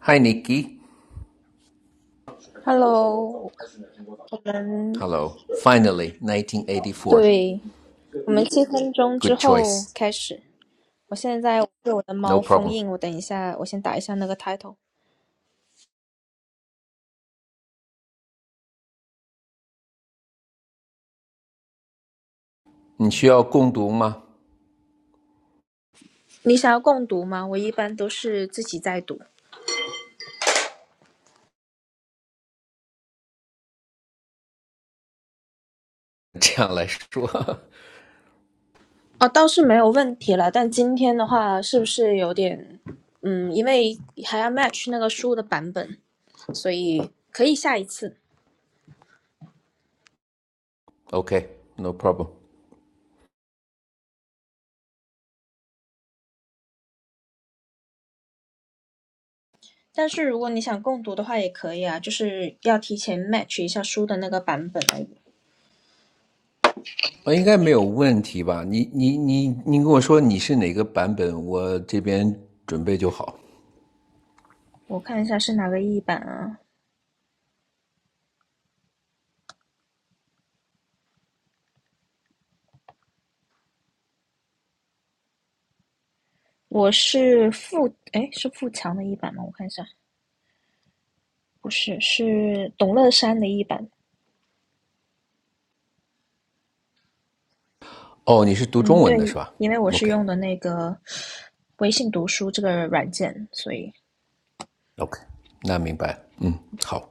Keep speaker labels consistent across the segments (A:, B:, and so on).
A: Hi, Nikki.
B: Hello，我们
A: Hello. Finally, 1984.
B: 对，我们七分钟之
A: Good
B: 后
A: choice.
B: 开始。我现在被我的
A: No
B: 猫封
A: problem.
B: 印，我等一下，我先打一下那个 title。你想要共读吗？我一般都是自己在读。
A: 你需要共读吗？这样来说。Okay,
B: 哦，倒是没有问题了，但今天的话是不是有点，嗯，因为还要 match 那个书的版本，所以可以下一次。
A: no problem.
B: 但是如果你想共读的话，也可以啊，就是要提前 match 一下书的那个版本而已。
A: 应该没有问题吧？你你你你跟我说你是哪个版本，我这边准备就好。哦，你是读中文的是吧？OK
B: 我看一下是哪个译版啊？我是富，哎，是富强的一版吗？我看一下，不是，是董乐山的一版。嗯，对，因为我是用的那个微信读书这个软件，所以
A: OK，那明白。嗯，好。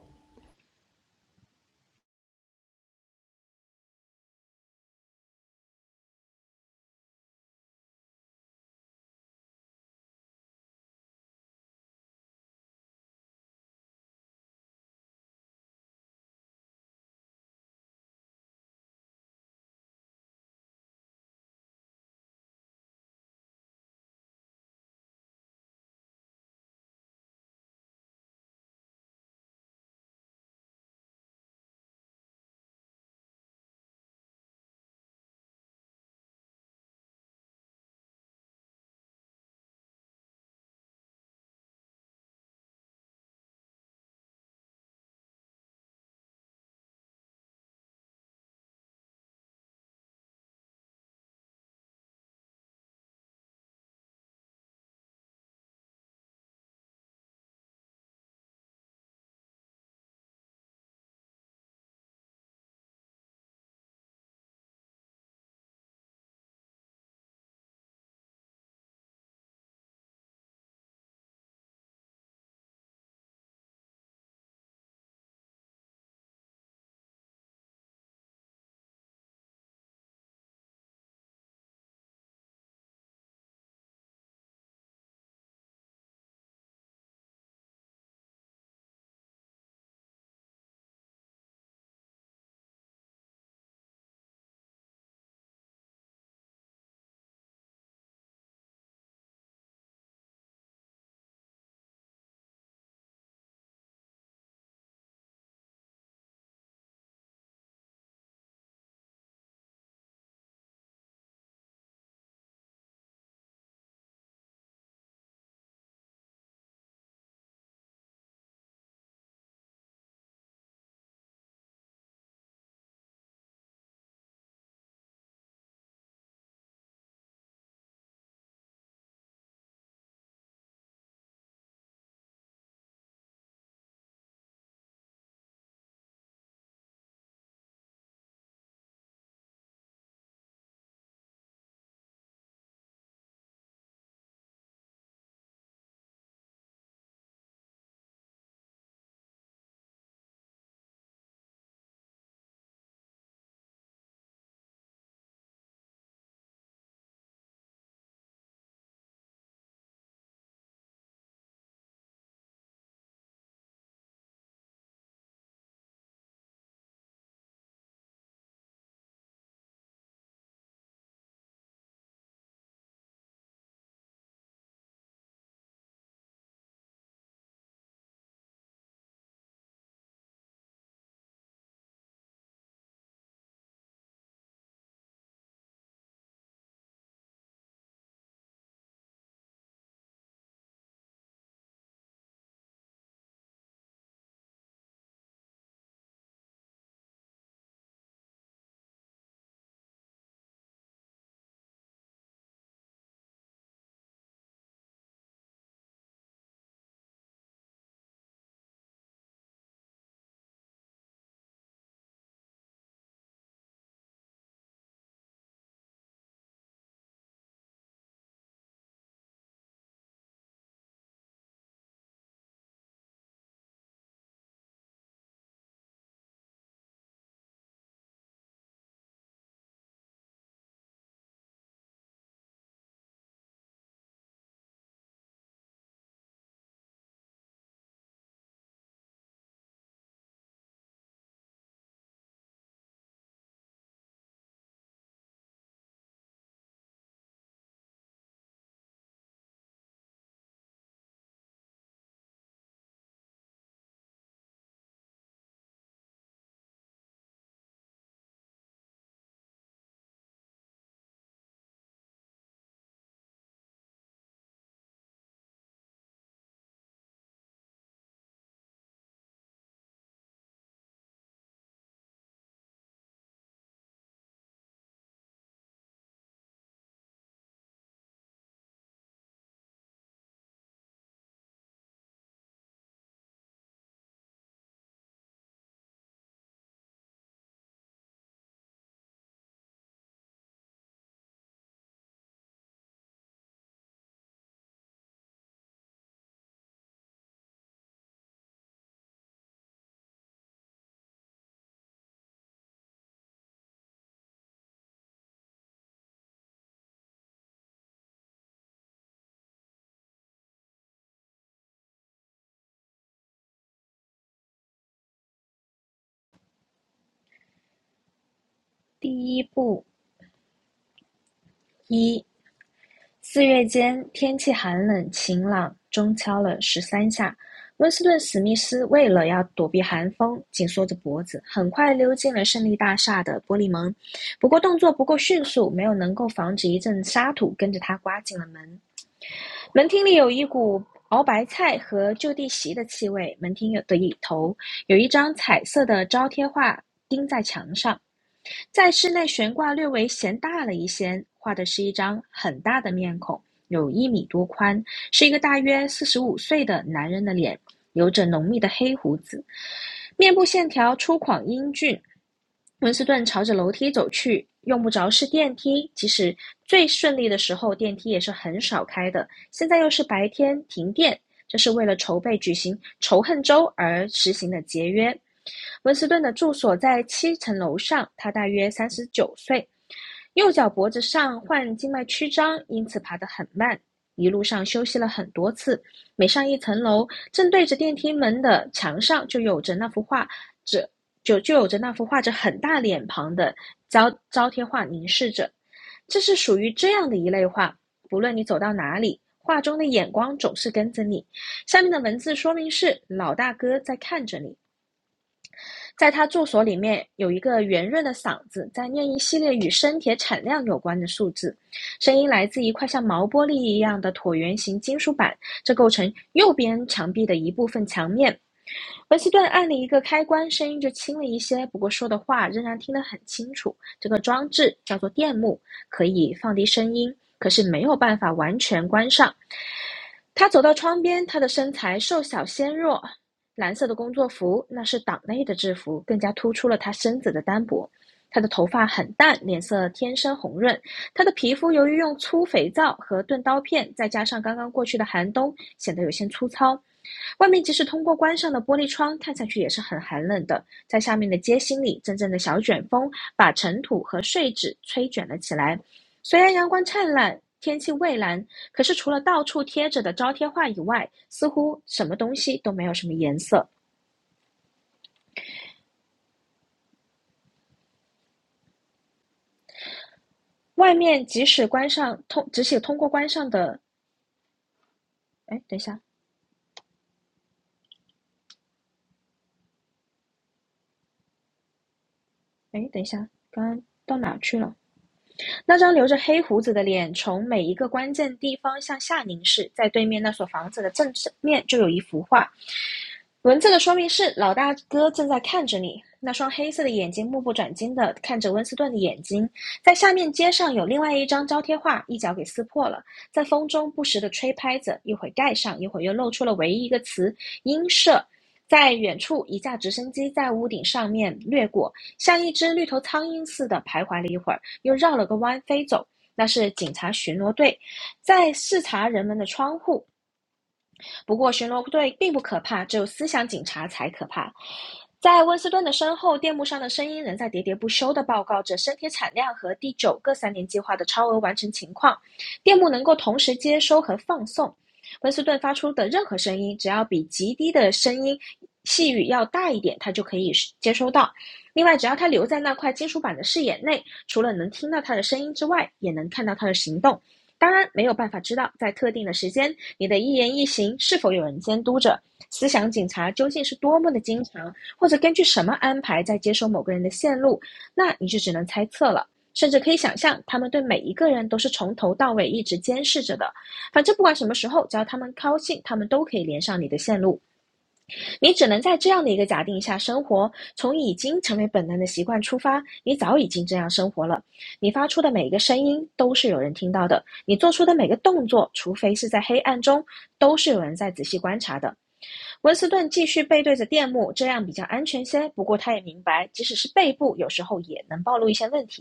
B: 第一步一，四月间天气寒冷晴朗，钟敲了十三下。温斯顿·史密斯为了要躲避寒风，紧缩着脖子，很快溜进了胜利大厦的玻璃门。不过动作不够迅速，没有能够防止一阵沙土跟着他刮进了门。门厅里有一股熬白菜和就地席的气味。门厅的一头有一张彩色的招贴画钉在墙上，在室内悬挂略微嫌大了一些，画的是一张很大的面孔，有一米多宽，是一个大约四十五岁的男人的脸，有着浓密的黑胡子，面部线条粗犷英俊。温斯顿朝着楼梯走去，用不着是电梯，即使最顺利的时候，电梯也是很少开的。现在又是白天，停电，这是为了筹备举行仇恨周而实行的节约。温斯顿的住所在七层楼上，他大约三十九岁，右脚脖子上患静脉曲张，因此爬得很慢。一路上休息了很多次，每上一层楼，正对着电梯门的墙上就有着那幅画着就就有着那幅画着很大脸庞的招招贴画凝视着。这是属于这样的一类画，不论你走到哪里，画中的眼光总是跟着你，下面的文字说明是老大哥在看着你，在他住所里面有一个圆润的嗓子，在念一系列与生铁产量有关的数字，声音来自一块像毛玻璃一样的椭圆形金属板，这构成右边墙壁的一部分墙面。文斯顿按了一个开关，声音就轻了一些，不过说的话仍然听得很清楚。这个装置叫做电幕，可以放低声音，可是没有办法完全关上。他走到窗边，他的身材瘦小纤弱，蓝色的工作服那是党内的制服，更加突出了他身子的单薄。他的头发很淡，脸色天生红润。他的皮肤由于用粗肥皂和钝刀片，再加上刚刚过去的寒冬，显得有些粗糙。外面即使通过关上的玻璃窗看上去也是很寒冷的，在下面的街心里，阵阵的小卷风把尘土和碎纸吹卷了起来。虽然阳光灿烂，天气蔚蓝，可是除了到处贴着的招贴画以外，似乎什么东西都没有什么颜色。外面即使关上通，只写通过关上的，哎，等一下，哎，等一下，刚刚到哪去了？那张留着黑胡子的脸从每一个关键地方向下凝视，在对面那所房子的正面就有一幅画，文字的说明是：老大哥正在看着你，那双黑色的眼睛目不转睛地看着温斯顿的眼睛。在下面街上有另外一张招贴画，一脚给撕破了，在风中不时地吹拍着，一会盖上，一会又露出了唯一一个词“鹰舍”。在远处，一架直升机在屋顶上面掠过，像一只绿头苍蝇似的徘徊了一会儿，又绕了个弯飞走。那是警察巡逻队，在视察人们的窗户。不过巡逻队并不可怕，只有思想警察才可怕。在温斯顿的身后，电幕上的声音仍在喋喋不休地报告着生铁产量和第九个三年计划的超额完成情况。电幕能够同时接收和放送。温斯顿发出的任何声音，只要比极低的声音细语要大一点，他就可以接收到。另外，只要他留在那块金属板的视野内，除了能听到他的声音之外，也能看到他的行动。当然，没有办法知道在特定的时间，你的一言一行是否有人监督着。思想警察究竟是多么的经常，或者根据什么安排在接收某个人的线路，那你就只能猜测了。甚至可以想象，他们对每一个人都是从头到尾一直监视着的。反正不管什么时候，只要他们高兴，他们都可以连上你的线路。你只能在这样的一个假定下生活。从已经成为本能的习惯出发，你早已经这样生活了。你发出的每一个声音都是有人听到的，你做出的每个动作，除非是在黑暗中，都是有人在仔细观察的。温斯顿继续背对着电幕，这样比较安全些。不过他也明白，即使是背部，有时候也能暴露一些问题。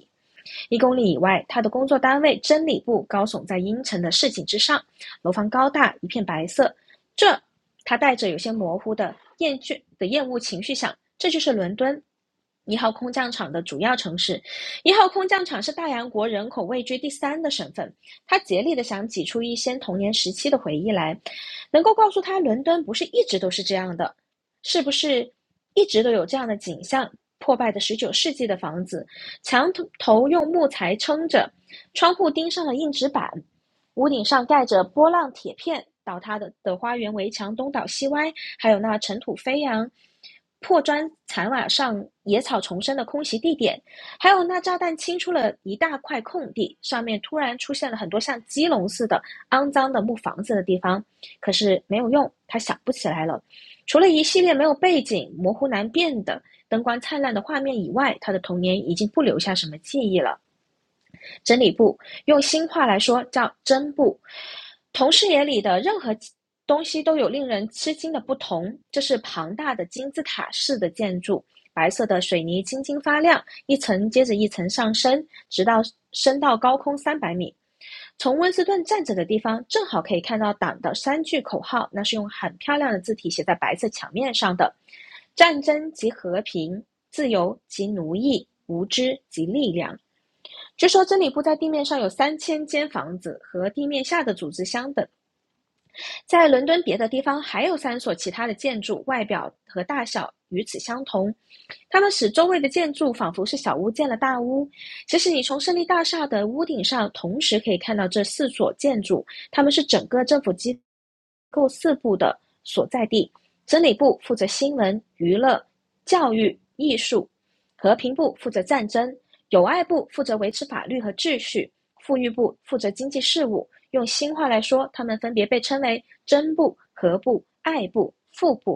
B: 一公里以外，他的工作单位真理部高耸在阴沉的市井之上，楼房高大，一片白色。这，他带着有些模糊的厌倦的厌恶情绪想，这就是伦敦。一号空降场的主要城市，一号空降场是大洋国人口位居第三的省份。他竭力的想挤出一些童年时期的回忆来，能够告诉他，伦敦不是一直都是这样的，是不是一直都有这样的景象？破败的十九世纪的房子，墙头用木材撑着，窗户钉上了硬纸板，屋顶上盖着波浪铁片。倒塌的的花园围墙东倒西歪，还有那尘土飞扬、破砖残瓦上野草丛生的空袭地点，还有那炸弹清出了一大块空地，上面突然出现了很多像鸡笼似的肮脏的木房子的地方。可是没有用，他想不起来了。除了一系列没有背景、模糊难辨的灯光灿烂的画面以外，他的童年已经不留下什么记忆了。真理部，用新话来说叫真部。同视野里的任何东西都有令人吃惊的不同。这是庞大的金字塔式的建筑，白色的水泥晶晶发亮，一层接着一层上升，直到升到高空三百米。从温斯顿站着的地方，正好可以看到党的三句口号，那是用很漂亮的字体写在白色墙面上的：战争及和平，自由及奴役，无知及力量。据说真理部在地面上有三千间房子和地面下的组织相等。在伦敦别的地方还有三所其他的建筑，外表和大小与此相同，它们使周围的建筑仿佛是小屋建了大屋。其实，你从胜利大厦的屋顶上同时可以看到这四所建筑，它们是整个政府机构四部的所在地。真理部负责新闻、娱乐、教育、艺术；和平部负责战争；友爱部负责维持法律和秩序；富裕部负责经济事务；用新话来说，它们分别被称为真部、合部、爱部、副部。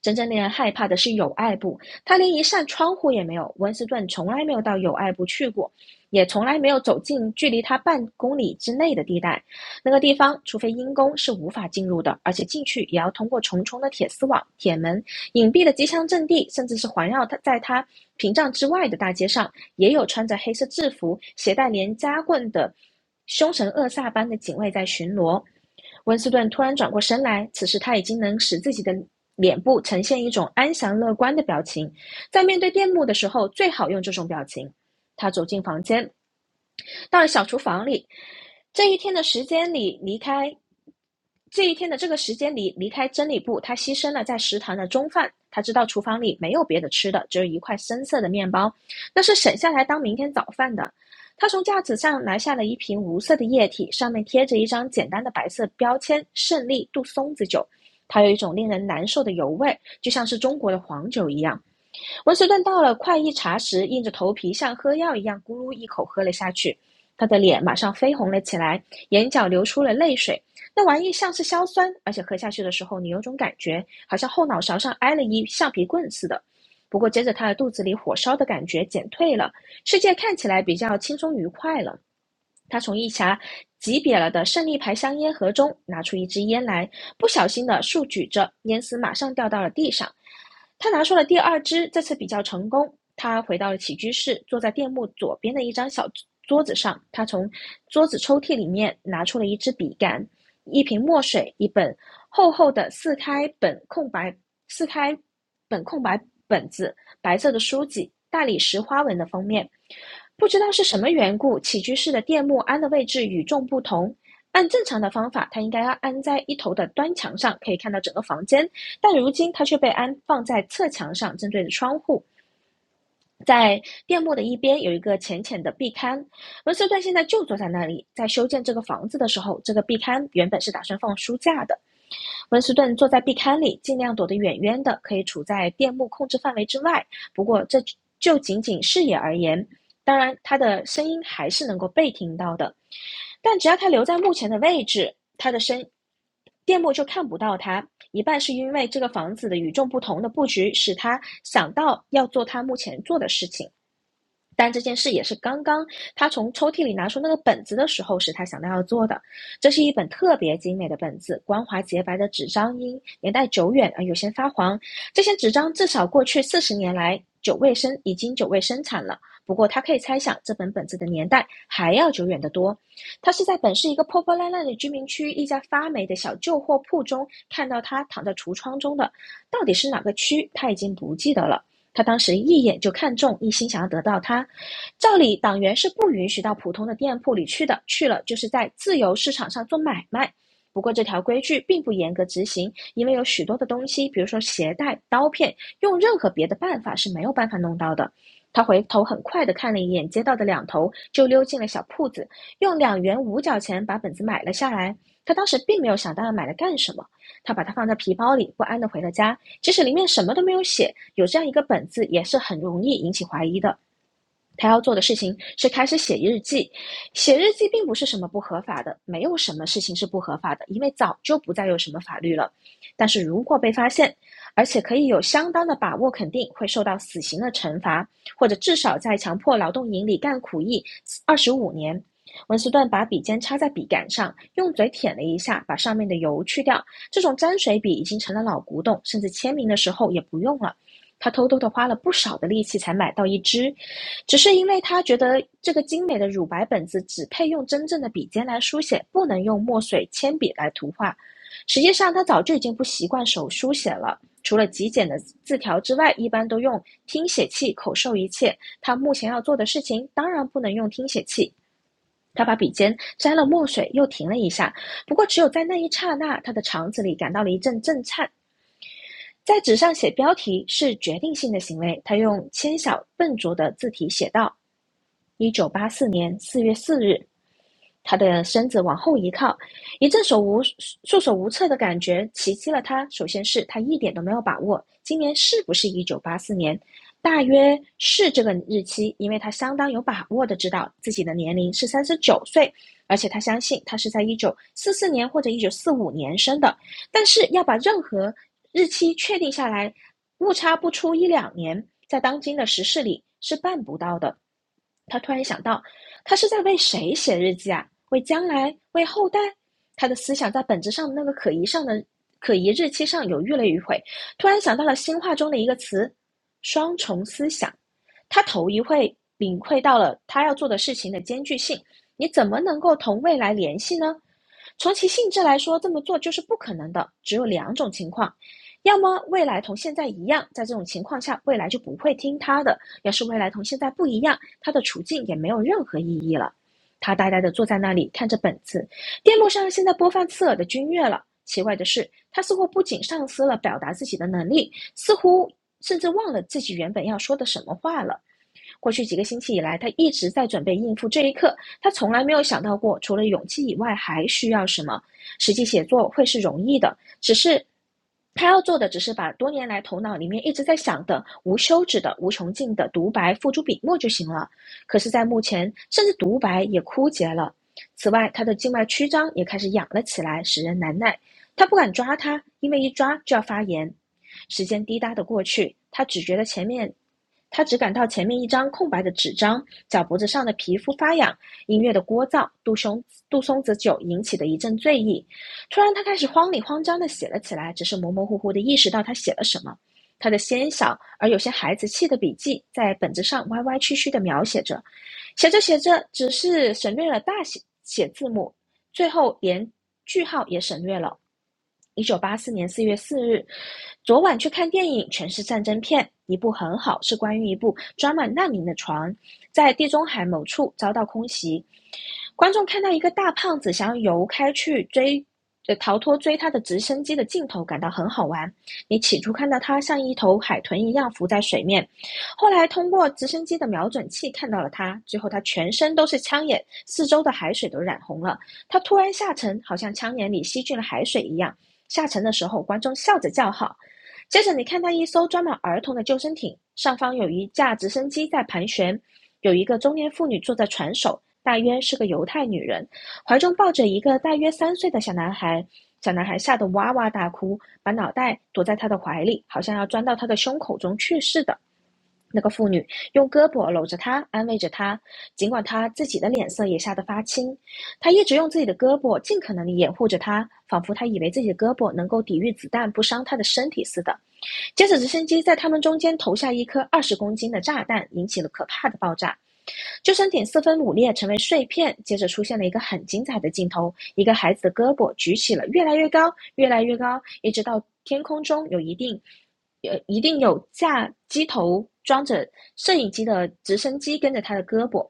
B: 真正令人害怕的是友爱部，他连一扇窗户也没有。温斯顿从来没有到友爱部去过，也从来没有走进距离他半公里之内的地带。那个地方，除非因公是无法进入的，而且进去也要通过重重的铁丝网、铁门。隐蔽的机枪阵地，甚至是环绕他在他屏障之外的大街上，也有穿着黑色制服、携带连夹棍的凶神恶煞般的警卫在巡逻。温斯顿突然转过身来，此时他已经能使自己的脸部呈现一种安详乐观的表情。在面对电幕的时候，最好用这种表情。他走进房间，到了小厨房里。这一天的时间里离开，这一天的这个时间里离开真理部，他牺牲了在食堂的中饭。他知道厨房里没有别的吃的，只有一块深色的面包，那是省下来当明天早饭的。他从架子上拿下了一瓶无色的液体，上面贴着一张简单的白色标签“胜利杜松子酒”。它有一种令人难受的油味，就像是中国的黄酒一样。温斯顿到了快一茶时，硬着头皮像喝药一样咕噜一口喝了下去，他的脸马上绯红了起来，眼角流出了泪水。那玩意像是硝酸，而且喝下去的时候，你有种感觉，好像后脑勺上挨了一橡皮棍似的。不过接着，他的肚子里火烧的感觉减退了，世界看起来比较轻松愉快了。他从一匣挤瘪了的胜利牌香烟盒中拿出一支烟来，不小心的竖举着，烟丝马上掉到了地上。他拿出了第二支，这次比较成功。他回到了起居室，坐在电幕左边的一张小桌子上。他从桌子抽屉里面拿出了一支笔杆、一瓶墨水、一本厚厚的四开本空白四开本空白本子白色的书籍，大理石花纹的封面。不知道是什么缘故，起居室的电木安的位置与众不同。按正常的方法，它应该要安在一头的端墙上，可以看到整个房间，但如今它却被安放在侧墙上，正对着窗户。在电幕的一边有一个浅浅的壁龛，文斯顿现在就坐在那里。在修建这个房子的时候，这个壁龛原本是打算放书架的，温斯顿坐在壁龛里，尽量躲得远远的，可以处在电幕控制范围之外。不过，这就仅仅视野而言，当然他的声音还是能够被听到的。但只要他留在目前的位置，他的声电幕就看不到他。一半是因为这个房子的与众不同的布局使他想到要做他目前做的事情，但这件事也是刚刚他从抽屉里拿出那个本子的时候，是他想到要做的。这是一本特别精美的本子，光滑洁白的纸张因年代久远而有些发黄。这些纸张至少过去四十年来久未生已经久未生产了。不过他可以猜想，这本本子的年代还要久远得多。他是在本市一个破破烂烂的居民区一家发霉的小旧货铺中看到他躺在橱窗中的，到底是哪个区，他已经不记得了。他当时一眼就看中，一心想要得到它。照理，党员是不允许到普通的店铺里去的，去了就是在自由市场上做买卖。不过，这条规矩并不严格执行，因为有许多的东西，比如说鞋带、刀片，用任何别的办法是没有办法弄到的。他回头很快地看了一眼街道的两头，就溜进了小铺子，用两元五角钱把本子买了下来。他当时并没有想到要买来干什么，他把它放在皮包里，不安地回了家。即使里面什么都没有写，有这样一个“本”字也是很容易引起怀疑的。他要做的事情是开始写日记，写日记并不是什么不合法的，没有什么事情是不合法的，因为早就不再有什么法律了。但是如果被发现，而且可以有相当的把握肯定会受到死刑的惩罚，或者至少在强迫劳动营里干苦役二十五年。文斯顿把笔尖插在笔杆上，用嘴舔了一下，把上面的油去掉。这种沾水笔已经成了老古董，甚至签名的时候也不用了。他偷偷的花了不少的力气才买到一支，只是因为他觉得这个精美的乳白本子只配用真正的笔尖来书写，不能用墨水、铅笔来涂画。实际上，他早就已经不习惯手书写了。除了极简的字条之外，一般都用听写器口授一切。他目前要做的事情，当然不能用听写器。他把笔尖沾了墨水，又停了一下。不过，只有在那一刹那，他的肠子里感到了一阵震颤。在纸上写标题是决定性的行为。他用纤小笨拙的字体写道。一九八四年四月四日，他的身子往后一靠，一阵手无束手无策的感觉袭击了他。首先是他一点都没有把握，今年是不是一九八四年？大约是这个日期，因为他相当有把握的知道自己的年龄是三十九岁，而且他相信他是在一九四四年或者一九四五年生的，但是要把任何日期确定下来，误差不出一两年，在当今的时事里是办不到的。他突然想到，他是在为谁写日记啊？为将来，为后代？他的思想在本质上的那个可疑上的可疑日期上犹豫了一会，突然想到了新话中的一个词——双重思想。他头一回领会到了他要做的事情的艰巨性。你怎么能够同未来联系呢？从其性质来说，这么做就是不可能的。只有两种情况：要么未来同现在一样，在这种情况下，未来就不会听他的；要是未来同现在不一样，他的处境也没有任何意义了。他呆呆地坐在那里，看着本子。电幕上现在播放刺耳的军乐了。奇怪的是，他似乎不仅丧失了表达自己的能力，似乎甚至忘了自己原本要说的什么话了。过去几个星期以来，他一直在准备应付这一刻。他从来没有想到过，除了勇气以外还需要什么。实际写作会是容易的，只是他要做的只是把多年来头脑里面一直在想的、无休止的、无穷尽的独白付诸笔墨就行了。可是，在目前，甚至独白也枯竭了。此外，他的静脉曲张也开始痒了起来，使人难耐。他不敢抓它，因为一抓就要发炎。时间滴答的过去，他只觉得前面他只感到前面一张空白的纸张，脚脖子上的皮肤发痒，音乐的聒噪，杜松杜松子酒引起的一阵醉意。突然，他开始慌里慌张地写了起来，只是模模糊糊地意识到他写了什么。他的纤小而有些孩子气的笔记，在本子上歪歪曲曲地描写着，写着写着，只是省略了大写写字母，最后连句号也省略了。一九八四年四月四日，昨晚去看电影，全是战争片，一部很好，是关于一部装满难民的船在地中海某处遭到空袭，观众看到一个大胖子想要游开去追。呃逃脱追他的直升机的镜头感到很好玩。你起初看到他像一头海豚一样浮在水面，后来通过直升机的瞄准器看到了他，最后他全身都是枪眼，四周的海水都染红了，他突然下沉，好像枪眼里吸进了海水一样。下沉的时候，观众笑着叫好。接着，你看到一艘装满儿童的救生艇，上方有一架直升机在盘旋，有一个中年妇女坐在船首，大约是个犹太女人，怀中抱着一个大约三岁的小男孩。小男孩吓得哇哇大哭，把脑袋躲在他的怀里，好像要钻到他的胸口中去似的。那个妇女用胳膊搂着他，安慰着他，尽管他自己的脸色也吓得发青。他一直用自己的胳膊尽可能地掩护着她，仿佛他以为自己的胳膊能够抵御子弹不伤她的身体似的。接着，直升机在他们中间投下一颗二十公斤的炸弹，引起了可怕的爆炸。救生艇四分五裂，成为碎片。接着出现了一个很精彩的镜头：一个孩子的胳膊举起了越来越高，越来越高，一直到天空中有一定，呃，一定有架机头装着摄影机的直升机跟着他的胳膊。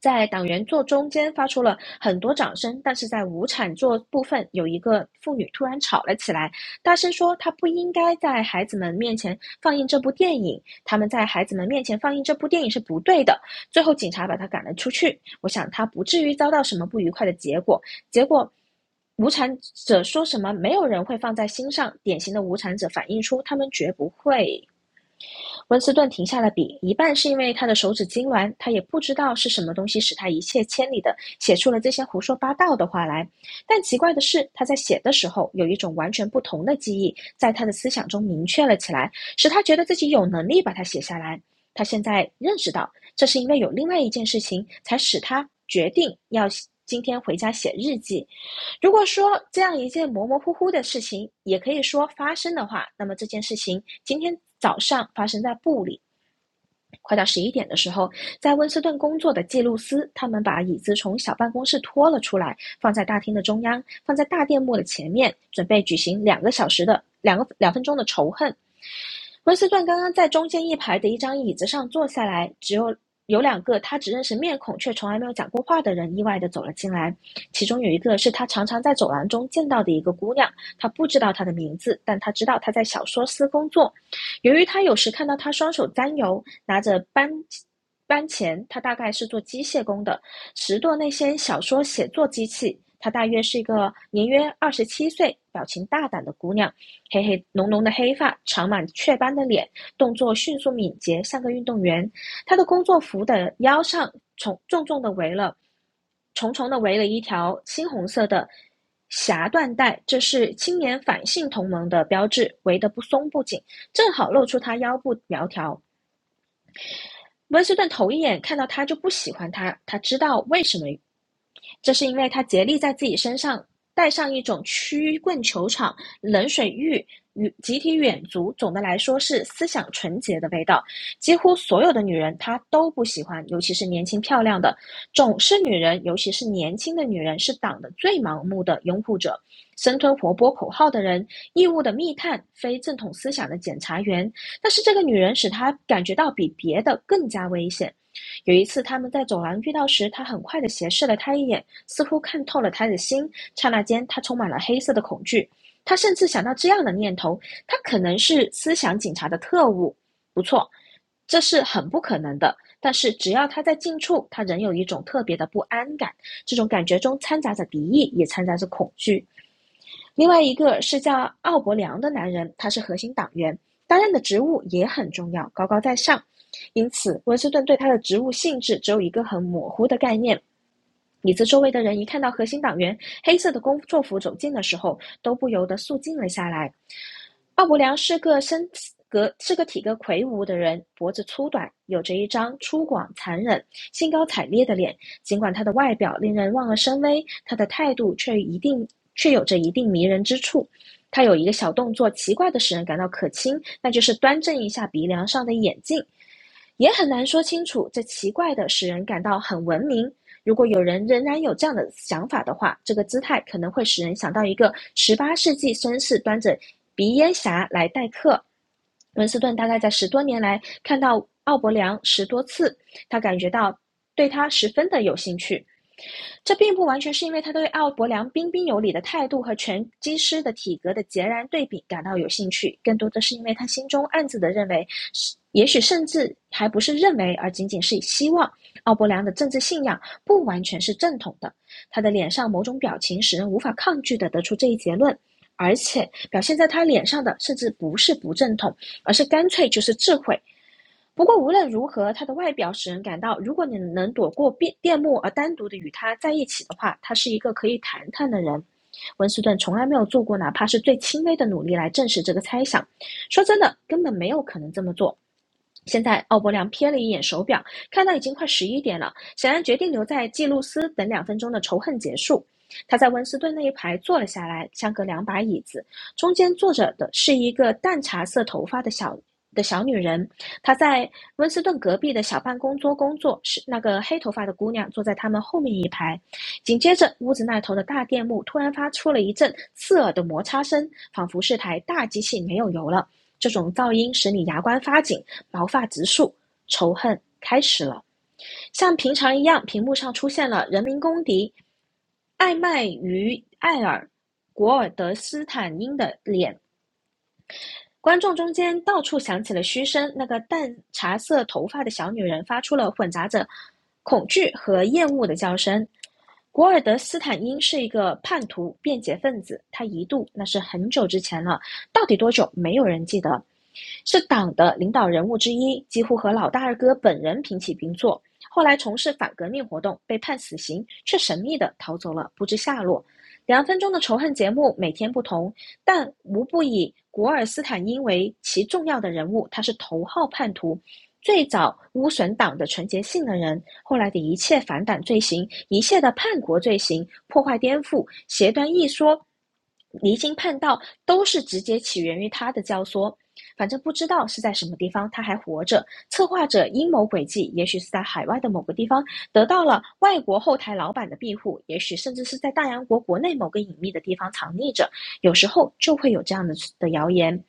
B: 在党员座中间发出了很多掌声，但是在无产座部分有一个妇女突然吵了起来，大声说他不应该在孩子们面前放映这部电影，他们在孩子们面前放映这部电影是不对的。最后警察把他赶了出去，我想他不至于遭到什么不愉快的结果。结果。无产者说什么，没有人会放在心上。典型的无产者反映出他们绝不会温斯顿停下了笔，一半是因为他的手指痉挛，他也不知道是什么东西使他一泻千里的写出了这些胡说八道的话来。但奇怪的是，他在写的时候有一种完全不同的记忆在他的思想中明确了起来，使他觉得自己有能力把它写下来。他现在认识到，这是因为有另外一件事情才使他决定要今天回家写日记。如果说这样一件模模糊糊的事情，也可以说发生的话，那么这件事情今天早上发生在布里，快到十一点的时候，在温斯顿工作的记录司，他们把椅子从小办公室拖了出来，放在大厅的中央，放在大电幕的前面，准备举行两个小时的两个两分钟的仇恨。温斯顿刚刚在中间一排的一张椅子上坐下来，只有有两个他只认识面孔却从来没有讲过话的人意外地走了进来，其中有一个是他常常在走廊中见到的一个姑娘，他不知道她的名字，但他知道她在小说司工作。由于他有时看到她双手沾油，拿着扳搬前，他大概是做机械工的，拾掇那些小说写作机器。她大约是一个年约二十七岁、表情大胆的姑娘。黑黑浓浓的黑发，长满雀斑的脸，动作迅速敏捷，像个运动员。他的工作服的腰上重重重的围了，重重的围了一条青红色的霞缎带，这是青年反性同盟的标志，围得不松不紧，正好露出他腰部苗条。温斯顿头一眼看到他就不喜欢他，他知道为什么，这是因为他竭力在自己身上带上一种曲棍球场、冷水浴与集体远足，总的来说是思想纯洁的味道。几乎所有的女人他都不喜欢，尤其是年轻漂亮的。总是女人，尤其是年轻的女人，是党的最盲目的拥护者。生吞活剥口号的人，义务的密探，非正统思想的检察员，但是这个女人使他感觉到比别的更加危险。有一次，他们在走廊遇到时，他很快地斜视了她一眼，似乎看透了她的心。刹那间，他充满了黑色的恐惧。他甚至想到这样的念头：他可能是思想警察的特务。不错，这是很不可能的。但是，只要他在近处，他仍有一种特别的不安感。这种感觉中掺杂着敌意，也掺杂着恐惧。另外一个是叫奥伯良的男人，他是核心党员，担任的职务也很重要，高高在上。因此，温斯顿对他的职务性质只有一个很模糊的概念。椅子周围的人一看到核心党员黑色的工作服走近的时候，都不由得肃静了下来。奥伯良是个身格是个体格魁梧的人，脖子粗短，有着一张粗犷、残忍、兴高采烈的脸，尽管他的外表令人望而生畏，他的态度却一定却有着一定迷人之处。他有一个小动作，奇怪的使人感到可亲，那就是端正一下鼻梁上的眼镜。也很难说清楚这奇怪的使人感到很文明。如果有人仍然有这样的想法的话，这个姿态可能会使人想到一个十八世纪绅士端着鼻烟匣来待客。温斯顿大概在十多年来看到奥伯良十多次，他感觉到对他十分的有兴趣。这并不完全是因为他对奥伯良彬彬有礼的态度和拳击师的体格的截然对比感到有兴趣，更多的是因为他心中暗自的认为，也许甚至还不是认为，而仅仅是希望奥伯良的政治信仰不完全是正统的。他的脸上某种表情使人无法抗拒地得出这一结论。而且表现在他脸上的，甚至不是不正统，而是干脆就是智慧，不过无论如何，他的外表使人感到，如果你能躲过变电幕而单独的与他在一起的话，他是一个可以谈谈的人。温斯顿从来没有做过哪怕是最轻微的努力来证实这个猜想。说真的，根本没有可能这么做。现在，奥伯良瞥了一眼手表，看到已经快十一点了，显然决定留在记录斯等两分钟的仇恨结束。他在温斯顿那一排坐了下来，相隔两把椅子，中间坐着的是一个淡茶色头发的小的小女人，他在温斯顿隔壁的小办公桌工作，是那个黑头发的姑娘坐在他们后面一排。紧接着，屋子那头的大电幕突然发出了一阵刺耳的摩擦声，仿佛是台大机器没有油了。这种噪音使你牙关发紧，毛发直竖，仇恨开始了。像平常一样，屏幕上出现了人民公敌艾麦于艾尔。古尔德斯坦因的脸观众中间到处响起了嘘声，那个淡茶色头发的小女人发出了混杂着恐惧和厌恶的叫声。古尔德斯坦因是一个叛徒、变节分子，他一度那是很久之前了，到底多久没有人记得，是党的领导人物之一，几乎和老大二哥本人平起平坐。后来从事反革命活动，被判死刑，却神秘的逃走了，不知下落。两分钟的仇恨节目每天不同，但无不以古尔斯坦因为其重要的人物，他是头号叛徒，最早污损党的纯洁性的人，后来的一切反党罪行、一切的叛国罪行、破坏颠覆、邪端一说、离经叛道，都是直接起源于他的教唆。反正不知道是在什么地方，他还活着。策划者阴谋诡计，也许是在海外的某个地方得到了外国后台老板的庇护，也许甚至是在大洋国国内某个隐秘的地方藏匿着。有时候就会有这样的的谣言。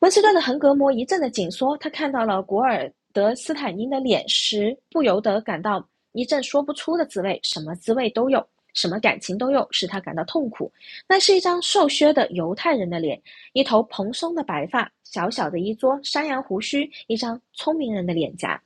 B: 温斯顿的横膈膜一阵的紧缩，他看到了古尔德斯坦因的脸时，不由得感到一阵说不出的滋味，什么滋味都有，什么感情都有，使他感到痛苦。那是一张瘦削的犹太人的脸，一头蓬松的白发，小小的一撮山羊胡须，一张聪明人的脸颊。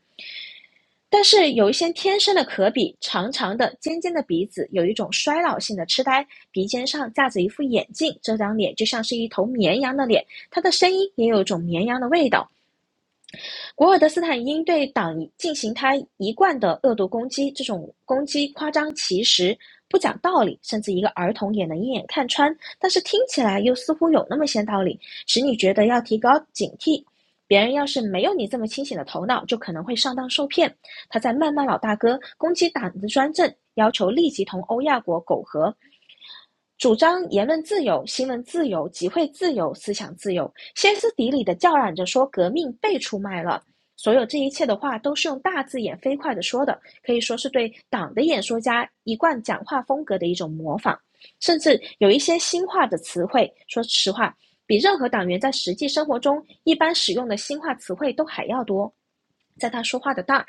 B: 但是有一些天生的可比，长长的、尖尖的鼻子，有一种衰老性的痴呆，鼻尖上架着一副眼镜，这张脸就像是一头绵羊的脸，他的声音也有一种绵羊的味道，古尔德斯坦因对党进行他一贯的恶毒攻击，这种攻击夸张其词、不讲道理，甚至一个儿童也能一眼看穿，但是听起来又似乎有那么些道理，使你觉得要提高警惕。别人要是没有你这么清醒的头脑，就可能会上当受骗。他在谩骂老大哥，攻击党的专政，要求立即同欧亚国苟合，主张言论自由、新闻自由、集会自由、思想自由，歇斯底里的叫嚷着说革命被出卖了。所有这一切的话都是用大字眼飞快的说的，可以说是对党的演说家一贯讲话风格的一种模仿。甚至有一些新化的词汇，说实话，比任何党员在实际生活中一般使用的新化词汇都还要多。在他说话的当儿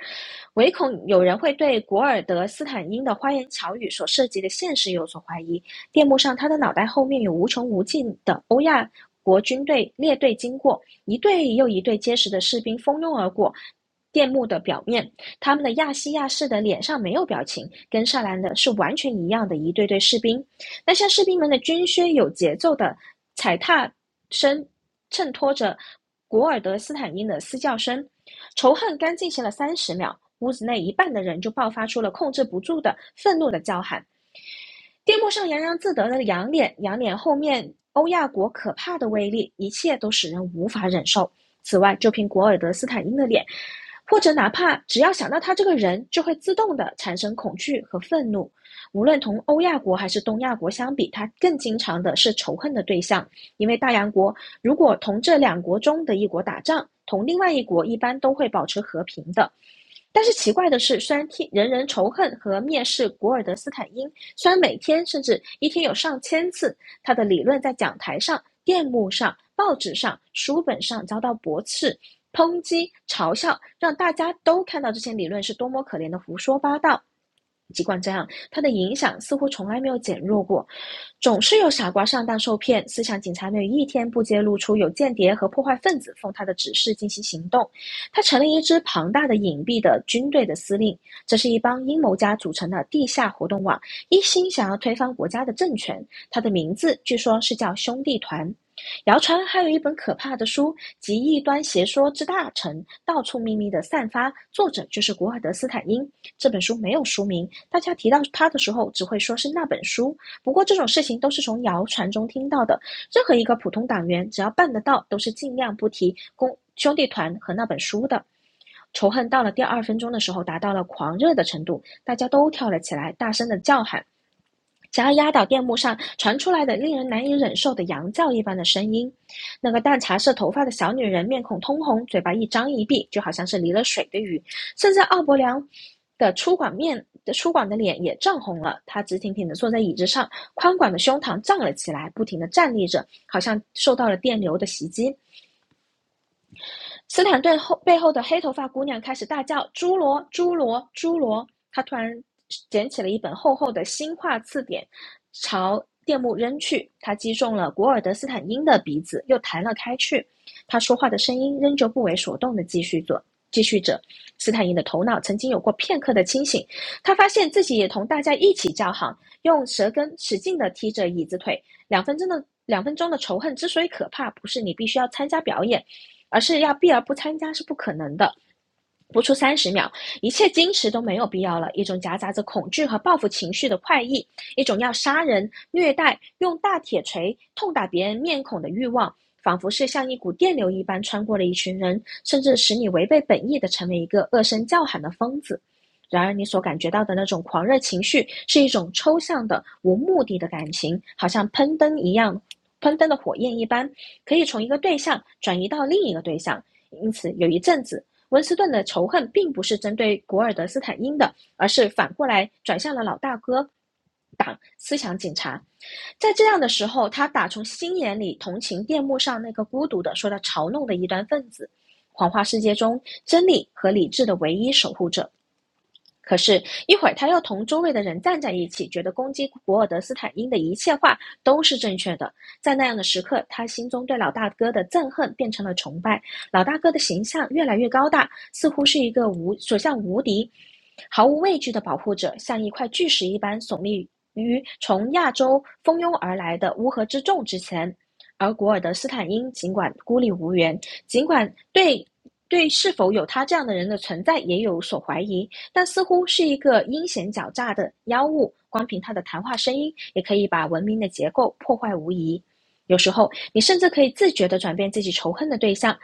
B: 唯恐有人会对古尔德斯坦因的花言巧语所涉及的现实有所怀疑，电幕上他的脑袋后面有无穷无尽的欧亚国军队列队经过，一队又一队结实的士兵蜂拥而过。电幕的表面，他们的亚西亚式的脸上没有表情，跟萨兰的是完全一样的一队队士兵。那像士兵们的军靴有节奏的踩踏声，衬托着古尔德斯坦因的嘶叫声。仇恨刚进行了三十秒，屋子内一半的人就爆发出了控制不住的愤怒的叫喊。电幕上洋洋自得的仰脸，仰脸后面欧亚国可怕的威力，一切都使人无法忍受。此外，就凭古尔德斯坦因的脸，或者哪怕只要想到他这个人，就会自动的产生恐惧和愤怒。无论同欧亚国还是东亚国相比，他更经常的是仇恨的对象，因为大洋国如果同这两国中的一国打仗，同另外一国一般都会保持和平的，但是奇怪的是，虽然天人人仇恨和蔑视古尔德斯坦因，虽然每天甚至一天有上千次，他的理论在讲台上、电幕上、报纸上、书本上遭到驳斥、抨击、嘲笑，让大家都看到这些理论是多么可怜的胡说八道。尽管这样，他的影响似乎从来没有减弱过，总是有傻瓜上当受骗。思想警察没有一天不揭露出有间谍和破坏分子奉他的指示进行行动。他成了一支庞大的隐蔽的军队的司令，这是一帮阴谋家组成的地下活动网，一心想要推翻国家的政权。他的名字据说是叫兄弟团。谣传还有一本可怕的书，集异端邪说之大成，到处秘密的散发，作者就是古尔德斯坦因。这本书没有书名，大家提到它的时候只会说是那本书。不过这种事情都是从谣传中听到的，任何一个普通党员只要办得到，都是尽量不提公兄弟团和那本书的。仇恨到了第二分钟的时候达到了狂热的程度，大家都跳了起来，大声的叫喊。想要压倒电幕上传出来的令人难以忍受的羊叫一般的声音。那个淡茶色头发的小女人面孔通红，嘴巴一张一闭，就好像是离了水的鱼。甚至奥伯良的粗犷面的粗犷的脸也涨红了，他直挺挺地坐在椅子上，宽广的胸膛胀了起来，不停地站立着，好像受到了电流的袭击。斯坦顿后背后的黑头发姑娘开始大叫：“侏罗，侏罗，侏罗！”她突然捡起了一本厚厚的新化字典，朝电幕扔去。她击中了古尔德斯坦因的鼻子，又弹了开去。他说话的声音仍旧不为所动的继续着，继续着，斯坦因的头脑曾经有过片刻的清醒，他发现自己也同大家一起叫喊，用舌根使劲地踢着椅子腿。两分钟的两分钟的仇恨之所以可怕，不是你必须要参加表演，而是要避而不参加是不可能的。不出三十秒，一切矜持都没有必要了。一种夹杂着恐惧和报复情绪的快意，一种要杀人、虐待、用大铁锤痛打别人面孔的欲望，仿佛是像一股电流一般穿过了一群人，甚至使你违背本意的成为一个恶声叫喊的疯子。然而，你所感觉到的那种狂热情绪，是一种抽象的、无目的的感情，好像喷灯一样，喷灯的火焰一般，可以从一个对象转移到另一个对象。因此，有一阵子，温斯顿的仇恨并不是针对古尔德斯坦因的，而是反过来转向了老大哥党思想警察。在这样的时候，他打从心眼里同情电幕上那个孤独的受到嘲弄的异端分子，谎话世界中真理和理智的唯一守护者。可是，一会儿他又同周围的人站在一起，觉得攻击古尔德斯坦因的一切话都是正确的。在那样的时刻，他心中对老大哥的憎恨变成了崇拜。老大哥的形象越来越高大，似乎是一个无所向无敌、毫无畏惧的保护者，像一块巨石一般耸立于从亚洲蜂拥而来的乌合之众之前。而古尔德斯坦因尽管孤立无援，尽管对对是否有他这样的人的存在也有所怀疑，但似乎是一个阴险狡诈的妖物，光凭他的谈话声音，也可以把文明的结构破坏无疑。有时候，你甚至可以自觉地转变自己仇恨的对象。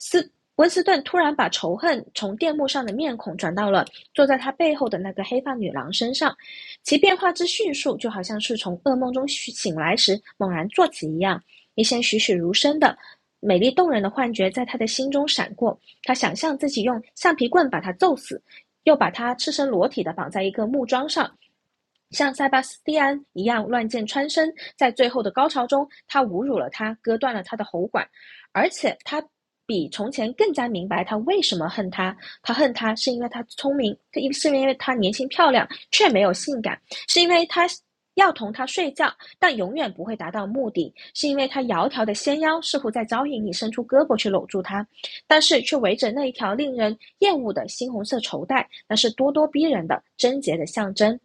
B: 斯温斯顿突然把仇恨从电幕上的面孔转到了坐在他背后的那个黑发女郎身上，其变化之迅速，就好像是从噩梦中醒来时猛然坐起一样。一些栩栩如生的美丽动人的幻觉在他的心中闪过，他想象自己用橡皮棍把他揍死，又把他赤身裸体的绑在一个木桩上，像塞巴斯蒂安一样乱箭穿身。在最后的高潮中，他侮辱了他，割断了他的喉管，而且他比从前更加明白他为什么恨他。他恨他是因为他聪明，是因为他年轻漂亮却没有性感，是因为他。要同他睡觉，但永远不会达到目的，是因为他窈窕的纤腰似乎在招引你伸出胳膊去搂住他，但是却围着那一条令人厌恶的猩红色绸带，那是咄咄逼人的贞洁的象征。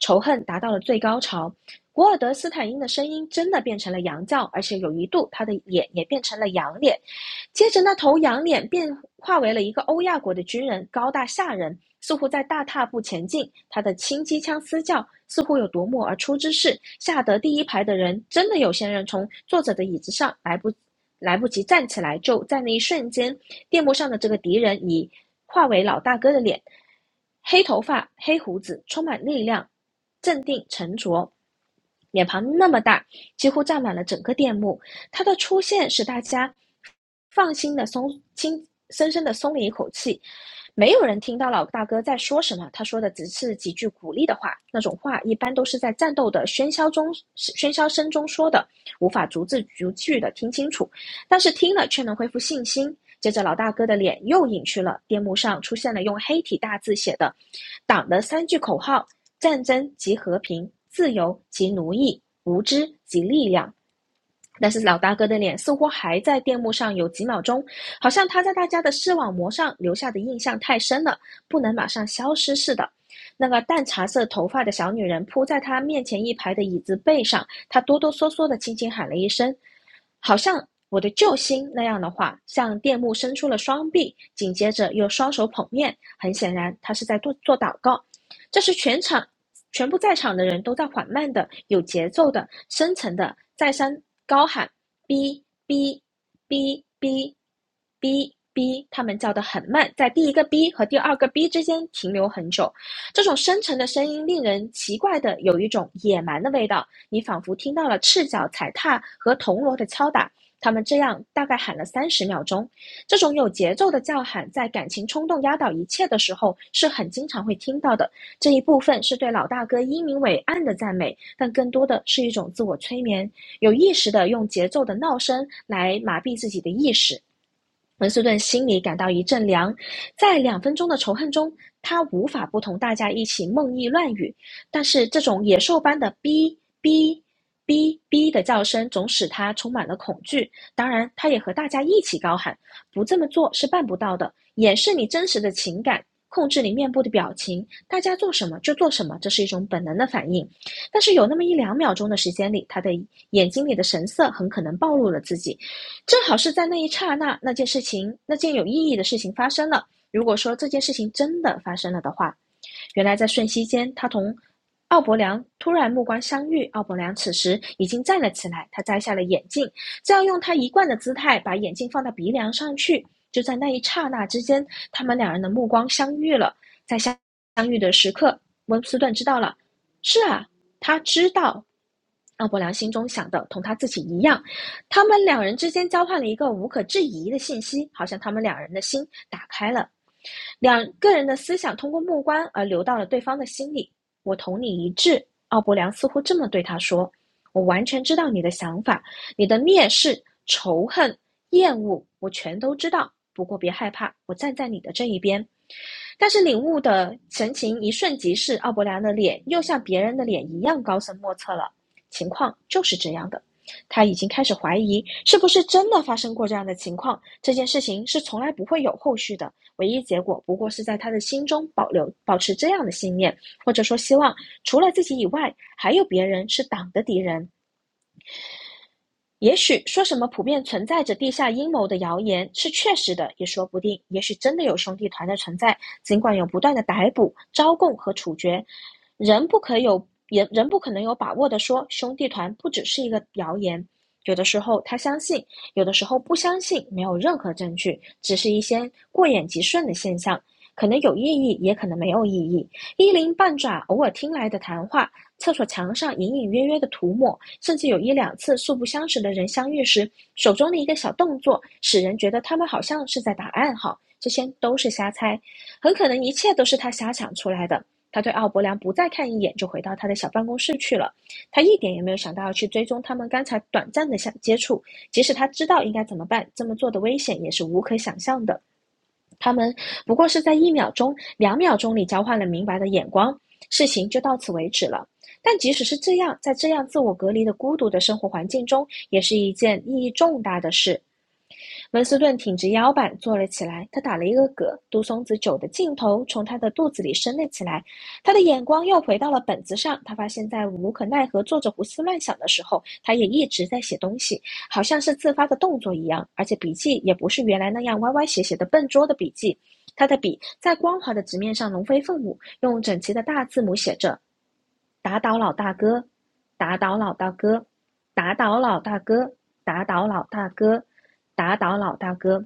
B: 仇恨达到了最高潮，古尔德斯坦因的声音真的变成了羊叫，而且有一度他的脸也变成了羊脸。接着，那头羊脸变化为了一个欧亚国的军人，高大吓人，似乎在大踏步前进。他的轻机枪嘶叫似乎有夺目而出之势，吓得第一排的人真的有些人从坐着的椅子上来不来不及站起来，就在那一瞬间电幕上的这个敌人已化为老大哥的脸，黑头发、黑胡子，充满力量，镇定沉着，脸庞那么大，几乎占满了整个电幕。他的出现使大家放心的松轻深深的松了一口气。没有人听到老大哥在说什么，他说的只是几句鼓励的话，那种话一般都是在战斗的喧嚣中、喧嚣声中说的，无法逐字逐句的听清楚，但是听了却能恢复信心。接着老大哥的脸又隐去了，电幕上出现了用黑体大字写的党的三句口号：战争即和平，自由即奴役，无知即力量。但是老大哥的脸似乎还在电幕上有几秒钟，好像他在大家的视网膜上留下的印象太深了，不能马上消失似的。那个淡茶色头发的小女人扑在他面前一排的椅子背上，他哆哆嗦嗦的轻轻喊了一声，好像我的救星那样的话，向电幕伸出了双臂，紧接着又双手捧面。很显然，他是在做做祷告。这是全场全部在场的人都在缓慢的、有节奏的、深沉的再三高喊“哔哔哔哔哔哔”，他们叫得很慢，在第一个“哔”和第二个“哔”之间停留很久。这种深沉的声音令人奇怪的有一种野蛮的味道，你仿佛听到了赤脚踩踏和铜锣的敲打。他们这样大概喊了三十秒钟。这种有节奏的叫喊，在感情冲动压倒一切的时候，是很经常会听到的。这一部分是对老大哥英明伟岸的赞美，但更多的是一种自我催眠，有意识的用节奏的闹声来麻痹自己的意识。文斯顿心里感到一阵凉，在两分钟的仇恨中，他无法不同大家一起梦呓乱语，但是这种野兽般的“哔哔哔哔”的叫声总使他充满了恐惧。当然，他也和大家一起高喊，不这么做是办不到的。掩饰你真实的情感，控制你面部的表情，大家做什么就做什么，这是一种本能的反应。但是有那么一两秒钟的时间里，他的眼睛里的神色很可能暴露了自己。正好是在那一刹那，那件事情，那件有意义的事情发生了。如果说这件事情真的发生了的话，原来在瞬息间，他同奥伯良突然目光相遇。奥伯良此时已经站了起来，他摘下了眼镜，正要用他一贯的姿态把眼镜放到鼻梁上去。就在那一刹那之间，他们两人的目光相遇了。在相相遇的时刻，温斯顿知道了。是啊，他知道。奥伯良心中想的同他自己一样，他们两人之间交换了一个无可置疑的信息，好像他们两人的心打开了。两个人的思想通过目光而流到了对方的心里。我同你一致，奥伯良似乎这么对他说：“我完全知道你的想法，你的蔑视、仇恨、厌恶，我全都知道。不过别害怕，我站在你的这一边。”但是领悟的神情一瞬即逝，奥伯良的脸又像别人的脸一样高深莫测了。情况就是这样的，他已经开始怀疑是不是真的发生过这样的情况。这件事情是从来不会有后续的，唯一结果不过是在他的心中保留保持这样的信念，或者说希望除了自己以外，还有别人是党的敌人。也许说什么普遍存在着地下阴谋的谣言是确实的，也说不定。也许真的有兄弟团的存在，尽管有不断的逮捕、招供和处决，人不可有人人不可能有把握的说兄弟团不只是一个谣言。有的时候他相信，有的时候不相信，没有任何证据，只是一些过眼即瞬的现象，可能有意义，也可能没有意义。一鳞半爪偶尔听来的谈话，厕所墙上隐隐约约的涂抹，甚至有一两次素不相识的人相遇时，手中的一个小动作，使人觉得他们好像是在打暗号。这些都是瞎猜，很可能一切都是他瞎想出来的。他对奥伯良不再看一眼，就回到他的小办公室去了。他一点也没有想到要去追踪他们刚才短暂的相接触，即使他知道应该怎么办，这么做的危险也是无可想象的。他们不过是在一秒钟、两秒钟里交换了明白的眼光，事情就到此为止了。但即使是这样，在这样自我隔离的孤独的生活环境中，也是一件意义重大的事。文斯顿挺直腰板坐了起来，他打了一个嗝，杜松子酒的劲头从他的肚子里升了起来。他的眼光又回到了本子上，他发现，在无可奈何做着胡思乱想的时候，他也一直在写东西，好像是自发的动作一样，而且笔记也不是原来那样歪歪斜斜的笨拙的笔记。他的笔在光滑的纸面上龙飞凤舞，用整齐的大字母写着打倒老大哥，打倒老大哥，打倒老大哥，打倒老大哥，打倒老大哥。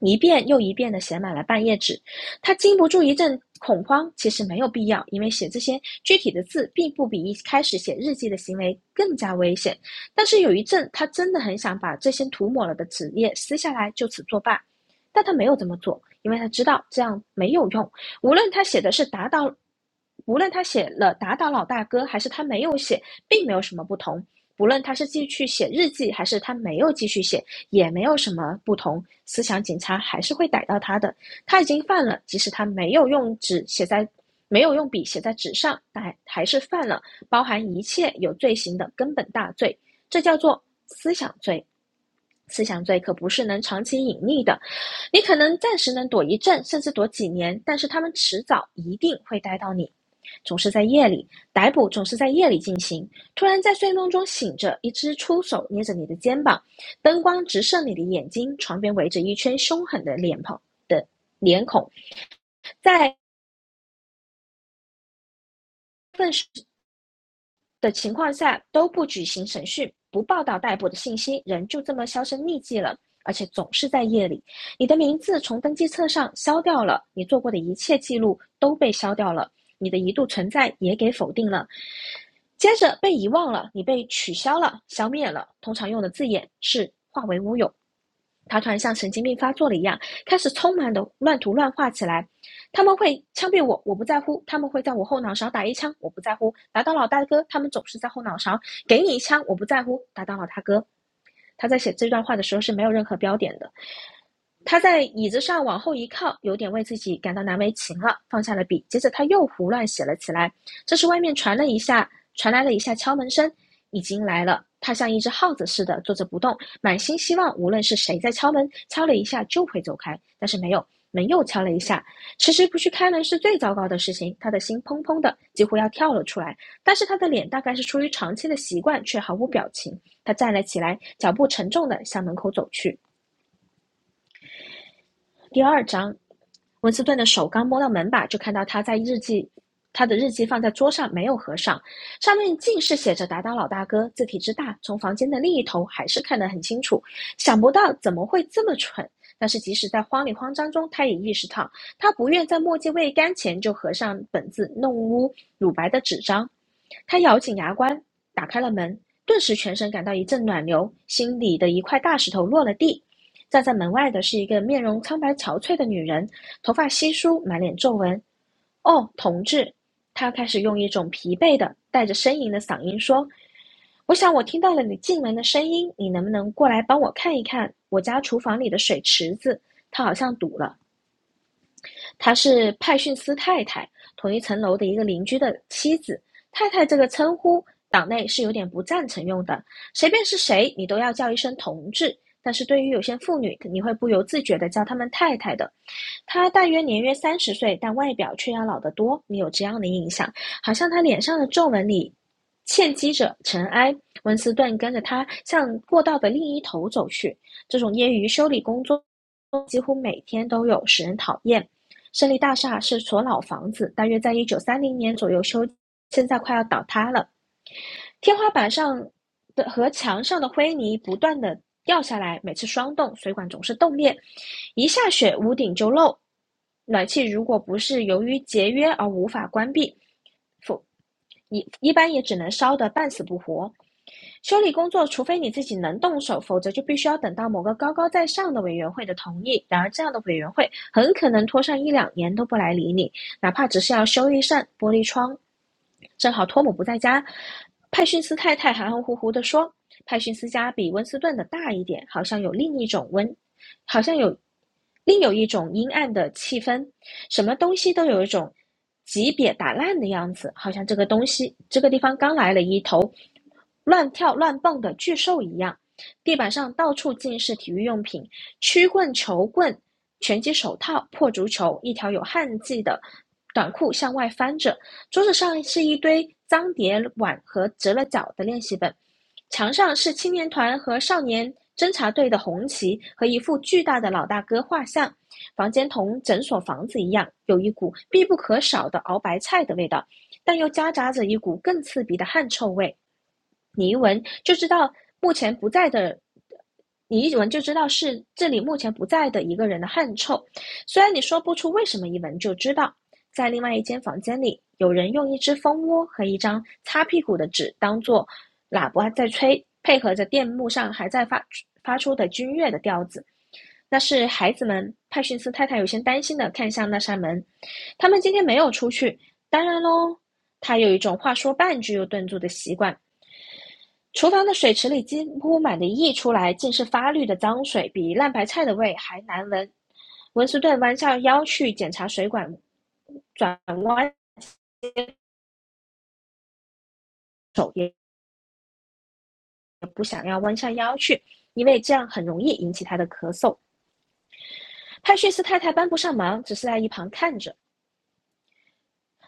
B: 一遍又一遍的写满了半页纸，他禁不住一阵恐慌。其实没有必要，因为写这些具体的字，并不比一开始写日记的行为更加危险。但是有一阵，他真的很想把这些涂抹了的纸页撕下来，就此作罢。但他没有这么做，因为他知道这样没有用，无论他写的是打倒，无论他写了打倒老大哥，还是他没有写，并没有什么不同。无论他是继续写日记，还是他没有继续写，也没有什么不同。思想警察还是会逮到他的。他已经犯了，即使他没有用纸写在，没有用笔写在纸上，但还是犯了包含一切有罪行的根本大罪。这叫做思想罪。思想罪可不是能长期隐匿的，你可能暂时能躲一阵，甚至躲几年，但是他们迟早一定会逮到你。总是在夜里逮捕，总是在夜里进行。突然在睡梦中醒着，一只出手捏着你的肩膀，灯光直射你的眼睛，床边围着一圈凶狠的脸庞的脸孔，在。的情况下都不举行审讯，不报道逮捕的信息，人就这么销声匿迹了。而且总是在夜里，你的名字从登记册上消掉了，你做过的一切记录都被消掉了，你的一度存在也给否定了，接着被遗忘了，你被取消了、消灭了。通常用的字眼是化为乌有。他突然像神经病发作了一样，开始匆忙的乱涂乱画起来。他们会枪毙我，我不在乎；他们会在我后脑勺打一枪，我不在乎；打倒老大哥，他们总是在后脑勺给你一枪，我不在乎；打倒老大哥。他在写这段话的时候是没有任何标点的，他在椅子上往后一靠，有点为自己感到难为情了，放下了笔。接着他又胡乱写了起来。这时外面传了一下，传来了一下敲门声，已经来了。他像一只耗子似的坐着不动，满心希望无论是谁在敲门，敲了一下就会走开。但是没有，门又敲了一下。迟迟不去开门是最糟糕的事情，他的心砰砰的，几乎要跳了出来。但是他的脸大概是出于长期的习惯，却毫无表情。他站了起来，脚步沉重的向门口走去。第二章，文斯顿的手刚摸到门把，就看到他在日记，他的日记放在桌上没有合上，上面竟是写着“打倒老大哥”，字体之大，从房间的另一头还是看得很清楚。想不到怎么会这么蠢，但是即使在慌里慌张中，他也意识到，他不愿在墨迹未干前就合上本子弄污乳白的纸张。他咬紧牙关，打开了门，顿时全身感到一阵暖流，心里的一块大石头落了地。站在门外的是一个面容苍白憔悴的女人，头发稀疏，满脸皱纹。哦，同志，他开始用一种疲惫的、带着呻吟的嗓音说：“我想我听到了你进门的声音，你能不能过来帮我看一看我家厨房里的水池子？它好像堵了。”她是派逊斯太太，同一层楼的一个邻居的妻子。太太这个称呼，党内是有点不赞成用的，谁便是谁，你都要叫一声同志。但是对于有些妇女，你会不由自觉的叫她们太太的。他大约年约三十岁，但外表却要老得多。你有这样的印象，好像他脸上的皱纹里嵌积着尘埃。温斯顿跟着他向过道的另一头走去。这种业余修理工作几乎每天都有，使人讨厌。胜利大厦是所老房子，大约在一九三零年左右修，现在快要倒塌了。天花板上的和墙上的灰泥不断的掉下来，每次霜冻，水管总是冻裂，一下雪屋顶就漏。暖气如果不是由于节约而无法关闭，否一一般也只能烧得半死不活。修理工作，除非你自己能动手，否则就必须要等到某个高高在上的委员会的同意。然而，这样的委员会很可能拖上一两年都不来理你，哪怕只是要修一扇玻璃窗。正好托姆不在家，派逊斯太太含含糊糊地说：“派逊斯家比温斯顿的大一点，好像有另一种温，好像有另有一种阴暗的气氛。什么东西都有一种级别打烂的样子，好像这个东西这个地方刚来了一头乱跳乱蹦的巨兽一样，地板上到处尽是体育用品：曲棍、球棍、拳击手套、破足球。一条有汗迹的短裤向外翻着。桌子上是一堆脏碟碗和折了角的练习本，墙上是青年团和少年侦察队的红旗和一副巨大的老大哥画像。房间同诊所房子一样，有一股必不可少的熬白菜的味道，但又夹杂着一股更刺鼻的汗臭味。你一闻就知道目前不在的，你一闻就知道是这里目前不在的一个人的汗臭。虽然你说不出为什么，一闻就知道。在另外一间房间里，有人用一只蜂窝和一张擦屁股的纸当做喇叭在吹，配合着电幕上还在发发出的军乐的调子。那是孩子们。派逊斯太太有些担心的看向那扇门，他们今天没有出去。当然咯，他有一种话说半句又顿住的习惯。厨房的水池里几乎满的溢出来，竟是发绿的脏水，比烂白菜的味还难闻。文斯顿弯下腰去检查水管，转弯手也不想要弯下腰去，因为这样很容易引起他的咳嗽。派叙斯太太帮不上忙，只是在一旁看着。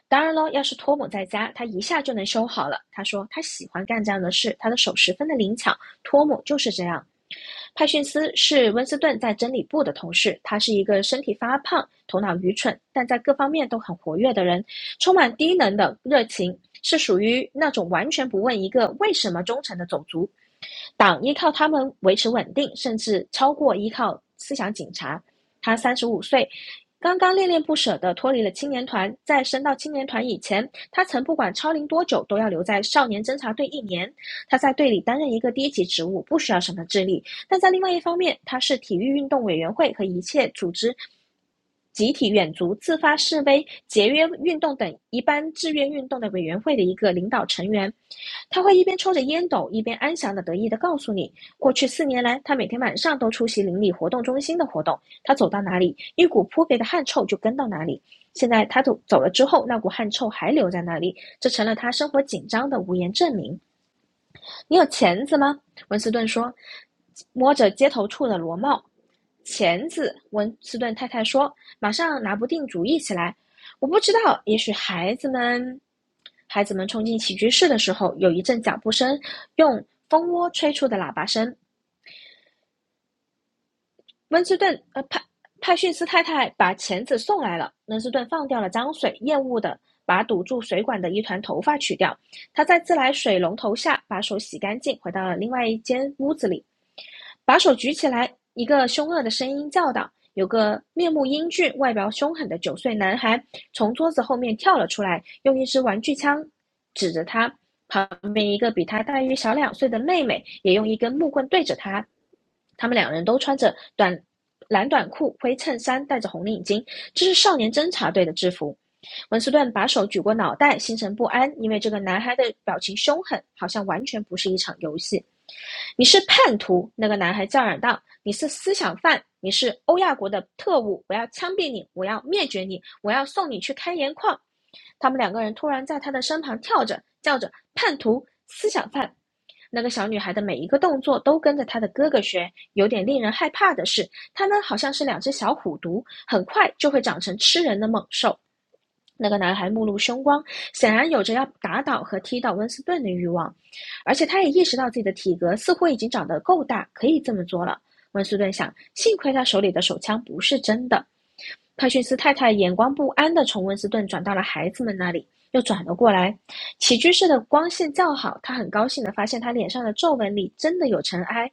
B: 当然喽，要是托姆在家，他一下就能修好了。他说他喜欢干这样的事，他的手十分的灵巧。托姆就是这样。派逊斯是温斯顿在真理部的同事，他是一个身体发胖、头脑愚蠢，但在各方面都很活跃的人，充满低能的热情，是属于那种完全不问一个为什么忠诚的种族。党依靠他们维持稳定，甚至超过依靠思想警察。他三十五岁，刚刚恋恋不舍地脱离了青年团，在升到青年团以前，他曾不管超龄多久都要留在少年侦察队一年。他在队里担任一个低级职务，不需要什么智力，但在另外一方面，他是体育运动委员会和一切组织。集体远足、自发示威、节约运动等一般志愿运动的委员会的一个领导成员，他会一边抽着烟斗，一边安详的得意的告诉你，过去四年来，他每天晚上都出席邻里活动中心的活动。他走到哪里，一股扑鼻的汗臭就跟到哪里。现在他走走了之后，那股汗臭还留在那里，这成了他生活紧张的无言证明。你有钳子吗？”文斯顿说，摸着街头处的螺帽。钳子，文斯顿太太说，马上拿不定主意起来。我不知道，也许孩子们……孩子们冲进起居室的时候，有一阵脚步声，用蜂窝吹出的喇叭声。温斯顿呃派派逊斯太太把钳子送来了，温斯顿放掉了脏水，厌恶的把堵住水管的一团头发取掉。他在自来水龙头下把手洗干净，回到了另外一间屋子里，把手举起来。一个凶恶的声音叫道：“有个面目英俊、外表凶狠的九岁男孩从桌子后面跳了出来，用一支玩具枪指着他。旁边一个比他大约小两岁的妹妹也用一根木棍对着他。他们两人都穿着短蓝短裤、灰衬衫，戴着红领巾，这是少年侦察队的制服。文斯顿把手举过脑袋，心神不安，因为这个男孩的表情凶狠，好像完全不是一场游戏。你是叛徒！”那个男孩叫嚷道：“你是思想犯，你是欧亚国的特务！我要枪毙你，我要灭绝你，我要送你去开盐矿！”他们两个人突然在他的身旁跳着，叫着：“叛徒！思想犯！”那个小女孩的每一个动作都跟着她的哥哥学，有点令人害怕的是，他呢好像是两只小虎毒，很快就会长成吃人的猛兽。那个男孩目露凶光，显然有着要打倒和踢倒温斯顿的欲望，而且他也意识到自己的体格似乎已经长得够大，可以这么做了。温斯顿想，幸亏他手里的手枪不是真的。派逊斯太太眼光不安地从温斯顿转到了孩子们那里，又转了过来。起居室的光线较好，他很高兴地发现他脸上的皱纹里真的有尘埃，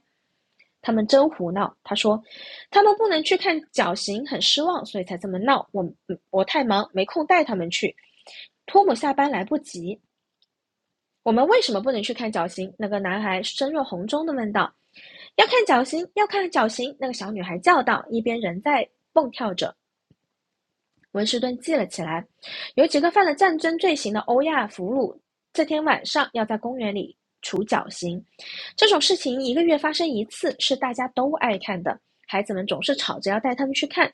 B: 他们真胡闹。他说，他们不能去看绞刑，很失望，所以才这么闹。我嗯我太忙，没空带他们去。托姆下班来不及。我们为什么不能去看绞刑？那个男孩深若红钟的问道。要看绞刑，要看绞刑！那个小女孩叫道，一边仍在蹦跳着。文士顿记了起来。有几个犯了战争罪行的欧亚俘虏，这天晚上要在公园里处绞刑。这种事情一个月发生一次，是大家都爱看的。孩子们总是吵着要带他们去看。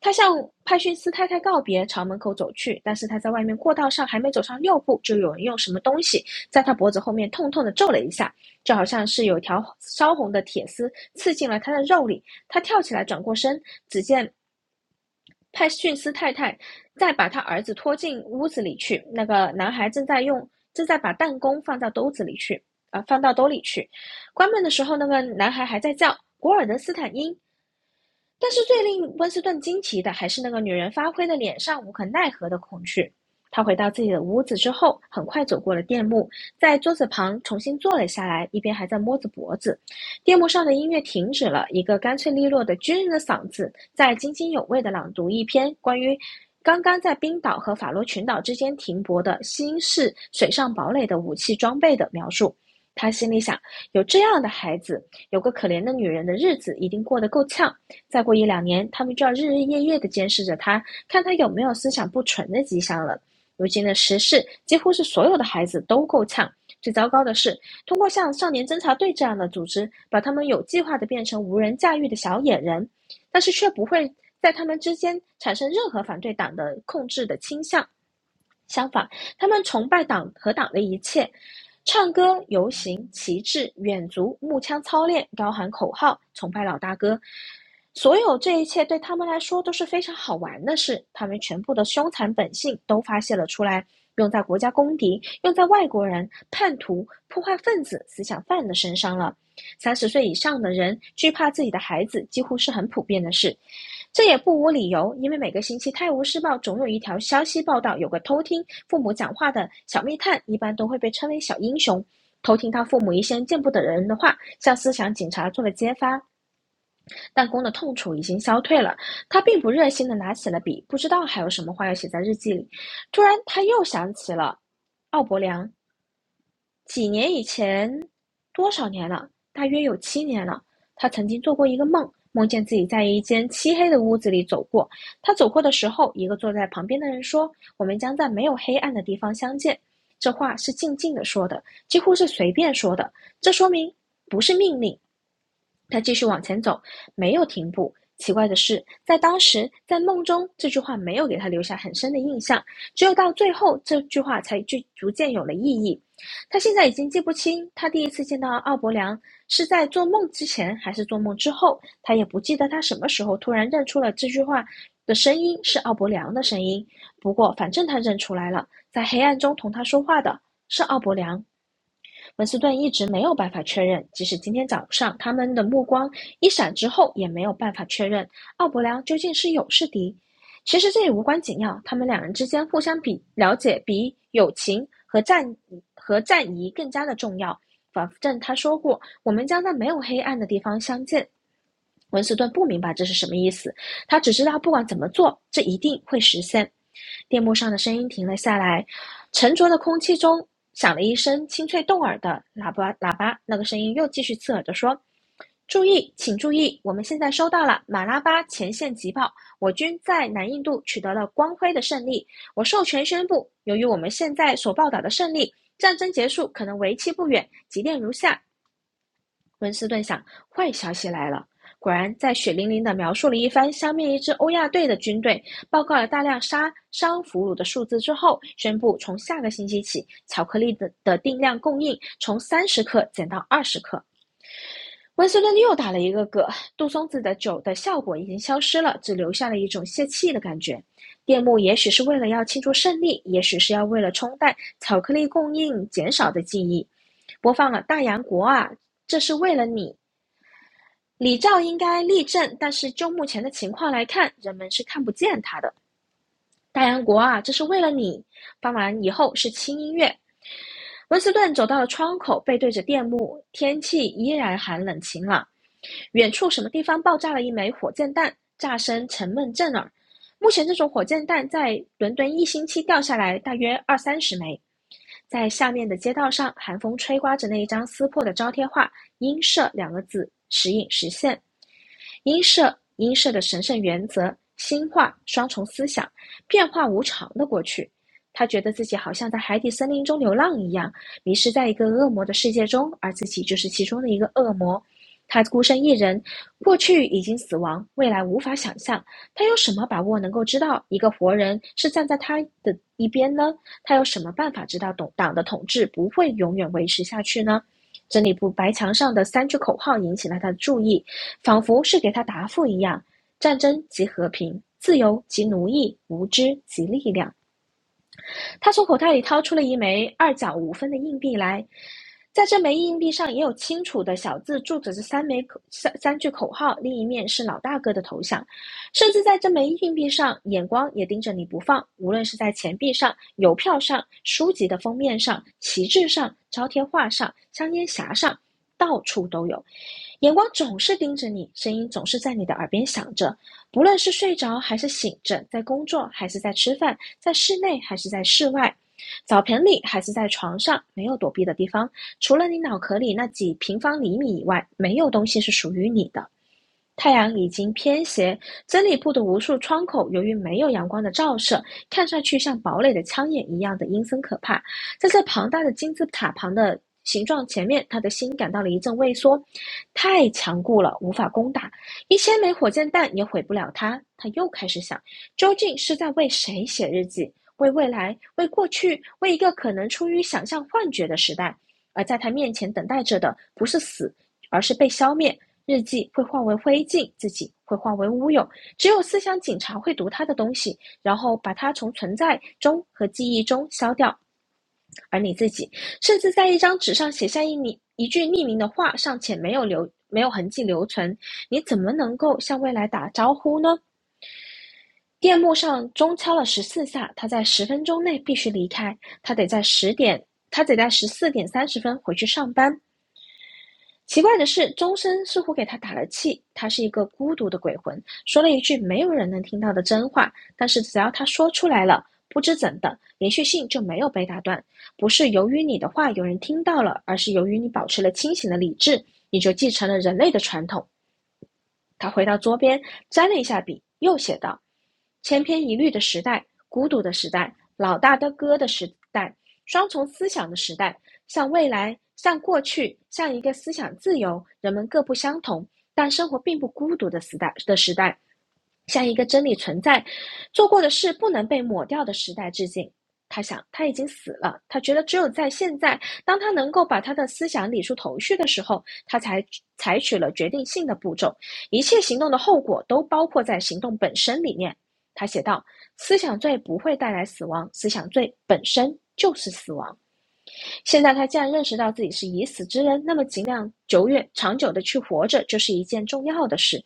B: 他向派逊斯太太告别，朝门口走去。但是他在外面过道上还没走上六步，就有人用什么东西在他脖子后面痛痛地揍了一下，就好像是有条烧红的铁丝刺进了他的肉里。他跳起来转过身，只见派逊斯太太再把他儿子拖进屋子里去。那个男孩正在用正在把弹弓放到兜子里去啊、呃放到兜里去。关门的时候，那个男孩还在叫古尔德斯坦因，但是最令温斯顿惊奇的还是那个女人发挥的脸上无可奈何的恐惧。他回到自己的屋子之后，很快走过了电幕，在桌子旁重新坐了下来，一边还在摸着脖子。电幕上的音乐停止了，一个干脆利落的军人的嗓子在津津有味地朗读一篇关于刚刚在冰岛和法罗群岛之间停泊的新式水上堡垒的武器装备的描述。他心里想：有这样的孩子，有个可怜的女人的日子一定过得够呛。再过一两年，他们就要日日夜夜地监视着他，看他有没有思想不纯的迹象了。如今的时事几乎是所有的孩子都够呛。最糟糕的是，通过像少年侦察队这样的组织，把他们有计划地变成无人驾驭的小野人，但是却不会在他们之间产生任何反对党的控制的倾向。相反，他们崇拜党和党的一切，唱歌、游行、旗帜、远足、木枪操练、高喊口号，崇拜老大哥。所有这一切对他们来说都是非常好玩的事，他们全部的凶残本性都发泄了出来，用在国家公敌、用在外国人、叛徒、破坏分子、思想犯的身上了。三十岁以上的人惧怕自己的孩子，几乎是很普遍的事。这也不无理由，因为每个星期《泰晤士报》总有一条消息报道有个偷听父母讲话的小密探，一般都会被称为小英雄。偷听他父母一些见不得人的话，向思想警察做了揭发。弹弓的痛楚已经消退了，他并不热心的拿起了笔，不知道还有什么话要写在日记里。突然，他又想起了奥伯良，几年以前，多少年了？大约有七年了。他曾经做过一个梦，梦见自己在一间漆黑的屋子里走过。他走过的时候，一个坐在旁边的人说：“我们将在没有黑暗的地方相见。”这话是静静的说的，几乎是随便说的。这说明不是命令。他继续往前走，没有停步。奇怪的是，在当时，在梦中，这句话没有给他留下很深的印象，只有到最后，这句话才逐逐渐有了意义。他现在已经记不清他第一次见到奥伯良是在做梦之前还是做梦之后，他也不记得他什么时候突然认出了这句话的声音是奥伯良的声音。不过，反正他认出来了，在黑暗中同他说话的是奥伯良。文斯顿一直没有办法确认，即使今天早上他们的目光一闪之后，也没有办法确认奥伯良究竟是友是敌。其实这也无关紧要，他们两人之间互相比了解比友情和战和战谊更加的重要。反正他说过，我们将在没有黑暗的地方相见。文斯顿不明白这是什么意思，他只知道不管怎么做，这一定会实现。电幕上的声音停了下来，沉着的空气中响了一声清脆动耳的喇叭喇叭，那个声音又继续刺耳地说：“注意，请注意，我们现在收到了马拉巴前线急报，我军在南印度取得了光辉的胜利。我授权宣布，由于我们现在所报道的胜利，战争结束可能为期不远。急电如下：温斯顿想，坏消息来了。果然，在血淋淋地描述了一番消灭一支欧亚队的军队，报告了大量杀伤俘虏的数字之后，宣布从下个星期起，巧克力的的定量供应从三十克减到二十克。温斯顿又打了一个嗝，杜松子的酒的效果已经消失了，只留下了一种泄气的感觉。电幕也许是为了要庆祝胜利，也许是要为了冲淡巧克力供应减少的记忆，播放了《大洋国啊》，这是为了你李肇应该立正，但是就目前的情况来看，人们是看不见他的。大洋国啊，这是为了你。傍晚以后是轻音乐。温斯顿走到了窗口，背对着电幕，天气依然寒冷晴朗。远处什么地方爆炸了一枚火箭弹，炸声沉闷震耳。目前这种火箭弹在伦敦一星期掉下来大约二三十枚。在下面的街道上，寒风吹刮着那一张撕破的招贴画，“英社”两个字，时隐时现。因设因设的神圣原则、心化、双重思想、变化无常的过去。他觉得自己好像在海底森林中流浪一样，迷失在一个恶魔的世界中，而自己就是其中的一个恶魔。他孤身一人，过去已经死亡，未来无法想象。他有什么把握能够知道一个活人是站在他的一边呢？他有什么办法知道党党的统治不会永远维持下去呢？内部白墙上的三句口号引起了他的注意，仿佛是给他答复一样：战争即和平，自由即奴役，无知即力量。他从口袋里掏出了一枚二角五分的硬币来，在这枚硬币上也有清楚的小字注着这三枚口三三句口号，另一面是老大哥的头像，甚至在这枚硬币上，眼光也盯着你不放。无论是在钱币上、邮票上、书籍的封面上、旗帜上、招贴画上、香烟匣上，到处都有，眼光总是盯着你，声音总是在你的耳边响着。不论是睡着还是醒着，在工作还是在吃饭。在室内还是在室外，澡盆里还是在床上，没有躲避的地方。除了你脑壳里那几平方厘米以外，没有东西是属于你的。太阳已经偏斜，真理部的无数窗口由于没有阳光的照射，看上去像堡垒的枪眼一样的阴森可怕。在这庞大的金字塔旁的形状前面，他的心感到了一阵畏缩，太强固了，无法攻打，一千枚火箭弹也毁不了他。他又开始想，究竟是在为谁写日记？为未来，为过去，为一个可能出于想象幻觉的时代。而在他面前等待着的，不是死，而是被消灭。日记会化为灰烬，自己会化为乌有。只有思想警察会读他的东西，然后把它从存在中和记忆中消掉。而你自己，甚至在一张纸上写下一名一句匿名的话，尚且没有留没有痕迹留存，你怎么能够向未来打招呼呢？电幕上钟敲了十四下，他在十分钟内必须离开，他得在十点，他得在十四点三十分回去上班。奇怪的是，钟声似乎给他打了气。他是一个孤独的鬼魂，说了一句没有人能听到的真话。但是只要他说出来了，不知怎的，连续性就没有被打断。不是由于你的话有人听到了，而是由于你保持了清醒的理智，你就继承了人类的传统，他回到桌边，沾了一下笔，又写道：“千篇一律的时代，孤独的时代，老大的歌的时代，双重思想的时代，向未来，向过去，像一个思想自由、人们各不相同，但生活并不孤独的时代的时代，像一个真理存在，做过的事不能被抹掉的时代致敬。”他想，他已经死了。他觉得只有在现在，当他能够把他的思想理出头绪的时候，他才采取了决定性的步骤。一切行动的后果都包括在行动本身里面。他写道：“思想罪不会带来死亡，思想罪本身就是死亡。”现在他既然认识到自己是已死之人，那么尽量久远、长久的去活着，就是一件重要的事。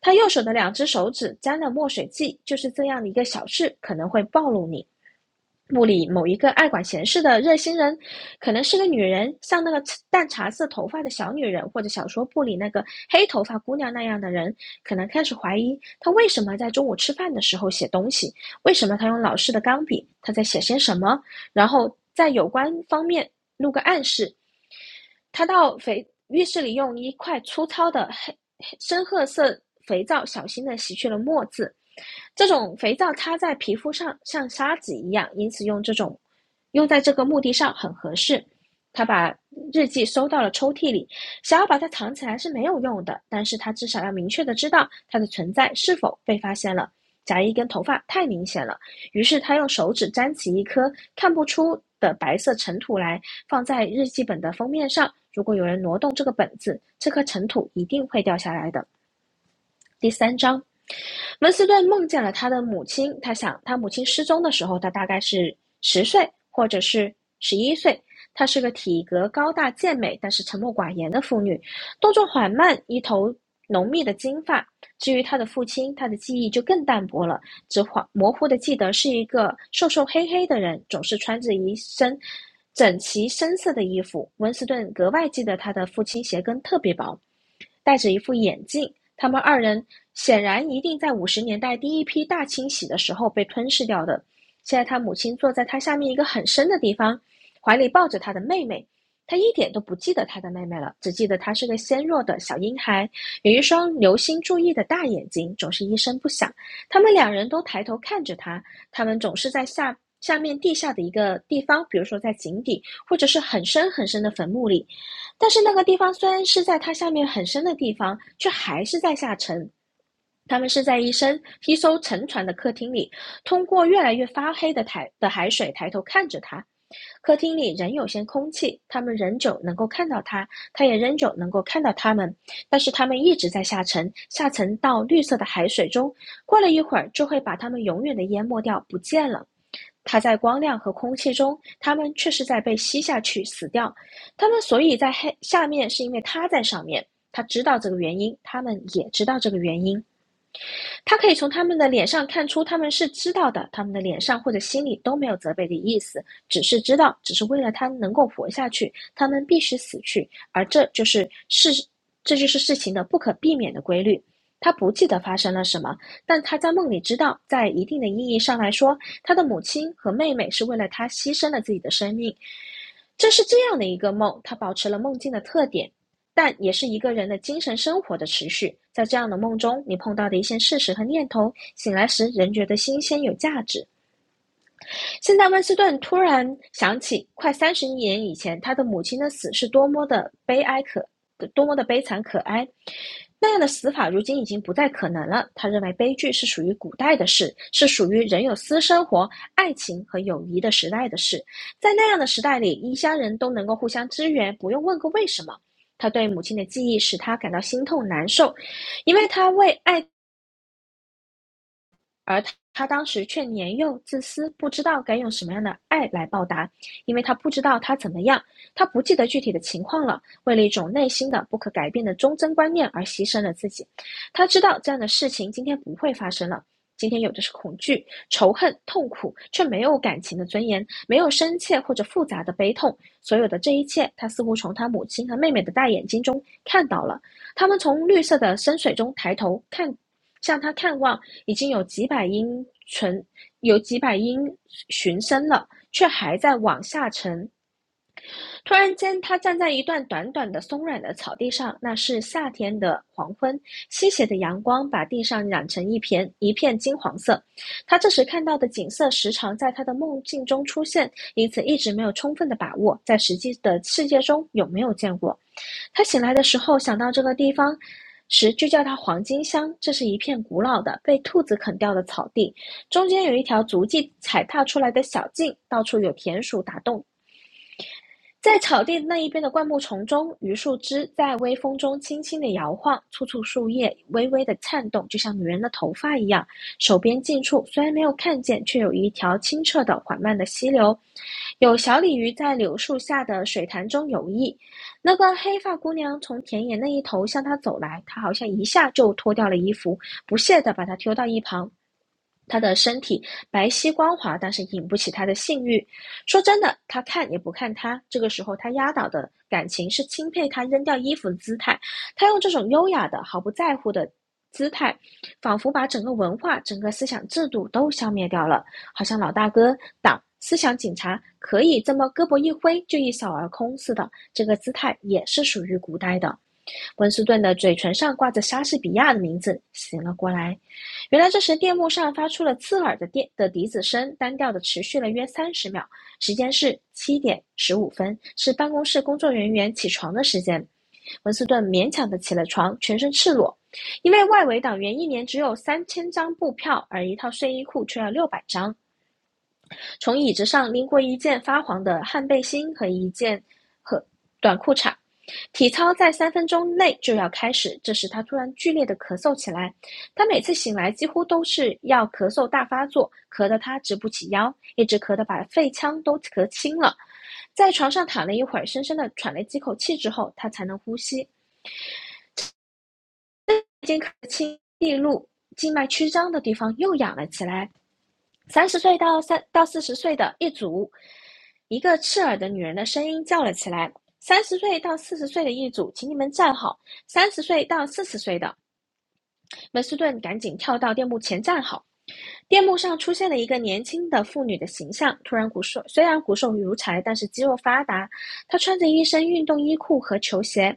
B: 他右手的两只手指沾了墨水迹，就是这样的一个小事，可能会暴露你。部里某一个爱管闲事的热心人，可能是个女人，像那个淡茶色头发的小女人，或者小说部里那个黑头发姑娘那样的人，可能开始怀疑他为什么在中午吃饭的时候写东西，为什么他用老式的钢笔，他在写些什么，然后。在有关方面录个暗示，他到肥浴室里用一块粗糙的黑深褐色肥皂小心的洗去了墨渍。这种肥皂擦在皮肤上像沙子一样，因此用这种用在这个墓地上很合适。他把日记收到了抽屉里，想要把它藏起来是没有用的，但是他至少要明确的知道它的存在是否被发现了。夹一根头发太明显了，于是他用手指沾起一颗看不出的白色尘土来。放在日记本的封面上，如果有人挪动这个本子，这颗尘土一定会掉下来的。第三章文斯顿梦见了他的母亲，他想他母亲失踪的时候，他大概是十岁或者是十一岁。她是个体格高大健美，但是沉默寡言的妇女，动作缓慢，一头浓密的金发。至于他的父亲，他的记忆就更淡薄了，只恍模糊的记得是一个瘦瘦黑黑的人，总是穿着一身整齐深色的衣服。温斯顿格外记得他的父亲鞋跟特别薄，戴着一副眼镜，他们二人显然一定在五十年代第一批大清洗的时候被吞噬掉的。现在他母亲坐在他下面一个很深的地方，怀里抱着他的妹妹。他一点都不记得他的妹妹了，只记得她是个纤弱的小婴孩，有一双留心注意的大眼睛，总是一声不响。他们两人都抬头看着他，他们总是在下下面地下的一个地方，比如说在井底，或者是很深很深的坟墓里。但是那个地方虽然是在它下面很深的地方，却还是在下沉。他们是在一身披艘沉船的客厅里，通过越来越发黑的台的海水抬头看着他。客厅里仍有些空气，他们仍旧能够看到它，它也仍旧能够看到他们。但是他们一直在下沉，下沉到绿色的海水中，过了一会儿就会把他们永远的淹没掉，不见了。它在光亮和空气中，它们却是在被吸下去死掉。它们所以在黑下面，是因为它在上面。它知道这个原因，它们也知道这个原因。他可以从他们的脸上看出他们是知道的，他们的脸上或者心里都没有责备的意思，只是知道，只是为了他能够活下去，他们必须死去，而这就是事，这就是事情的不可避免的规律。他不记得发生了什么，但他在梦里知道，在一定的意义上来说，他的母亲和妹妹是为了他牺牲了自己的生命。这是这样的一个梦，他保持了梦境的特点，但也是一个人的精神生活的持续。在这样的梦中，你碰到的一些事实和念头，醒来时仍觉得新鲜有价值。现在温斯顿突然想起，快三十年以前，他的母亲的死是多么的悲哀可，多么的悲惨可哀。那样的死法如今已经不再可能了。他认为悲剧是属于古代的事，是属于人有私生活、爱情和友谊的时代的事。在那样的时代里，异乡人都能够互相支援，不用问个为什么。他对母亲的记忆使他感到心痛难受，因为他为爱而他他当时却年幼自私，不知道该用什么样的爱来报答，因为他不知道他怎么样，他不记得具体的情况了。为了一种内心的不可改变的忠贞观念而牺牲了自己。他知道这样的事情今天不会发生了。今天有的是恐惧、仇恨、痛苦，却没有感情的尊严，没有深切或者复杂的悲痛。所有的这一切，他似乎从他母亲和妹妹的大眼睛中看到了。他们从绿色的深水中抬头看，向他看望，已经有几百英存，有几百英寻升了，却还在往下沉。突然间，他站在一段短短的松软的草地上，那是夏天的黄昏，西斜的阳光把地上染成一片一片金黄色。他这时看到的景色时常在他的梦境中出现，因此一直没有充分的把握在实际的世界中有没有见过。他醒来的时候想到这个地方。时就叫它黄金乡。这是一片古老的被兔子啃掉的草地，中间有一条足迹踩踏出来的小径，到处有田鼠打洞在草地那一边的灌木丛中，榆树枝在微风中轻轻地摇晃，簇簇树叶微微的颤动，就像女人的头发一样。手边近处虽然没有看见，却有一条清澈的、缓慢的溪流，有小鲤鱼在柳树下的水潭中游弋。那个黑发姑娘从田野那一头向他走来，他好像一下就脱掉了衣服，不屑地把她丢到一旁。她的身体白皙光滑，但是引不起他的性欲。说真的，他看也不看他。这个时候，他压倒的感情是钦佩他扔掉衣服的姿态。他用这种优雅的、毫不在乎的姿态，仿佛把整个文化、整个思想制度都消灭掉了，好像老大哥党、思想警察可以这么胳膊一挥就一扫而空似的。这个姿态也是属于古代的。温斯顿的嘴唇上挂着莎士比亚的名字，醒了过来。原来这时电幕上发出了刺耳的电的笛子声，单调的持续了约三十秒。时间是七点十五分，是办公室工作人员起床的时间。温斯顿勉强的起了床，全身赤裸，因为外围党员一年只有三千张布票，而一套睡衣裤却要六百张。从椅子上拎过一件发黄的汗背心和一件和短裤衩。体操在三分钟内就要开始，这时他突然剧烈的咳嗽起来。他每次醒来几乎都是要咳嗽大发作，咳得他直不起腰，一直咳得把肺腔都咳青了。在床上躺了一会儿，深深的喘了几口气之后，他才能呼吸。已经咳青地路静脉曲张的地方又痒了起来，三十岁到三到四十岁的一组，一个刺耳的女人的声音叫了起来：“三十岁到四十岁的一组，请你们站好；三十岁到四十岁的，门斯顿赶紧跳到电幕前站好。电幕上出现了一个年轻的妇女的形象，突然骨瘦，虽然骨瘦如柴，但是肌肉发达。她穿着一身运动衣裤和球鞋，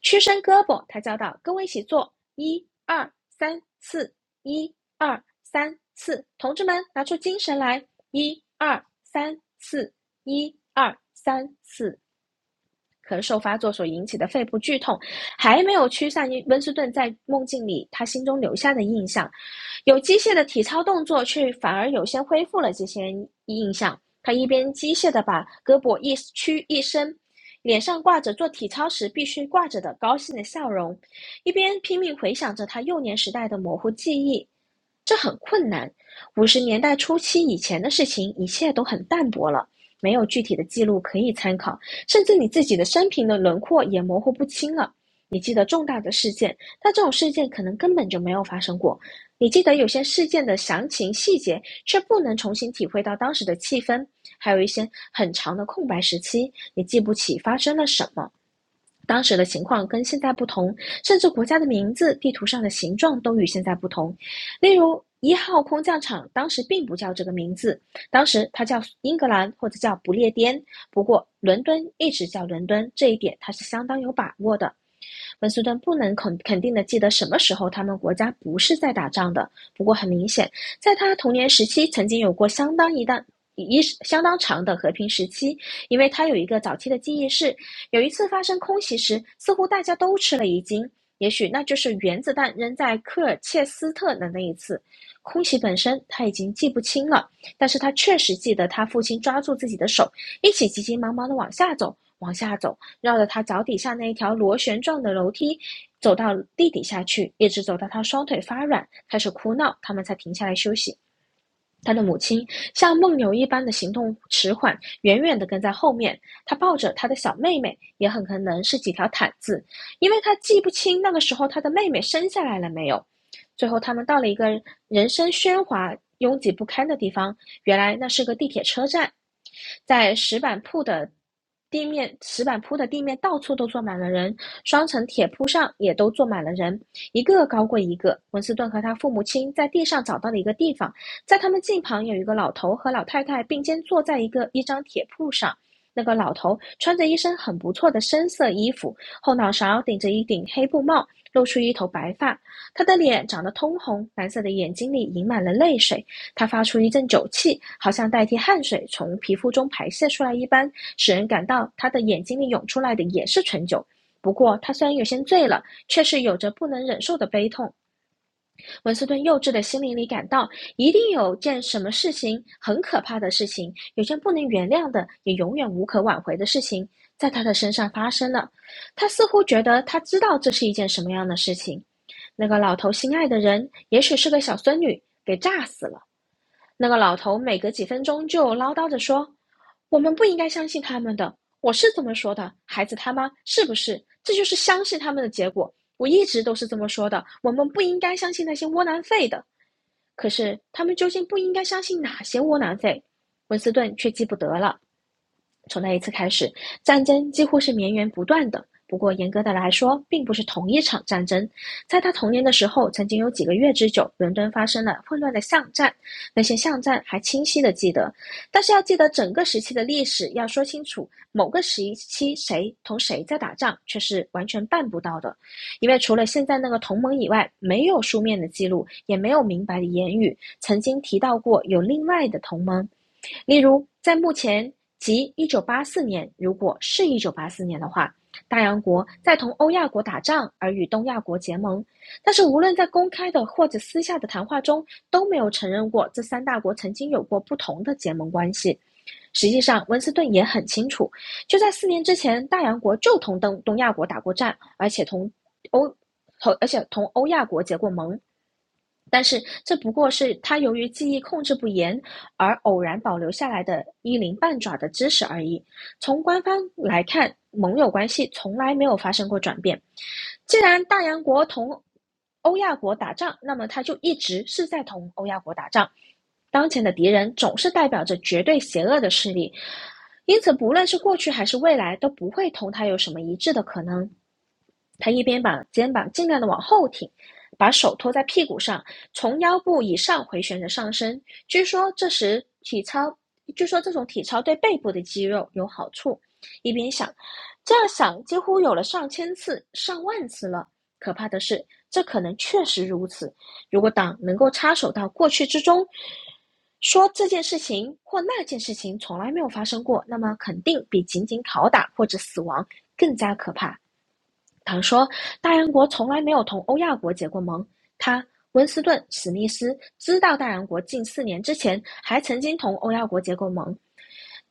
B: 屈伸胳膊，她叫道：“跟我一起做，一二三四，一二三四，同志们拿出精神来，一二三四，一二三四。”咳嗽发作所引起的肺部剧痛，还没有驱散温斯顿在梦境里他心中留下的印象。有机械的体操动作却反而有些恢复了这些印象。他一边机械地把胳膊一屈一伸，脸上挂着做体操时必须挂着的高兴的笑容，一边拼命回想着他幼年时代的模糊记忆。这很困难。五十年代初期以前的事情，一切都很淡薄了，没有具体的记录可以参考，甚至你自己的生平的轮廓也模糊不清了。你记得重大的事件，但这种事件可能根本就没有发生过。你记得有些事件的详情细节，却不能重新体会到当时的气氛，还有一些很长的空白时期，你记不起发生了什么。当时的情况跟现在不同，甚至国家的名字、地图上的形状都与现在不同。例如，一号空降场当时并不叫这个名字，当时它叫英格兰或者叫不列颠。不过，伦敦一直叫伦敦，这一点它是相当有把握的。本斯顿不能肯肯定的记得什么时候他们国家不是在打仗的，不过很明显，在他童年时期曾经有过相当一段。一相当长的和平时期，因为他有一个早期的记忆是，有一次发生空袭时，似乎大家都吃了一惊，也许那就是原子弹扔在科尔切斯特的那一次。空袭本身他已经记不清了，但是他确实记得他父亲抓住自己的手，一起急急忙忙的往下走，往下走，绕着他脚底下那一条螺旋状的楼梯走到地底下去，一直走到他双腿发软，开始哭闹，他们才停下来休息。他的母亲像梦游一般的行动迟缓，远远地跟在后面。他抱着他的小妹妹，也很可能是几条毯子，因为他记不清那个时候他的妹妹生下来了没有。最后，他们到了一个人声喧哗、拥挤不堪的地方，原来那是个地铁车站，在石板铺的地面，石板铺的地面到处都坐满了人，双层铁铺上也都坐满了人，一个高过一个。文斯顿和他父母亲在地上找到了一个地方。在他们近旁有一个老头和老太太并肩坐在一个一张铁铺上。那个老头穿着一身很不错的深色衣服，后脑勺顶着一顶黑布帽，露出一头白发。他的脸长得通红，蓝色的眼睛里盈满了泪水。他发出一阵酒气，好像代替汗水从皮肤中排泄出来一般，使人感到他的眼睛里涌出来的也是醇酒。不过，他虽然有些醉了，却是有着不能忍受的悲痛。文斯顿幼稚的心灵里感到，一定有件什么事情很可怕的事情，有件不能原谅的，也永远无可挽回的事情，在他的身上发生了。他似乎觉得他知道这是一件什么样的事情。那个老头心爱的人，也许是个小孙女，给炸死了。那个老头每隔几分钟就唠叨着说：“我们不应该相信他们的，我是这么说的，孩子他妈是不是？这就是相信他们的结果。我一直都是这么说的，我们不应该相信那些窝囊废的。可是他们究竟不应该相信哪些窝囊废？”文斯顿却记不得了。从那一次开始，战争几乎是绵延不断的。不过，严格的来说，并不是同一场战争。在他童年的时候，曾经有几个月之久，伦敦发生了混乱的巷战，那些巷战还清晰的记得。但是要记得整个时期的历史，要说清楚某个时期谁同谁在打仗，却是完全办不到的，因为除了现在那个同盟以外，没有书面的记录，也没有明白的言语曾经提到过有另外的同盟。例如，在目前即一九八四年，如果是一九八四年的话，大洋国在同欧亚国打仗而与东亚国结盟，但是无论在公开的或者私下的谈话中，都没有承认过这三大国曾经有过不同的结盟关系。实际上，温斯顿也很清楚，就在四年之前，大洋国就同东东亚国打过战，而且同欧，和而且同欧亚国结过盟。但是这不过是他由于记忆控制不严而偶然保留下来的一鳞半爪的知识而已。从官方来看，盟友关系从来没有发生过转变。既然大洋国同欧亚国打仗，那么他就一直是在同欧亚国打仗。当前的敌人总是代表着绝对邪恶的势力，因此不论是过去还是未来，都不会同他有什么一致的可能。他一边把肩膀尽量的往后挺，把手托在屁股上，从腰部以上回旋的上升。据说这时体操，据说这种体操对背部的肌肉有好处。一边想，这样想几乎有了上千次、上万次了。可怕的是，这可能确实如此。如果党能够插手到过去之中，说这件事情或那件事情从来没有发生过，那么肯定比仅仅拷打或者死亡更加可怕。他说，大洋国从来没有同欧亚国结过盟。他温斯顿·史密斯知道大洋国近四年之前还曾经同欧亚国结过盟，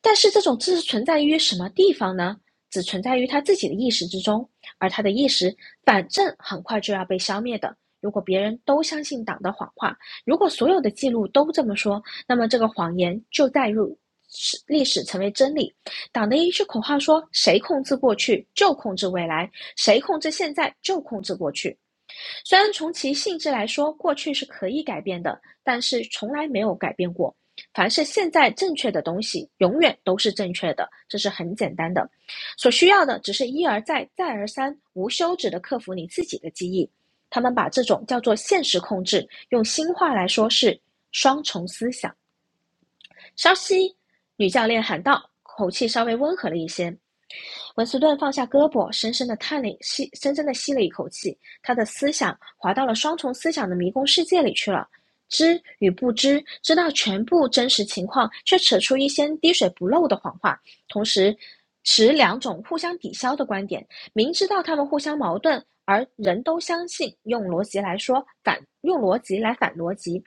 B: 但是这种知识存在于什么地方呢？只存在于他自己的意识之中，而他的意识反正很快就要被消灭的。如果别人都相信党的谎话，如果所有的记录都这么说，那么这个谎言就带入史历史成为真理。党的一句口号说：“谁控制过去，就控制未来。”谁控制现在就控制过去。虽然从其性质来说，过去是可以改变的，但是从来没有改变过。凡是现在正确的东西，永远都是正确的，这是很简单的。所需要的只是一而再、再而三、无休止的克服你自己的记忆。他们把这种叫做现实控制，用新话来说是双重思想。稍息，女教练喊道，口气稍微温和了一些。文斯顿放下胳膊，深深地叹了吸，深深的吸了一口气。他的思想滑到了双重思想的迷宫世界里去了。知与不知，知道全部真实情况，却扯出一些滴水不漏的谎话，同时持两种互相抵消的观点。明知道他们互相矛盾，而人都相信。用逻辑来说，反用逻辑来反逻辑。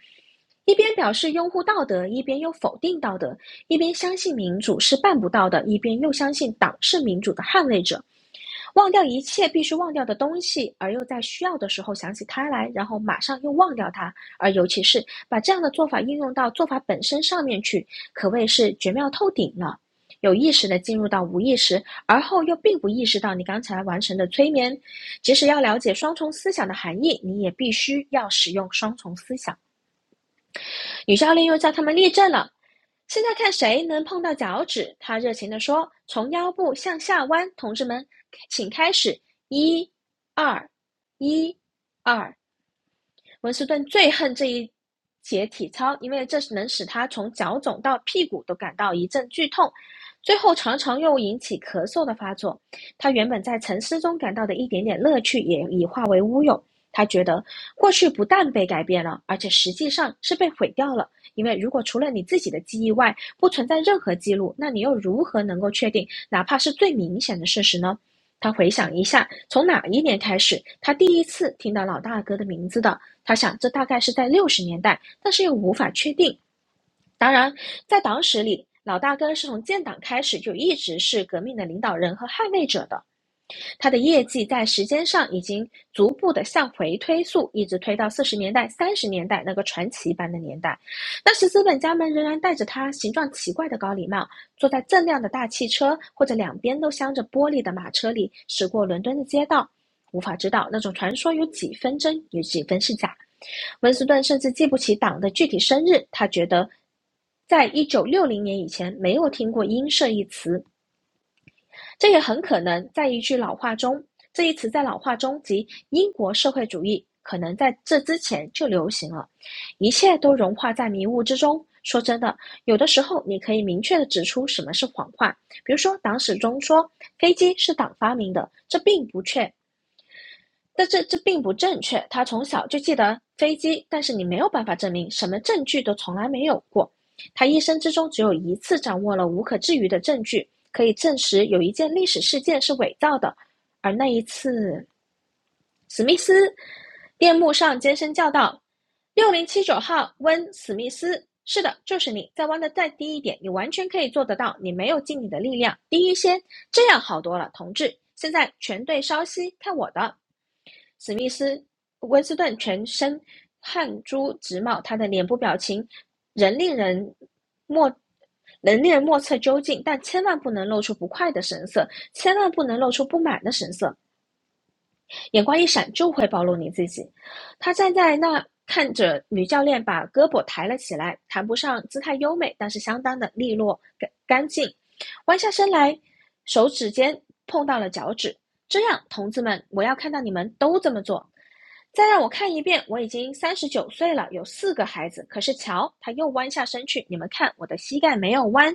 B: 一边表示拥护道德，一边又否定道德，一边相信民主是办不到的，一边又相信党是民主的捍卫者，忘掉一切必须忘掉的东西，而又在需要的时候想起它来，然后马上又忘掉它。而尤其是把这样的做法应用到做法本身上面去，可谓是绝妙透顶了。有意识的进入到无意识，而后又并不意识到你刚才完成的催眠。即使要了解双重思想的含义，你也必须要使用双重思想。女教练又叫他们立正了，现在看谁能碰到脚趾。”他热情地说：“从腰部向下弯，同志们，请开始！一、二、一、二。”温斯顿最恨这一节体操，因为这能使他从脚肿到屁股都感到一阵剧痛，最后常常又引起咳嗽的发作。他原本在沉思中感到的一点点乐趣，也已化为乌有。他觉得过去不但被改变了，而且实际上是被毁掉了。因为如果除了你自己的记忆外不存在任何记录，那你又如何能够确定哪怕是最明显的事实呢？他回想一下，从哪一年开始，他第一次听到老大哥的名字的？他想，这大概是在六十年代，但是又无法确定。当然，在党史里，老大哥是从建党开始就一直是革命的领导人和捍卫者的。他的业绩在时间上已经逐步的向回推溯，一直推到四十年代、三十年代那个传奇般的年代。那时资本家们仍然戴着他形状奇怪的高礼帽，坐在锃亮的大汽车或者两边都镶着玻璃的马车里驶过伦敦的街道。无法知道那种传说有几分真，有几分是假。温斯顿甚至记不起党的具体生日，他觉得。在一九六零年以前，没有听过“英社”一词，这也很可能在一句老话中。这一词在老话中即英国社会主义，可能在这之前就流行了。一切都融化在迷雾之中。说真的，有的时候你可以明确地指出什么是谎话，比如说党史中说飞机是党发明的，这并不确但这这并不正确。他从小就记得飞机，但是你没有办法证明，什么证据都从来没有过。他一生之中只有一次掌握了无可置疑的证据，可以证实有一件历史事件是伪造的，而那一次，史密斯，电幕上尖声叫道：“六零七九号，温史密斯，是的，就是你。再弯的再低一点，你完全可以做得到。你没有尽你的力量，低一些，这样好多了，同志。现在全队稍息，看我的。”温斯顿全身汗珠直冒，他的脸部表情仍令人莫能令人莫测究竟，但千万不能露出不快的神色，千万不能露出不满的神色。眼光一闪就会暴露你自己。他站在那看着女教练把胳膊抬了起来，谈不上姿态优美，但是相当的利落干干净。弯下身来，手指尖碰到了脚趾。这样，同志们，我要看到你们都这么做。再让我看一遍，我已经三十九岁了，有四个孩子。可是瞧，他又弯下身去，你们看我的膝盖没有弯。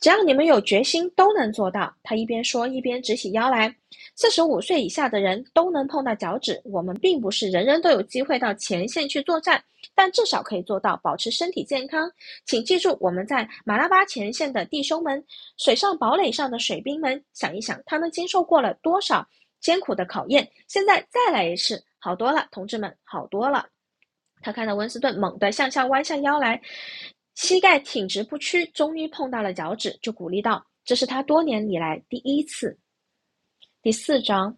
B: 只要你们有决心，都能做到。他一边说，一边直起腰来。四十五岁以下的人都能碰到脚趾，我们并不是人人都有机会到前线去作战，但至少可以做到保持身体健康。请记住，我们在马拉巴前线的弟兄们、水上堡垒上的水兵们，想一想，他们经受过了多少艰苦的考验，现在再来一次，好多了，同志们，好多了。他看到温斯顿猛地向下弯下腰来，膝盖挺直不屈，终于碰到了脚趾，就鼓励道：“这是他多年以来第一次。”第四章，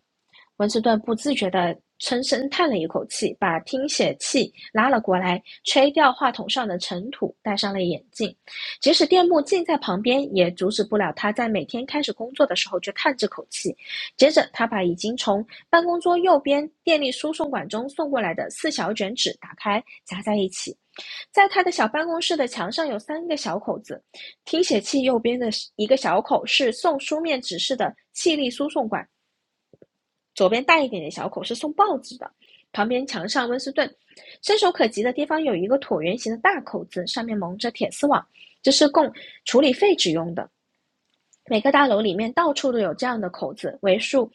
B: 文斯顿不自觉地深深叹了一口气，把听写器拉了过来，吹掉话筒上的尘土，戴上了眼镜。即使电幕近在旁边，也阻止不了他在每天开始工作的时候就叹这口气。接着，他把已经从办公桌右边电力输送管中送过来的四小卷纸打开，夹在一起。在他的小办公室的墙上有三个小口子，听写器右边的一个小口是送书面指示的气力输送管，左边大一点的小口是送报纸的，旁边墙上温斯顿，伸手可及的地方有一个椭圆形的大口子，上面蒙着铁丝网，这是供处理废纸用的。每个大楼里面到处都有这样的口子，为数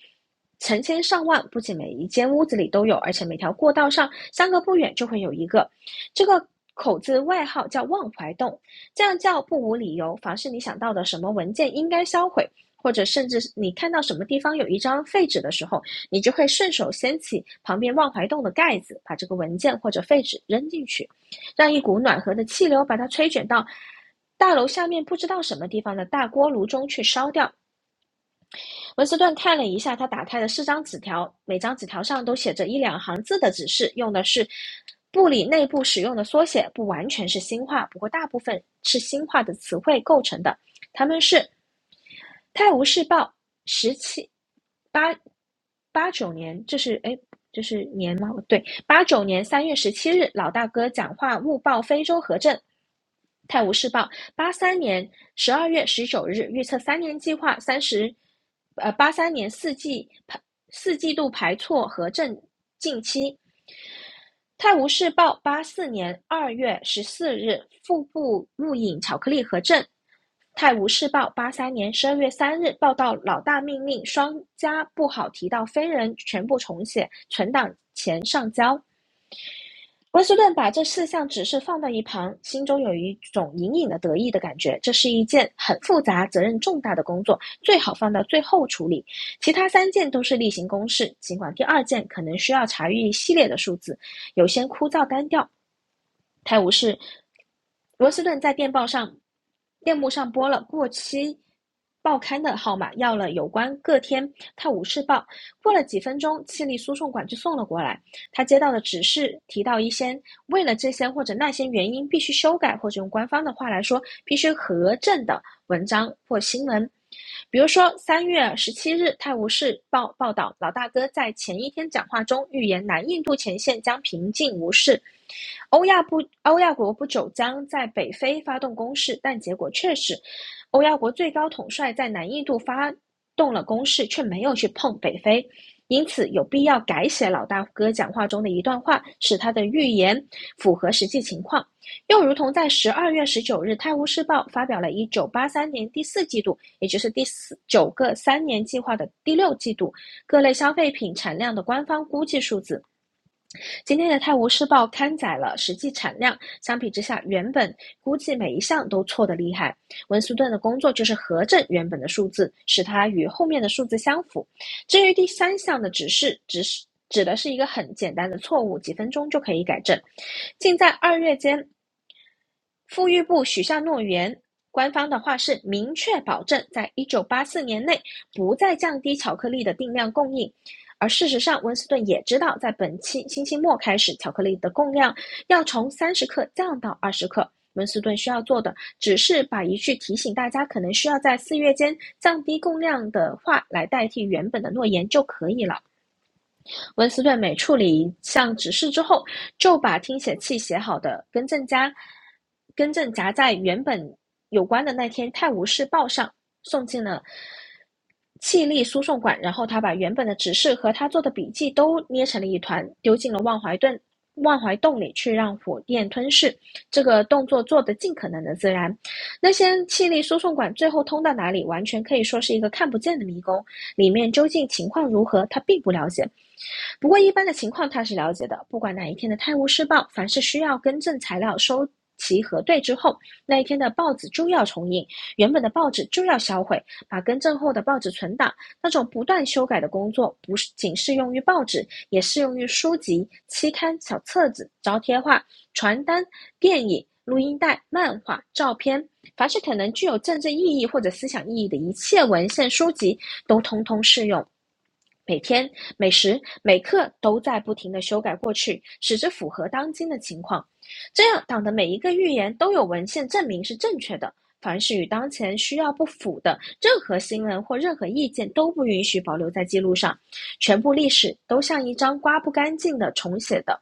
B: 成千上万，不仅每一间屋子里都有，而且每条过道上相隔不远就会有一个。这个口子外号叫“忘怀洞”，这样叫不无理由。凡是你想到的什么文件应该销毁，或者甚至你看到什么地方有一张废纸的时候，你就会顺手掀起旁边忘怀洞的盖子，把这个文件或者废纸扔进去。让一股暖和的气流把它吹卷到大楼下面不知道什么地方的大锅炉中去烧掉。文斯顿看了一下他打开的四张纸条，每张纸条上都写着一两行字的指示，用的是部里内部使用的缩写，不完全是新话，不过大部分是新话的词汇构成的。他们是《泰晤士报》十七八八九年，这是哎对，八九年三月十七日，老大哥讲话误报非洲核震。泰晤士报八三年十二月十九日预测三年计划三十，呃八三年四季四季度排错核震近期。泰晤士报八四年二月十四日腹部入影巧克力核震。泰晤士报八三年十二月三日报道，老大命令双家不好提到非人，全部重写存档前上交。温斯顿把这四项指示放到一旁，心中有一种隐隐的得意的感觉。这是一件很复杂、责任重大的工作，最好放到最后处理。其他三件都是例行公事，尽管第二件可能需要查阅一系列的数字，有些枯燥单调。泰晤士罗斯顿在电报上电幕上拨了过期报刊的号码，要了有关各天《泰晤士报》。过了几分钟，气力输送管就送了过来。他接到的指示提到一些为了这些或者那些原因必须修改，或者用官方的话来说，必须核证的文章或新闻。比如说，三月十七日，《泰晤士报》报道，老大哥在前一天讲话中预言南印度前线将平静无事。欧亚不欧亚国不久将在北非发动攻势，但结果却是，欧亚国最高统帅在南印度发动了攻势，却没有去碰北非。因此，有必要改写老大哥讲话中的一段话，使他的预言符合实际情况。又如同在十二月十九日，《泰晤士报》发表了一九八三年第四季度，也就是第四九个三年计划的第六季度各类消费品产量的官方估计数字。今天的《泰晤士报》刊载了实际产量，相比之下，原本估计每一项都错的厉害。文斯顿的工作就是核证原本的数字，使它与后面的数字相符。至于第三项的指示，指示指的是一个很简单的错误，几分钟就可以改正。近在二月间，富裕部许下诺言，官方的话是明确保证在一九八四年内不再降低巧克力的定量供应。而事实上，温斯顿也知道，在本期星期末开始，巧克力的供量要从三十克降到二十克。温斯顿需要做的只是把一句提醒大家可能需要在四月间降低供量的话来代替原本的诺言就可以了。温斯顿每处理一项指示之后，就把听写器写好的跟正夹跟正夹在原本有关的那天《泰晤士报》上，送进了气力输送管。然后他把原本的指示和他做的笔记都捏成了一团，丢进了望怀顿忘怀洞里去让火焰吞噬。这个动作做得尽可能的自然。那些气力输送管最后通到哪里，完全可以说是一个看不见的迷宫，里面究竟情况如何，他并不了解。不过一般的情况他是了解的，不管哪一天的《泰晤士报》，凡是需要更正材料收。其核对之后，那一天的报纸就要重印，原本的报纸就要销毁，把更正后的报纸存档。那种不断修改的工作，不仅适用于报纸，也适用于书籍、期刊、小册子、招贴画、传单、电影、录音带、漫画、照片，凡是可能具有政治意义或者思想意义的一切文献书籍，都通通适用。每天、每时、每刻都在不停地修改过去，使之符合当今的情况。这样，党的每一个预言都有文献证明是正确的。凡是与当前需要不符的任何新闻或任何意见都不允许保留在记录上，全部历史都像一张刮不干净的重写的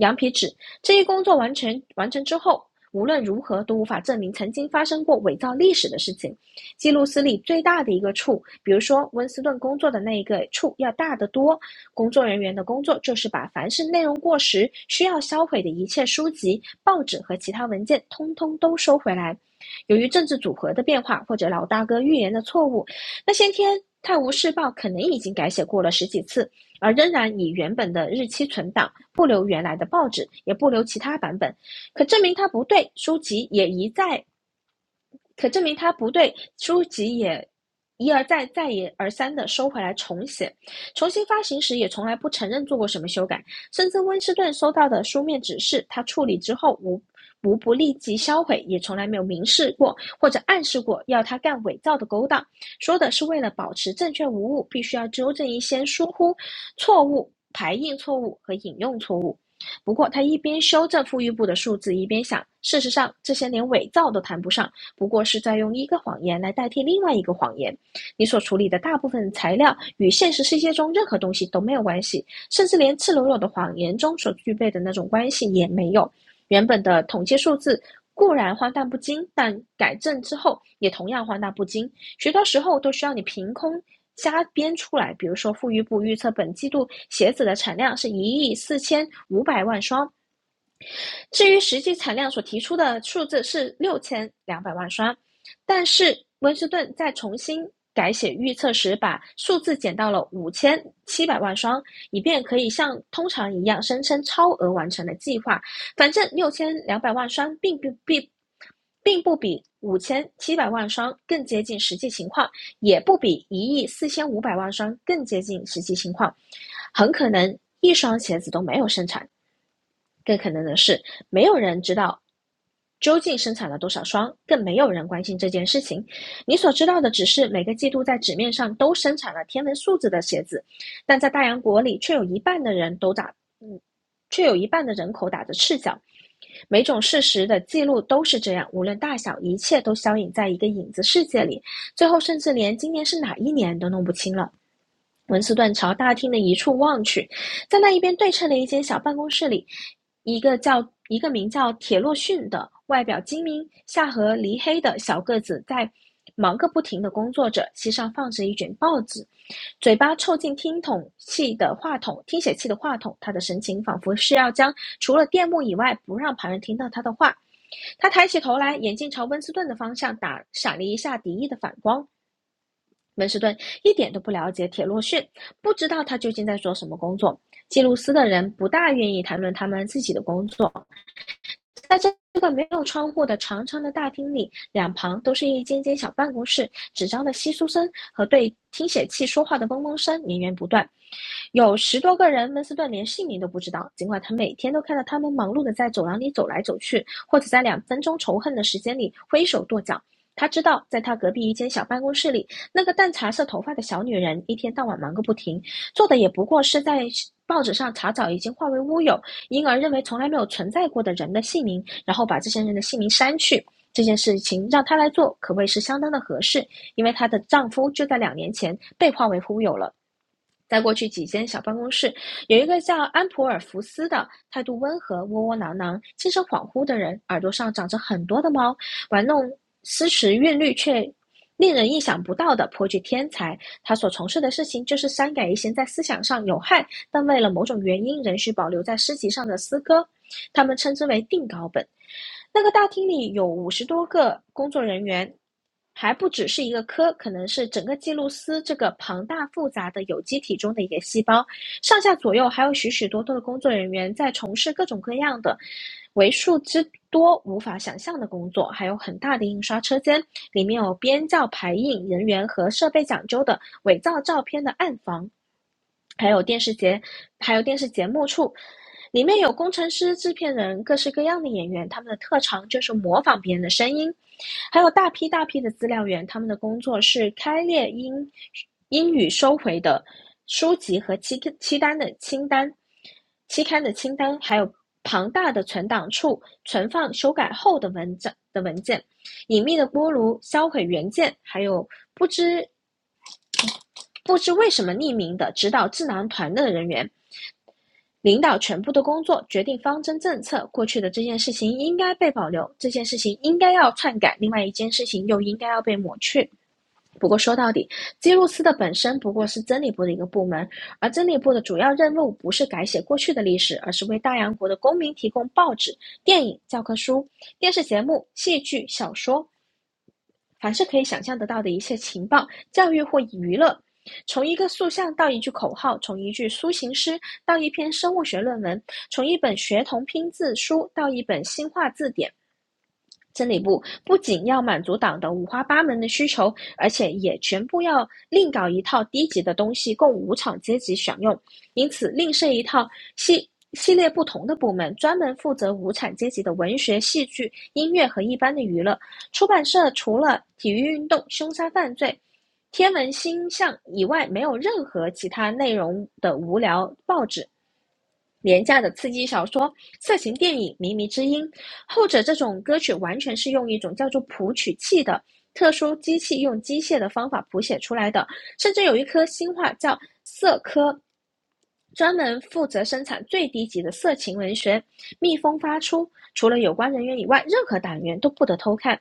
B: 羊皮纸。这一工作完成完成之后，无论如何都无法证明曾经发生过伪造历史的事情。记录司里最大的一个处，比如说温斯顿工作的那一个处要大得多。工作人员的工作就是把凡是内容过时、需要销毁的一切书籍、报纸和其他文件，通通都收回来。由于政治组合的变化或者老大哥预言的错误，那些天《泰晤士报》可能已经改写过了十几次，而仍然以原本的日期存档，不留原来的报纸，也不留其他版本。可证明它不对，书籍也一再可证明他不对，书籍也一而再、再而三的收回来重写，重新发行时也从来不承认做过什么修改，甚至温斯顿收到的书面指示，他处理之后无无不立即销毁，也从来没有明示过或者暗示过要他干伪造的勾当，说的是为了保持正确无误，必须要纠正一些疏忽、错误、排印错误和引用错误。不过，他一边修正富裕部的数字，一边想，事实上这些连伪造都谈不上，不过是在用一个谎言来代替另外一个谎言。你所处理的大部分材料与现实世界中任何东西都没有关系，甚至连赤裸裸的谎言中所具备的那种关系也没有。原本的统计数字。固然荒诞不经，但改正之后也同样荒诞不经。许多时候都需要你凭空瞎编出来。比如说，富裕部预测本季度鞋子的产量是一亿四千五百万双，至于实际产量所提出的数字是六千两百万双，但是温斯顿在重新改写预测时，把数字减到了五千七百万双，以便可以像通常一样声称超额完成的计划。反正六千两百万双并不并并不比五千七百万双更接近实际情况，也不比一亿四千五百万双更接近实际情况，很可能一双鞋子都没有生产。更可能的是，没有人知道究竟生产了多少双，更没有人关心这件事情。你所知道的只是每个季度在纸面上都生产了天文数字的鞋子，但在大洋国里，却有一半的人都打，嗯，却有一半的人口打着赤脚。每种事实的记录都是这样，无论大小，一切都消隐在一个影子世界里，最后甚至连今年是哪一年都弄不清了。文斯顿朝大厅的一处望去，在那一边对称的一间小办公室里，一个叫一个名叫铁洛逊的、外表精明、下颌黧黑的小个子在忙个不停的工作着，膝上放着一卷报纸，嘴巴凑近听筒器的话筒、听写器的话筒。他的神情仿佛是要将除了电幕以外不让旁人听到他的话。他抬起头来，眼睛朝温斯顿的方向打闪了一下敌意的反光。温士顿一点都不了解铁洛逊，不知道他究竟在做什么工作。记录司的人不大愿意谈论他们自己的工作，在这个没有窗户的长长的大厅里，两旁都是一间间小办公室，纸张的窸窣声和对听写器说话的嗡嗡声绵延不断。有十多个人，温斯顿连姓名都不知道，尽管他每天都看到他们忙碌的在走廊里走来走去，或者在两分钟仇恨的时间里挥手跺脚。他知道，在他隔壁一间小办公室里，那个淡茶色头发的小女人一天到晚忙个不停，做的也不过是在报纸上查找已经化为乌有、婴儿认为从来没有存在过的人的姓名，然后把这些人的姓名删去。这件事情让她来做，可谓是相当的合适，因为她的丈夫就在两年前被化为乌有了。在过去几间小办公室，有一个叫安普尔福斯的，态度温和、窝窝囊囊、精神恍惚的人，耳朵上长着很多的毛，玩弄诗词韵律却令人意想不到的颇具天才。他所从事的事情就是删改一些在思想上有害，但为了某种原因仍需保留在诗集上的诗歌，他们称之为定稿本。那个大厅里有五十多个工作人员，还不只是一个科，可能是整个记录司这个庞大复杂的有机体中的一个细胞。上下左右还有许许多多的工作人员在从事各种各样的为数之多无法想象的工作，还有很大的印刷车间，里面有编造、排印人员和设备讲究的伪造照片的暗房。还有电视节，还有电视节目处，里面有工程师、制片人，各式各样的演员，他们的特长就是模仿别人的声音，还有大批大批的资料员，他们的工作是开列英英语收回的书籍和期期单的清单、期刊的清单，还有庞大的存档处存放修改后的文章的文件，隐秘的锅炉销毁原件，还有不知。不知为什么匿名的指导智囊团的人员，领导全部的工作，决定方针政策。过去的这件事情应该被保留，这件事情应该要篡改，另外一件事情又应该要被抹去。不过说到底，基路斯的本身不过是真理部的一个部门，而真理部的主要任务不是改写过去的历史，而是为大洋国的公民提供报纸、电影、教科书、电视节目、戏剧、小说凡是可以想象得到的一切情报、教育或娱乐，从一个塑像到一句口号，从一句抒情诗到一篇生物学论文，从一本学童拼字书到一本新化字典，真理部不仅要满足党的五花八门的需求，而且也全部要另搞一套低级的东西供无产阶级享用，因此另设一套系系列不同的部门，专门负责无产阶级的文学、戏剧、音乐和一般的娱乐。出版社除了体育运动、凶杀犯罪、天文星象以外，没有任何其他内容的无聊报纸。廉价的刺激小说、色情电影、靡靡之音、后者这种歌曲完全是用一种叫做谱曲器的特殊机器，用机械的方法谱写出来的，甚至有一颗新话叫色科专门负责生产最低级的色情文学。密封发出，除了有关人员以外，任何党员都不得偷看。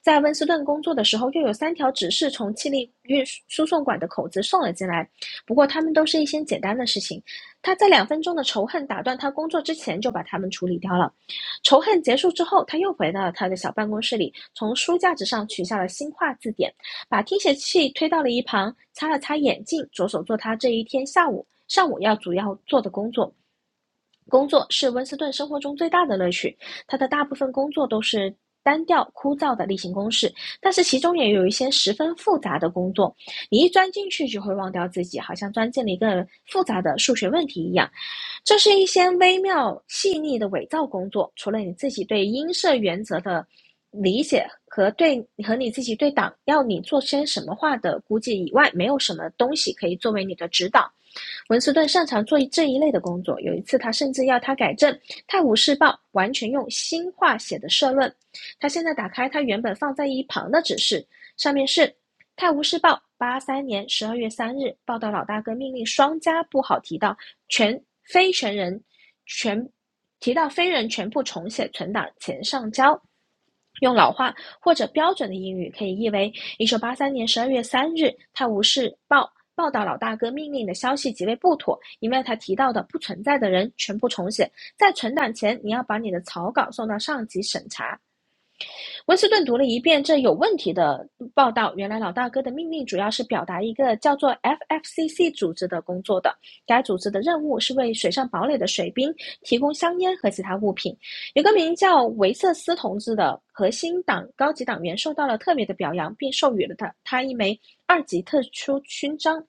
B: 在温斯顿工作的时候，又有三条指示从气力运输送管的口子送了进来。不过，他们都是一些简单的事情。他在两分钟的仇恨打断他工作之前，就把他们处理掉了。仇恨结束之后，他又回到了他的小办公室里，从书架子上取下了新化字典。把听写器推到了一旁，擦了擦眼镜，着手做他这一天下午上午要主要做的工作。工作是温斯顿生活中最大的乐趣，他的大部分工作都是单调枯燥的例行公事，但是其中也有一些十分复杂的工作，你一钻进去就会忘掉自己，好像钻进了一个复杂的数学问题一样。这是一些微妙细腻的伪造工作，除了你自己对音色原则的理解和对和你自己对党要你做些什么话的估计以外，没有什么东西可以作为你的指导。文斯顿擅长做这一类的工作，有一次他甚至要他改正《泰晤士报》完全用新话写的社论。他现在打开他原本放在一旁的指示，上面是《泰晤士报》八三年十二月三日报道老大哥命令双家不好提到全非全人全提到非人全部重写存档前上交。用老话或者标准的英语可以译为一九八三年十二月三日，《泰晤士报》报道老大哥命令的消息极为不妥，因为他提到的不存在的人全部重写，在存档前你要把你的草稿送到上级审查。温斯顿读了一遍这有问题的报道，原来老大哥的命令主要是表达一个叫做 FFCC 组织的工作的。该组织的任务是为水上堡垒的水兵提供香烟和其他物品。有个名叫维瑟斯同志的核心党高级党员受到了特别的表扬，并授予了他他一枚二级特殊勋章。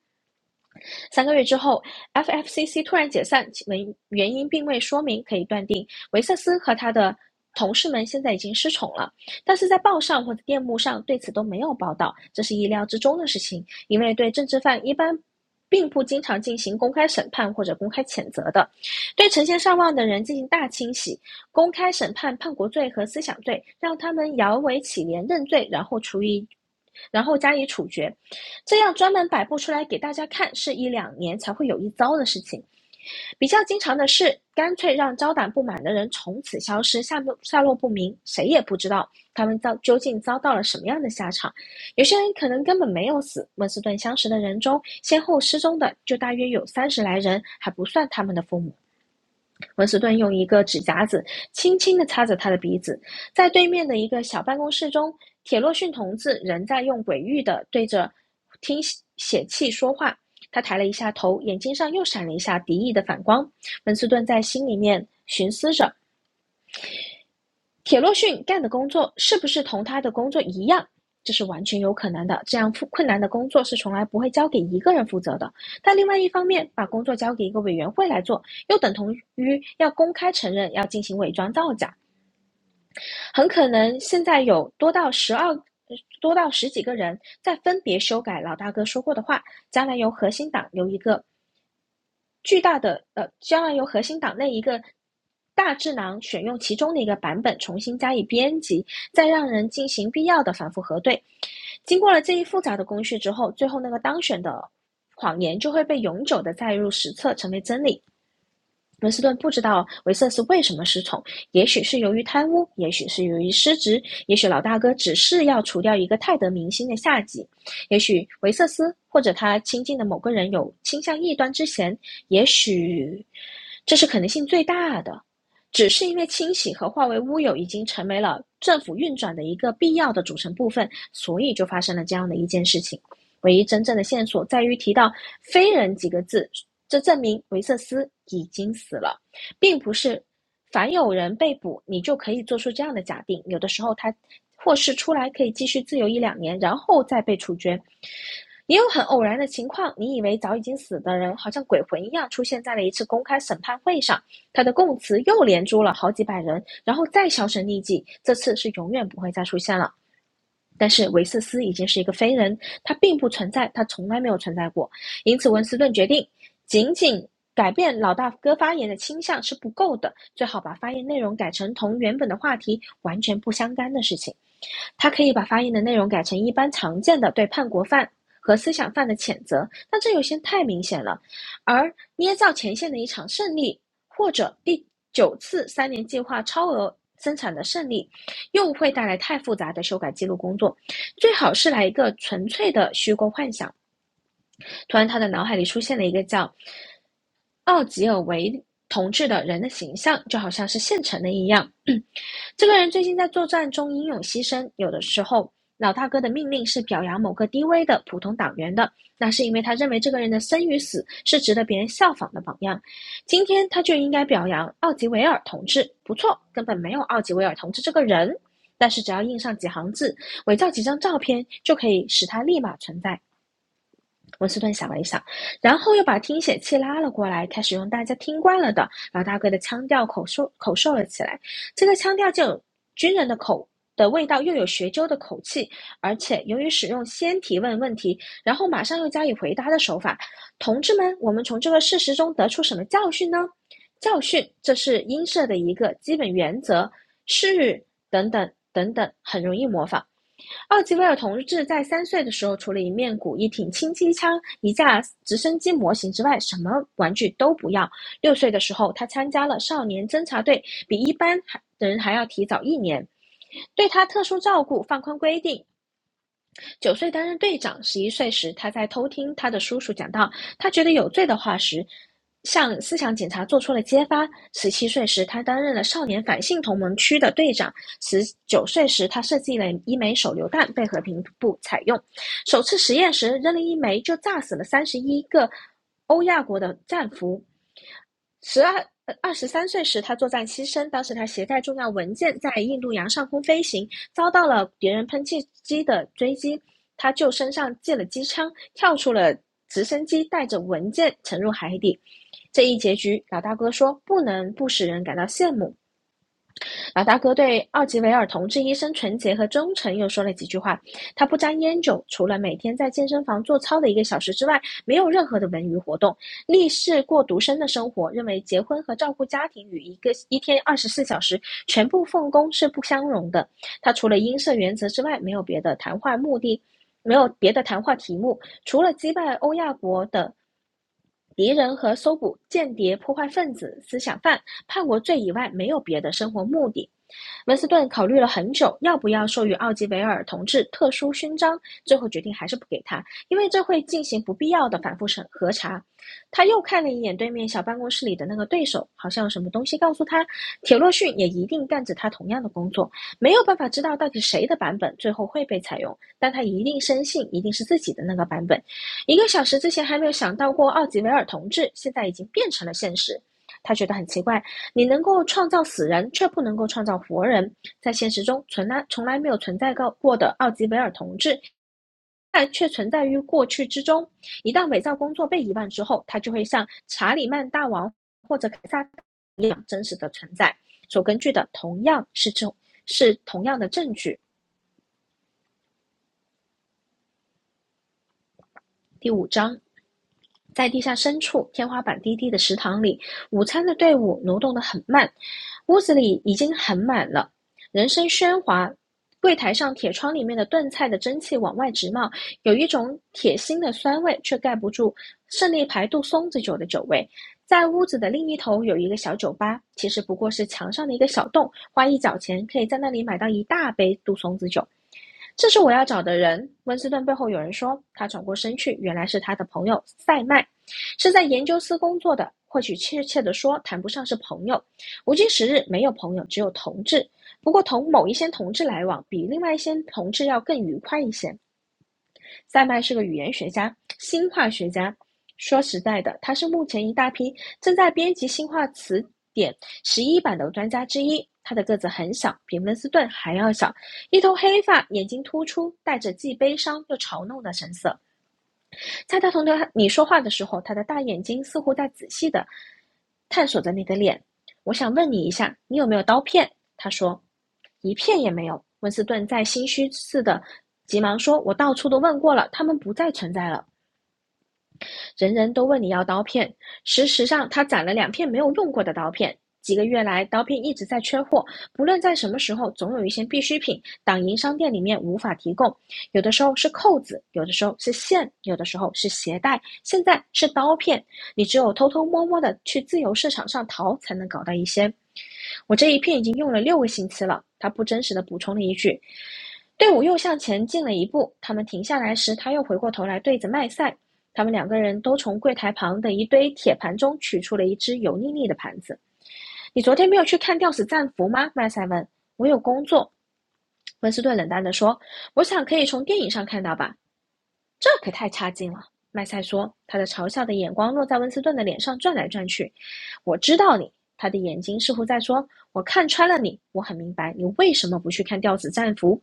B: 三个月之后，FFCC 突然解散，原原因并未说明，可以断定维瑟斯和他的同事们现在已经失宠了。但是在报上或者电幕上对此都没有报道，这是意料之中的事情，因为对政治犯一般。并不经常进行公开审判或者公开谴责的，对成千上万的人进行大清洗、公开审判、叛国罪和思想罪，让他们摇尾乞怜认罪，然后处以，然后加以处决。这样专门摆布出来给大家看是一两年才会有一遭的事情。比较经常的是，干脆让招揽不满的人从此消失，下落下落不明，谁也不知道他们遭究竟遭到了什么样的下场。有些人可能根本没有死。温斯顿相识的人中，先后失踪的就大约有三十来人，还不算他们的父母。文斯顿用一个指甲子轻轻地擦着他的鼻子。在对面的一个小办公室中，铁洛逊同志仍在用诡异的对着听血气说话。他抬了一下头，眼睛上又闪了一下敌意的反光。文斯顿在心里面寻思着，铁洛逊干的工作是不是同他的工作一样，这是完全有可能的。这样复困难的工作是从来不会交给一个人负责的。但另外一方面，把工作交给一个委员会来做，又等同于要公开承认要进行伪装造假。很可能现在有多到十二、多到十几个人在分别修改老大哥说过的话，将来由核心党由一个巨大的呃，将来由核心党内一个大智囊选用其中的一个版本，重新加以编辑，再让人进行必要的反复核对。经过了这一复杂的工序之后，最后那个当选的谎言就会被永久的载入史册，成为真理。文斯顿不知道维瑟斯为什么失宠，也许是由于贪污，也许是由于失职，也许老大哥只是要除掉一个泰德明星的下级，也许维瑟斯或者他亲近的某个人有倾向异端之嫌，也许这是可能性最大的。只是因为清洗和化为乌有已经成为了政府运转的一个必要的组成部分，所以就发生了这样的一件事情。唯一真正的线索在于提到“非人”几个字，这证明维瑟斯已经死了，并不是凡有人被捕，你就可以做出这样的假定。有的时候他或是出来可以继续自由一两年，然后再被处决。也有很偶然的情况，你以为早已经死的人，好像鬼魂一样出现在了一次公开审判会上，他的供词又连珠了好几百人，然后再销声匿迹。这次是永远不会再出现了。但是维瑟斯已经是一个非人，他并不存在，他从来没有存在过。因此，温斯顿决定，仅仅改变老大哥发言的倾向是不够的，最好把发言内容改成同原本的话题完全不相干的事情。他可以把发言的内容改成一般常见的对叛国犯和思想犯的谴责，但这有些太明显了。而捏造前线的一场胜利，或者第九次三年计划超额生产的胜利，又会带来太复杂的修改记录工作。最好是来一个纯粹的虚构幻想。突然，他的脑海里出现了一个叫奥吉尔维同志的人的形象，就好像是现成的一样。这个人最近在作战中英勇牺牲，有的时候老大哥的命令是表扬某个低微的普通党员的，那是因为他认为这个人的生与死是值得别人效仿的榜样。今天他就应该表扬奥吉维尔同志，不错，根本没有奥吉维尔同志这个人。但是只要印上几行字，伪造几张照片，就可以使他立马存在。温斯顿想了一想，然后又把听写器拉了过来，开始用大家听惯了的老大哥的腔调口授口授了起来。这个腔调就有军人的口的味道，又有学究的口气，而且由于使用先提问问题，然后马上又加以回答的手法，同志们，我们从这个事实中得出什么教训呢？教训，这是音社的一个基本原则，是等等等等，很容易模仿。奥吉维尔同志在三岁的时候，除了一面鼓、一挺轻机枪、一架直升机模型之外，什么玩具都不要。六岁的时候，他参加了少年侦察队，比一般人还要提早一年。对他特殊照顾，放宽规定，九岁担任队长，十一岁时他在偷听他的叔叔讲到他觉得有罪的话时，向思想警察做出了揭发。十七岁时，他担任了少年反性同盟区的队长。十九岁时，他设计了一枚手榴弹，被和平部采用。首次实验时，扔了一枚就炸死了三十一个欧亚国的战俘。十二二十三岁时，他作战牺牲。当时他携带重要文件在印度洋上空飞行，遭到了敌人喷气机的追击。他就身上借了机枪，跳出了直升机，带着文件沉入海底。这一结局，老大哥说不能不使人感到羡慕。老大哥对奥吉维尔同志医生纯洁和忠诚又说了几句话。他不沾烟酒，除了每天在健身房做操的一个小时之外，没有任何的文娱活动，立誓过独身的生活，认为结婚和照顾家庭与一个一天二十四小时全部奉公是不相容的。他除了音色原则之外，没有别的谈话目的，没有别的谈话题目，除了击败欧亚国的。敌人和搜捕间谍、破坏分子、思想犯、叛国罪以外，没有别的生活目的。文斯顿考虑了很久，要不要授予奥吉维尔同志特殊勋章，最后决定还是不给他，因为这会进行不必要的反复审核查。他又看了一眼对面小办公室里的那个对手，好像有什么东西告诉他，铁洛逊也一定干着他同样的工作，没有办法知道到底谁的版本最后会被采用，但他一定深信一定是自己的那个版本。一个小时之前还没有想到过奥吉维尔同志，现在已经变成了现实。他觉得很奇怪，你能够创造死人，却不能够创造活人。在现实中，从来从来没有存在过过的奥吉维尔同志，但却存在于过去之中。一旦伪造工作被遗忘之后，他就会像查理曼大王或者凯撒一样真实的存在，所根据的同样是这是同样的证据。第五章。在地下深处，天花板低低的食堂里，午餐的队伍挪动得很慢，屋子里已经很满了，人声喧哗。柜台上铁窗里面的炖菜的蒸汽往外直冒，有一种铁心的酸味，却盖不住胜利牌杜松子酒的酒味。在屋子的另一头有一个小酒吧，其实不过是墙上的一个小洞，花一角钱可以在那里买到一大杯杜松子酒。这是我要找的人。温斯顿背后有人说，他转过身去，原来是他的朋友塞麦，是在研究司工作的。或许确切的说，谈不上是朋友。无今时日，没有朋友，只有同志。不过同某一些同志来往，比另外一些同志要更愉快一些。塞麦是个语言学家、新化学家。说实在的，他是目前一大批正在编辑新化词典十一版的专家之一。他的个子很小，比温斯顿还要小，一头黑发，眼睛突出，带着既悲伤又嘲弄的神色。在他同他你说话的时候，他的大眼睛似乎在仔细的探索着你的脸。我想问你一下，你有没有刀片？他说，一片也没有。温斯顿在心虚似的急忙说：“我到处都问过了，他们不再存在了。”人人都问你要刀片。事实上，他攒了两片没有用过的刀片。几个月来，刀片一直在缺货，不论在什么时候，总有一些必需品党营商店里面无法提供。有的时候是扣子，有的时候是线，有的时候是鞋带，现在是刀片。你只有偷偷摸摸的去自由市场上淘，才能搞到一些。我这一片已经用了六个星期了，他不真实的补充了一句。队伍又向前进了一步，他们停下来时，他又回过头来对着麦塞他们两个人都从柜台旁的一堆铁盘中取出了一只油腻腻的盘子。“你昨天没有去看《吊死战俘》吗？”麦塞问。“我有工作。”温斯顿冷淡地说。“我想可以从电影上看到吧。”这可太差劲了，麦塞说，他的嘲笑的眼光落在温斯顿的脸上转来转去。我知道你，他的眼睛似乎在说：“我看穿了你，我很明白你为什么不去看吊死战俘。”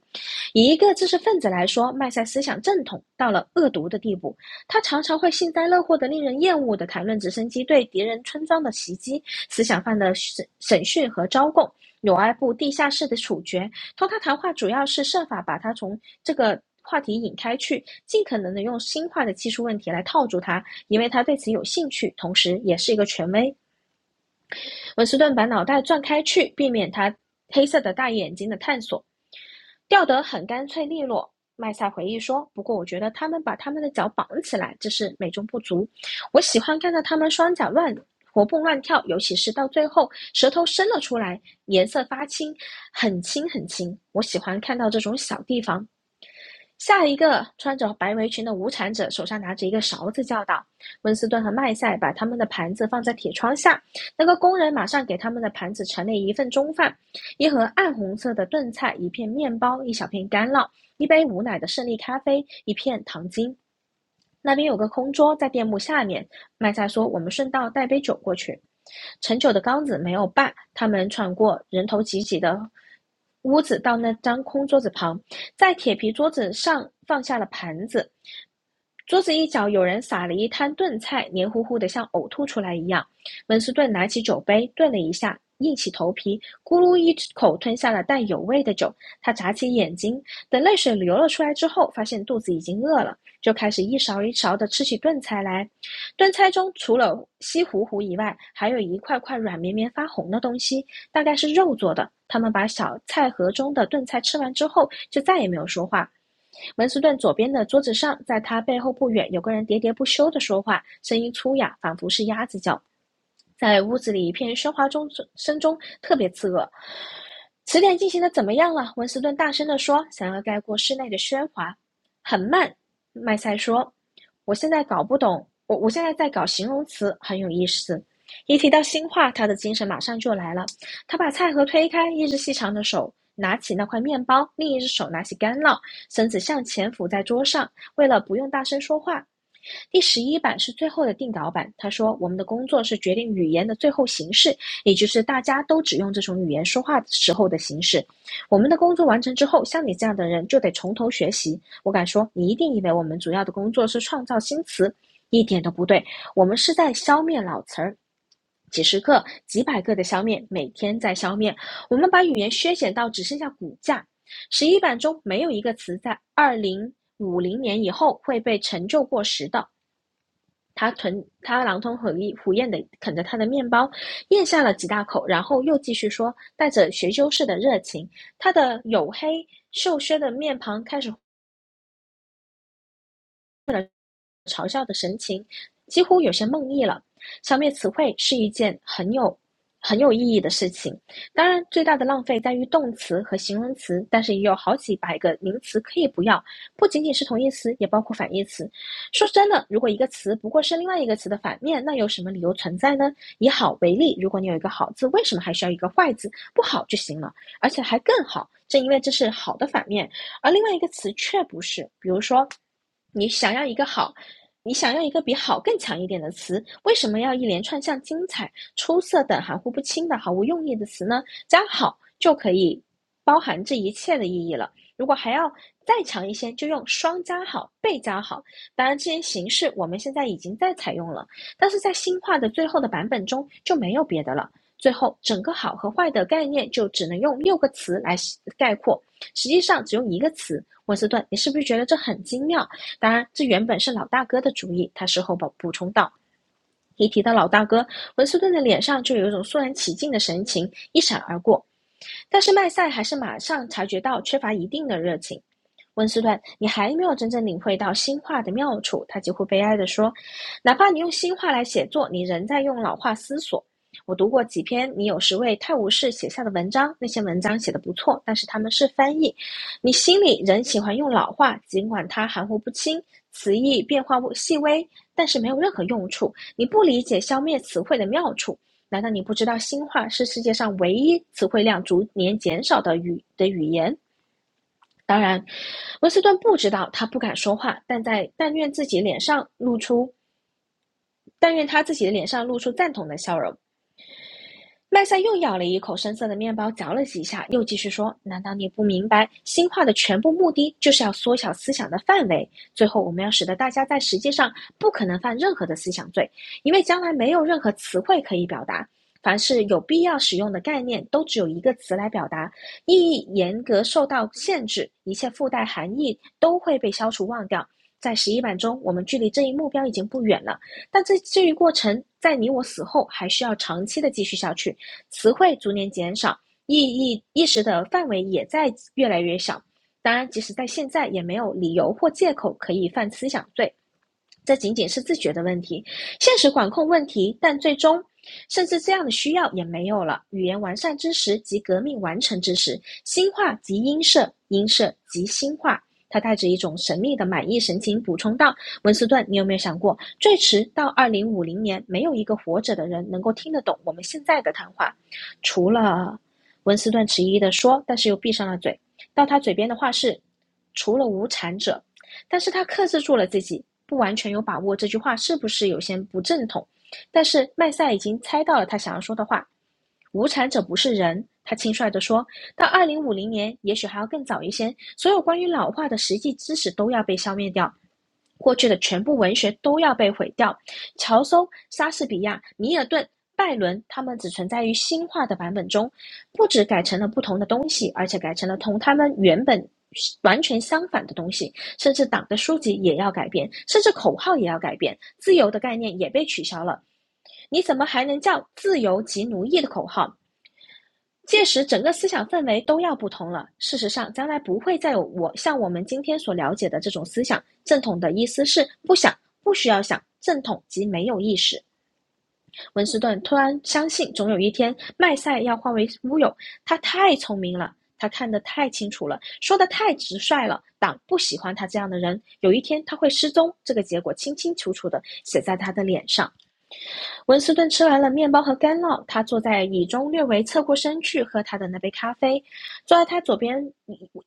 B: 以一个知识分子来说，麦塞思想正统到了恶毒的地步，他常常会幸灾乐祸的、令人厌恶的谈论直升机对敌人村庄的袭击、思想犯的审审讯和招供、纽埃部地下室的处决、托他谈话主要是设法把他从这个话题引开去，尽可能的用新化的技术问题来套住他，因为他对此有兴趣，同时也是一个权威。文斯顿把脑袋转开去，避免他黑色的大眼睛的探索。掉得很干脆利落。麦塞回忆说：“不过我觉得他们把他们的脚绑起来，这是美中不足。我喜欢看到他们双脚乱活蹦乱跳，尤其是到最后舌头伸了出来，颜色发青，很青很青。我喜欢看到这种小地方，下一个穿着白围裙的无产者手上拿着一个勺子叫道：“温斯顿和麦赛把他们的盘子放在铁窗下。”那个工人马上给他们的盘子盛了一份中饭，一盒暗红色的炖菜，一片面包，一小片干酪，一杯无奶的胜利咖啡，一片糖精。那边有个空桌，在店幕下面。”麦萨说：“我们顺道带杯酒过去。”盛酒的缸子没有把，他们穿过人头挤挤的屋子，到那张空桌子旁，在铁皮桌子上放下了盘子。桌子一角有人撒了一滩炖菜，黏糊糊的，像呕吐出来一样。温斯顿拿起酒杯，顿了一下，硬起头皮，咕噜一口吞下了带有味的酒。他眨起眼睛，等泪水流了出来之后，发现肚子已经饿了。就开始一勺一勺的吃起炖菜来。炖菜中除了稀糊糊以外，还有一块块软绵绵发红的东西，大概是肉做的。他们把小菜盒中的炖菜吃完之后，就再也没有说话。文斯顿左边的桌子上，在他背后不远，有个人喋喋不休的说话，声音粗哑，仿佛是鸭子叫，在屋子里一片喧哗中声中特别刺耳。“词典进行的怎么样了？”文斯顿大声地说，想要盖过室内的喧哗。“很慢。”麦塞说，“我现在搞不懂，我我现在在搞形容词，很有意思。”一提到新话，他的精神马上就来了。他把菜盒推开，一只细长的手拿起那块面包，另一只手拿起干酪，身子向前俯在桌上，为了不用大声说话。第十一版是最后的定稿版。他说：“我们的工作是决定语言的最后形式，也就是大家都只用这种语言说话时候的形式。我们的工作完成之后，像你这样的人就得从头学习。我敢说，你一定以为我们主要的工作是创造新词，一点都不对，我们是在消灭老词儿。几十个、几百个的消灭，每天在消灭。我们把语言削减到只剩下骨架。十一版中没有一个词在二零五零年以后会被成就过时的。他吞他狼吞虎咽虎咽的啃着他的面包，咽下了几大口，然后又继续说，带着学究式的热情，他的黝黑瘦削的面庞开始嘲笑的神情，几乎有些梦呓了。消灭词汇是一件很有很有意义的事情。当然，最大的浪费在于动词和形容词，但是也有好几百个名词可以不要，不仅仅是同义词，也包括反义词。说真的，如果一个词不过是另外一个词的反面，那有什么理由存在呢？以好为例，如果你有一个好字，为什么还需要一个坏字？不好就行了，而且还更好。正因为这是好的反面，而另外一个词却不是。比如说，你想要一个好，你想要一个比好更强一点的词，为什么要一连串像精彩、出色等含糊不清的毫无用意的词呢？加好就可以包含这一切的意义了。如果还要再强一些，就用双加好、倍加好。当然，这些形式我们现在已经在采用了，但是在新化的最后的版本中就没有别的了。最后，整个好和坏的概念就只能用六个词来概括，实际上只用一个词。文斯顿，你是不是觉得这很精妙？当然，这原本是老大哥的主意，他事后补补充道。一提到老大哥，文斯顿的脸上就有一种肃然起敬的神情一闪而过，但是麦赛还是马上察觉到缺乏一定的热情。温斯顿，你还没有真正领会到新话的妙处。”他几乎悲哀地说：“哪怕你用新话来写作，你仍在用老话思索。”我读过几篇你有时为泰晤士写下的文章，那些文章写得不错，但是他们是翻译。你心里仍喜欢用老话，尽管它含糊不清，词义变化细微，但是没有任何用处。你不理解消灭词汇的妙处。难道你不知道新话是世界上唯一词汇量逐年减少的语的语言？当然，温斯顿不知道，他不敢说话，但在但愿自己脸上露出，但愿他自己的脸上露出赞同的笑容。麦赛又咬了一口深色的面包，嚼了几下，又继续说：“难道你不明白，新化的全部目的就是要缩小思想的范围？最后，我们要使得大家在实际上不可能犯任何的思想罪，因为将来没有任何词汇可以表达。凡是有必要使用的概念，都只有一个词来表达，意义严格受到限制，一切附带含义都会被消除忘掉。”在十一版中，我们距离这一目标已经不远了，但这这一过程在你我死后还需要长期的继续下去。词汇逐年减少，意义意识的范围也在越来越小。当然，即使在现在，也没有理由或借口可以犯思想罪。这仅仅是自觉的问题，现实管控问题，但最终甚至这样的需要也没有了。语言完善之时即革命完成之时，心化即音色，音色即心化。他带着一种神秘的满意神情补充道：“温斯顿，你有没有想过，最迟到二零五零年，没有一个活着的人能够听得懂我们现在的谈话，除了……”温斯顿迟疑地说，但是又闭上了嘴。到他嘴边的话是：“除了无产者。”但是他克制住了自己，不完全有把握这句话是不是有些不正统。但是麦赛已经猜到了他想要说的话：“无产者不是人。”他轻率地说：“到二零五零年，也许还要更早一些，所有关于老化的实际知识都要被消灭掉，过去的全部文学都要被毁掉。乔叟、莎士比亚、米尔顿、拜伦，他们只存在于新化的版本中，不止改成了不同的东西，而且改成了同他们原本完全相反的东西，甚至党的书籍也要改变，甚至口号也要改变，自由的概念也被取消了。你怎么还能叫自由即奴役的口号？届时整个思想氛围都要不同了。事实上，将来不会再有我像我们今天所了解的这种思想。正统的意思是不想，不需要想。正统即没有意识。文斯顿突然相信，总有一天麦赛要化为乌有。他太聪明了，他看得太清楚了，说得太直率了。党不喜欢他这样的人，有一天他会失踪。这个结果清清楚楚地写在他的脸上。文斯顿吃完了面包和干酪，他坐在椅中，略微侧过身去喝他的那杯咖啡。坐在他左边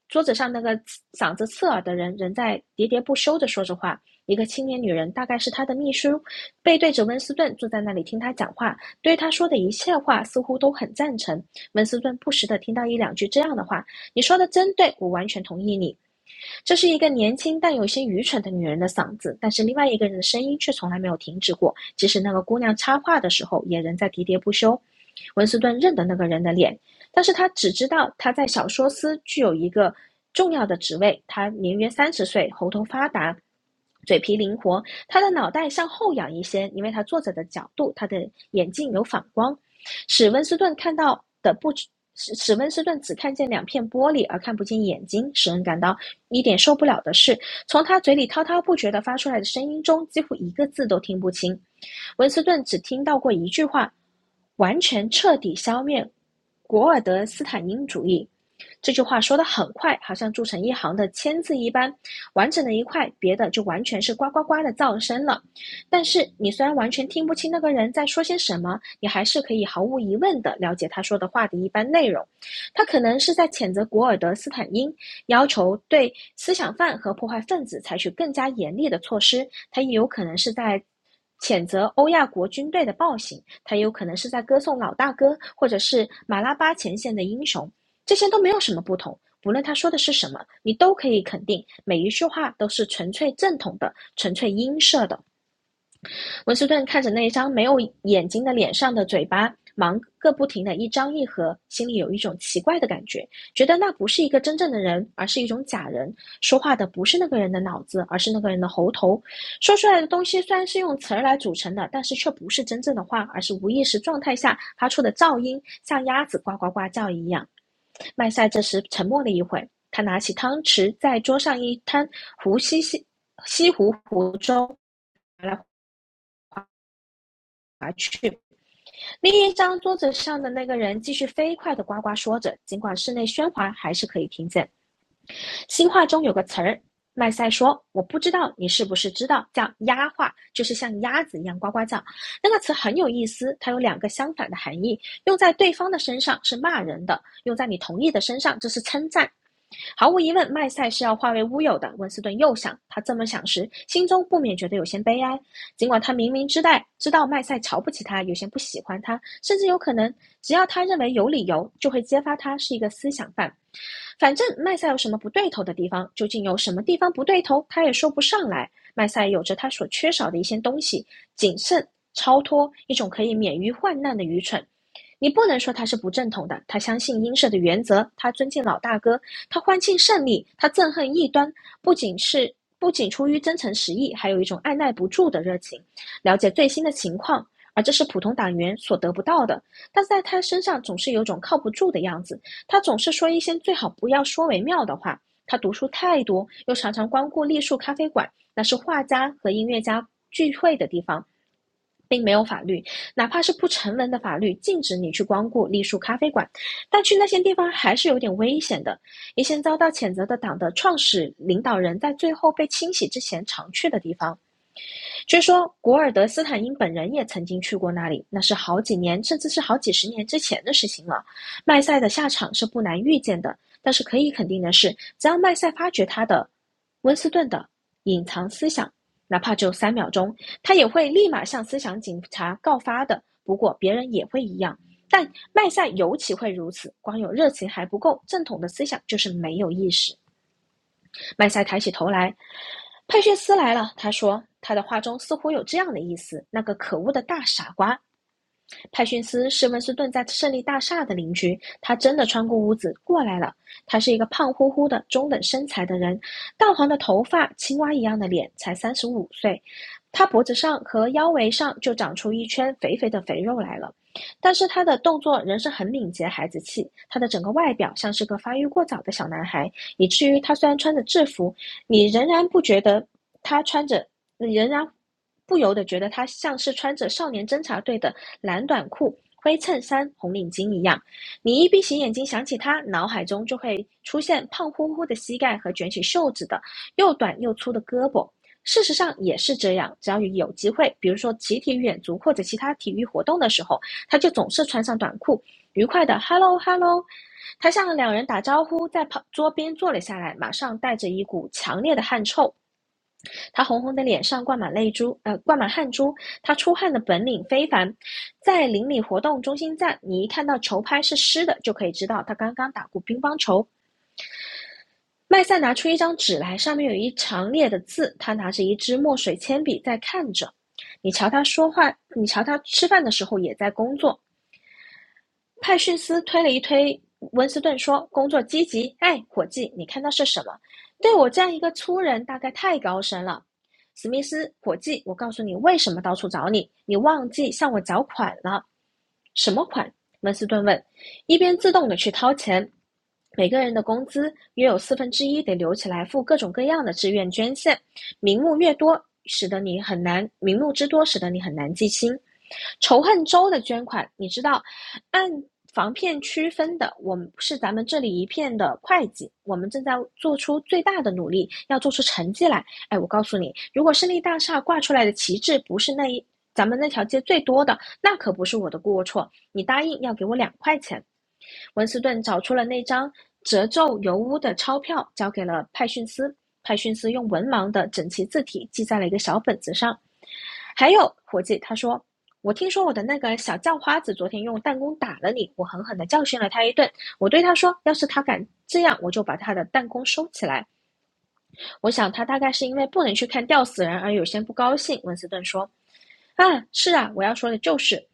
B: 桌子上那个嗓子刺耳的人，仍在喋喋不休地说着话。一个青年女人，大概是他的秘书，背对着温斯顿坐在那里听他讲话，对他说的一切话似乎都很赞成。温斯顿不时地听到一两句这样的话：“你说的真对，我完全同意你。”这是一个年轻但有些愚蠢的女人的嗓子，但是另外一个人的声音却从来没有停止过，即使那个姑娘插话的时候，也仍在喋喋不休。文斯顿认得那个人的脸，但是他只知道他在小说司具有一个重要的职位。他年约三十岁，喉头发达，嘴皮灵活，他的脑袋向后仰一些，因为他坐着的角度，他的眼睛有反光。使温斯顿看到的不使史温斯顿只看见两片玻璃，而看不见眼睛。使人感到一点受不了的是，从他嘴里滔滔不绝地发出来的声音中，几乎一个字都听不清。文斯顿只听到过一句话：“完全彻底消灭古尔德斯坦因主义。”这句话说的很快，好像铸成一行的签字一般，完整的一块，别的就完全是呱呱呱的噪声了。但是你虽然完全听不清那个人在说些什么，你还是可以毫无疑问的了解他说的话的一般内容。他可能是在谴责古尔德斯坦因，要求对思想犯和破坏分子采取更加严厉的措施，他也有可能是在谴责欧亚国军队的暴行，他也有可能是在歌颂老大哥或者是马拉巴前线的英雄，这些都没有什么不同。不论他说的是什么，你都可以肯定，每一句话都是纯粹正统的、纯粹音色的。文斯顿看着那张没有眼睛的脸上的嘴巴，忙个不停的一张一合，心里有一种奇怪的感觉，觉得那不是一个真正的人，而是一种假人。说话的不是那个人的脑子，而是那个人的喉头。说出来的东西虽然是用词儿来组成的，但是却不是真正的话，而是无意识状态下发出的噪音，像鸭子呱呱呱叫一样。麦赛这时沉默了一会，他拿起汤匙在桌上一摊，胡西西，西湖湖中划来划去。另一张桌子上的那个人继续飞快地呱呱说着，尽管室内喧哗，还是可以听见。新话中有个词儿，麦赛说：“我不知道你是不是知道，叫鸭话，就是像鸭子一样呱呱叫。那个词很有意思，它有两个相反的含义，用在对方的身上是骂人的，用在你同意的身上这是称赞。”毫无疑问，麦赛是要化为乌有的。温斯顿又想，他这么想时，心中不免觉得有些悲哀。尽管他明明知道知道麦赛瞧不起他，有些不喜欢他，甚至有可能只要他认为有理由，就会揭发他是一个思想犯。反正麦赛有什么不对头的地方，究竟有什么地方不对头，他也说不上来。麦赛有着他所缺少的一些东西：谨慎、超脱，一种可以免于患难的愚蠢。你不能说他是不正统的，他相信英社的原则，他尊敬老大哥，他欢庆胜利，他憎恨异端，不仅是不仅出于真诚实意，还有一种按捺不住的热情，了解最新的情况，而这是普通党员所得不到的。但是在他身上总是有种靠不住的样子，他总是说一些最好不要说为妙的话。他读书太多，又常常光顾栗树咖啡馆，那是画家和音乐家聚会的地方，并没有法律。哪怕是不成文的法律禁止你去光顾隶树咖啡馆，但去那些地方还是有点危险的。一些遭到谴责的党的创始领导人在最后被清洗之前常去的地方。据说古尔德斯坦因本人也曾经去过那里，那是好几年甚至是好几十年之前的事情了。麦赛的下场是不难预见的，但是可以肯定的是，只要麦赛发觉他的温斯顿的隐藏思想，哪怕就有三秒钟，他也会立马向思想警察告发的。不过别人也会一样。但麦赛尤其会如此，光有热情还不够，正统的思想就是没有意识。麦赛抬起头来，佩逊斯来了。他说，他的话中似乎有这样的意思：那个可恶的大傻瓜，派逊斯是温斯顿在胜利大厦的邻居，他真的穿过屋子过来了。他是一个胖乎乎的中等身材的人，淡黄的头发，青蛙一样的脸，才三十五岁。他脖子上和腰围上就长出一圈肥肥的肥肉来了，但是他的动作仍是很敏捷、孩子气。他的整个外表像是个发育过早的小男孩，以至于他虽然穿着制服，你仍然不觉得他穿着，仍然不由得觉得他像是穿着少年侦察队的蓝短裤、灰衬衫、红领巾一样，你一闭起眼睛想起他，脑海中就会出现胖乎乎的膝盖和卷起袖子的又短又粗的胳膊。事实上也是这样，只要有机会，比如说集体远足或者其他体育活动的时候，他就总是穿上短裤，愉快的 “hello hello”。他向两人打招呼，在旁桌边坐了下来，马上带着一股强烈的汗臭他红红的脸上挂满泪珠，呃，挂满汗珠。他出汗的本领非凡，在邻里活动中心站，你一看到球拍是湿的，就可以知道他刚刚打过乒乓球。麦赛拿出一张纸来，上面有一长列的字。他拿着一支墨水铅笔在看着。你瞧他说话，你瞧他吃饭的时候也在工作。派叙斯推了一推温斯顿，说：“工作积极，哎，伙计，你看到是什么？对我这样一个粗人，大概太高深了。”史密斯，伙计，我告诉你为什么到处找你，你忘记向我缴款了。什么款？温斯顿问，一边自动的去掏钱。每个人的工资约有四分之一得留起来付各种各样的志愿捐献，名目越多，使得你很难名目之多，使得你很难记清。仇恨州的捐款，你知道按防骗区分的，我们是咱们这里一片的会计，我们正在做出最大的努力，要做出成绩来。哎，我告诉你，如果胜利大厦挂出来的旗帜不是那一咱们那条街最多的，那可不是我的过错。你答应要给我两块钱，文斯顿找出了那张褶皱油污的钞票，交给了派逊斯。派逊斯用文盲的整齐字体记在了一个小本子上。还有，伙计，他说：“我听说我的那个小叫花子昨天用弹弓打了你，我狠狠地教训了他一顿。我对他说，要是他敢这样，我就把他的弹弓收起来。”我想他大概是因为不能去看吊死人而有些不高兴。”温斯顿说。“啊，是啊，我要说的就是。”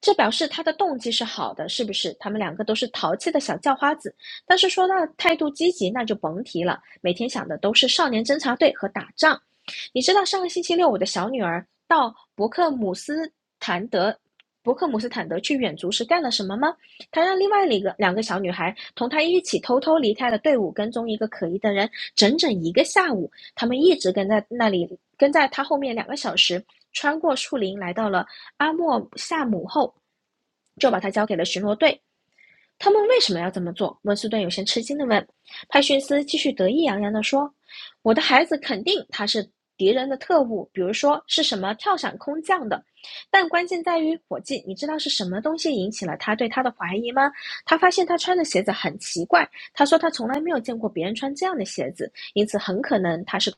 B: 这表示他的动机是好的，是不是？他们两个都是淘气的小叫花子，但是说到态度积极，那就甭提了。每天想的都是少年侦察队和打仗。你知道上个星期六，我的小女儿到伯克姆斯坦德、伯克姆斯坦德去远足是干了什么吗？他让另外一个两个小女孩同他一起偷偷离开了队伍，跟踪一个可疑的人，整整一个下午。他们一直跟在那里，跟在他后面两个小时，穿过树林，来到了阿莫夏姆后，就把他交给了巡逻队。他们为什么要这么做？”温斯顿有些吃惊地问。派逊斯继续得意洋洋地说：“我的孩子肯定他是敌人的特务，比如说是什么跳伞空降的。但关键在于，伙计，你知道是什么东西引起了他对他的怀疑吗？他发现他穿的鞋子很奇怪。他说他从来没有见过别人穿这样的鞋子，因此很可能他是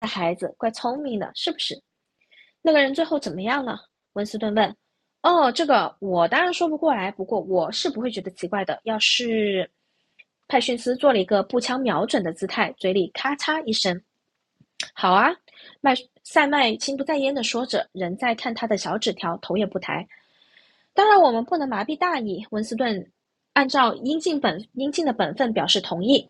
B: 个孩子，怪聪明的，是不是？”那个人最后怎么样了？温斯顿问。哦，这个我当然说不过来，不过我是不会觉得奇怪的。要是……派逊斯做了一个步枪瞄准的姿态，嘴里咔嚓一声。好啊，麦塞麦心不在焉地说着，仍在看他的小纸条，头也不抬。当然，我们不能麻痹大意。温斯顿按照应尽本应尽的本分表示同意。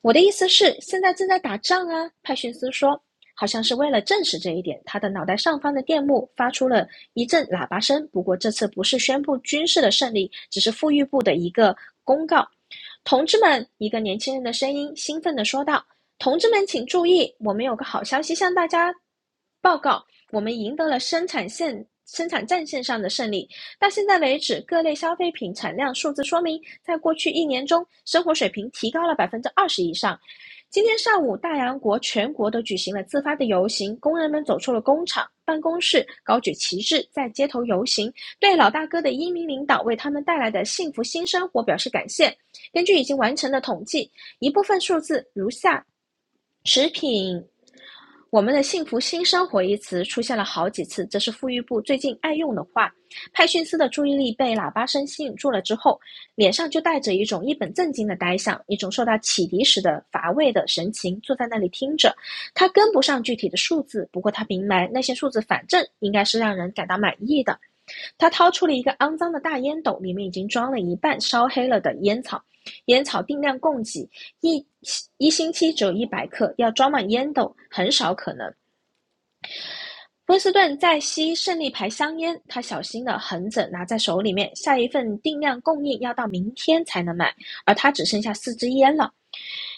B: 我的意思是，现在正在打仗啊，派逊斯说。好像是为了证实这一点，他的脑袋上方的电幕发出了一阵喇叭声。不过这次不是宣布军事的胜利，只是富裕部的一个公告。同志们，一个年轻人的声音兴奋地说道：“同志们，请注意，我们有个好消息向大家报告，我们赢得了生产线生产战线上的胜利。到现在为止，各类消费品产量数字说明，在过去一年中，生活水平提高了百分之二十以上。今天上午，大洋国全国都举行了自发的游行，工人们走出了工厂、办公室，高举旗帜，在街头游行，对老大哥的英明领导为他们带来的幸福新生活表示感谢。根据已经完成的统计，一部分数字如下：食品。我们的幸福新生活一词出现了好几次，这是富裕部最近爱用的话。派逊斯的注意力被喇叭声吸引住了之后，脸上就带着一种一本正经的呆相，一种受到启迪时的乏味的神情，坐在那里听着。他跟不上具体的数字，不过他明白那些数字反正应该是让人感到满意的。他掏出了一个肮脏的大烟斗，里面已经装了一半烧黑了的烟草。烟草定量供给，一一星期只有一百克，要装满烟斗很少可能。波斯顿在吸胜利牌香烟，他小心的横着拿在手里面。下一份定量供应要到明天才能买，而他只剩下四支烟了。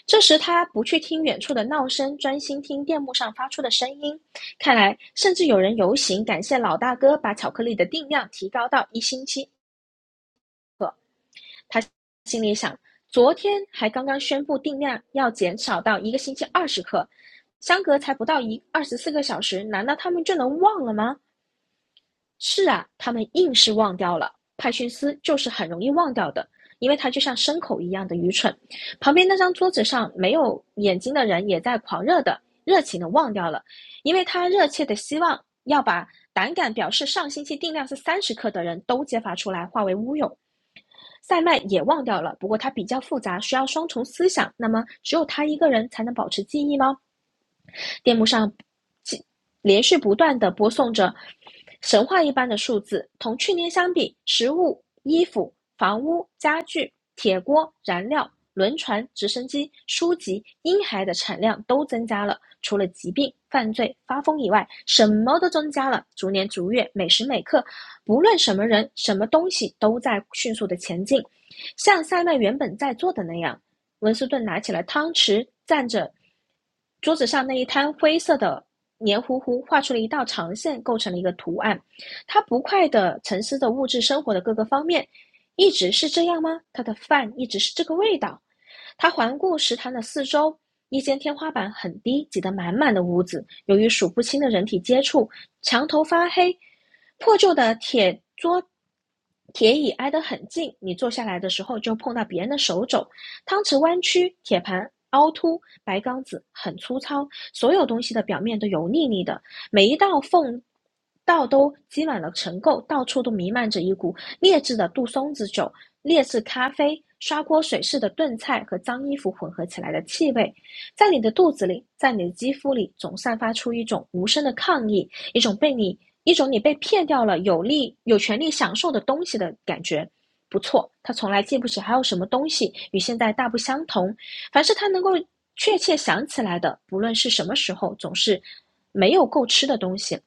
B: 这时他不去听远处的闹声，专心听电幕上发出的声音。看来，甚至有人游行感谢老大哥把巧克力的定量提高到一星期。心里想，昨天还刚刚宣布定量要减少到一个星期二十克，相隔才不到一二十四个小时，难道他们就能忘了吗？是啊，他们硬是忘掉了。派逊斯就是很容易忘掉的，因为他就像牲口一样的愚蠢。旁边那张桌子上没有眼睛的人也在狂热的、热情的忘掉了，因为他热切的希望要把胆敢表示上星期定量是三十克的人都揭发出来，化为乌有。塞麦也忘掉了，不过他比较复杂，需要双重思想。那么，只有他一个人才能保持记忆吗？电幕上连续不断的播送着神话一般的数字。同去年相比，食物、衣服、房屋、家具、铁锅、燃料、轮船、直升机、书籍、婴孩的产量都增加了。除了疾病、犯罪、发疯以外，什么都增加了。逐年逐月，每时每刻，不论什么人、什么东西，都在迅速的前进，像塞曼原本在做的那样。文斯顿拿起了汤匙，蘸着桌子上那一滩灰色的黏糊糊，画出了一道长线，构成了一个图案。他不快地沉思着物质生活的各个方面，一直是这样吗？他的饭一直是这个味道。他环顾食堂的四周，一间天花板很低，挤得满满的屋子。由于数不清的人体接触，墙头发黑，破旧的铁桌、铁椅挨得很近。你坐下来的时候，就碰到别人的手肘，汤匙弯曲，铁盘凹凸，白缸子很粗糙，所有东西的表面都油腻腻的，每一道缝道都积满了尘垢，到处都弥漫着一股劣质的杜松子酒、劣质咖啡、刷锅水似的炖菜和脏衣服混合起来的气味，在你的肚子里，在你的肌肤里，总散发出一种无声的抗议，一种被你。一种你被骗掉了有力、有权利享受的东西的感觉，不错，他从来记不起还有什么东西与现在大不相同。凡是他能够确切想起来的，不论是什么时候，总是没有够吃的东西。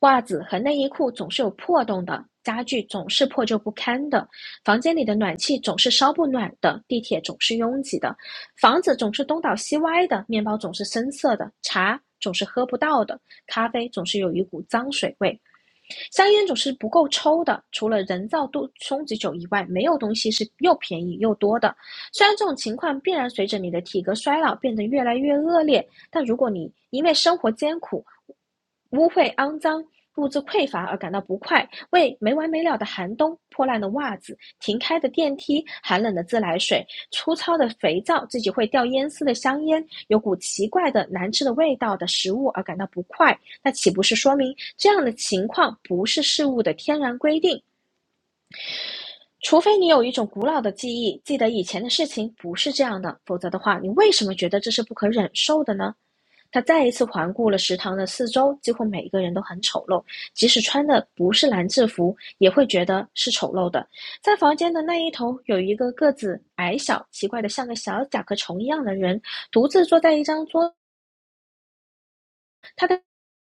B: 袜子和内衣裤总是有破洞的，家具总是破旧不堪的，房间里的暖气总是烧不暖的，地铁总是拥挤的，房子总是东倒西歪的，面包总是深色的，茶总是喝不到的，咖啡总是有一股脏水味。香烟总是不够抽的，除了人造度松子酒以外，没有东西是又便宜又多的。虽然这种情况必然随着你的体格衰老变得越来越恶劣，但如果你因为生活艰苦、污秽肮脏、物资匮乏而感到不快，为没完没了的寒冬、破烂的袜子、停开的电梯、寒冷的自来水、粗糙的肥皂、自己会掉烟丝的香烟、有股奇怪的难吃的味道的食物而感到不快，那岂不是说明这样的情况不是事物的天然规定？除非你有一种古老的记忆，记得以前的事情不是这样的，否则的话，你为什么觉得这是不可忍受的呢？他再一次环顾了食堂的四周，几乎每一个人都很丑陋，即使穿的不是蓝制服，也会觉得是丑陋的。在房间的那一头，有一个个子矮小、奇怪的像个小甲壳虫一样的人，独自坐在一张桌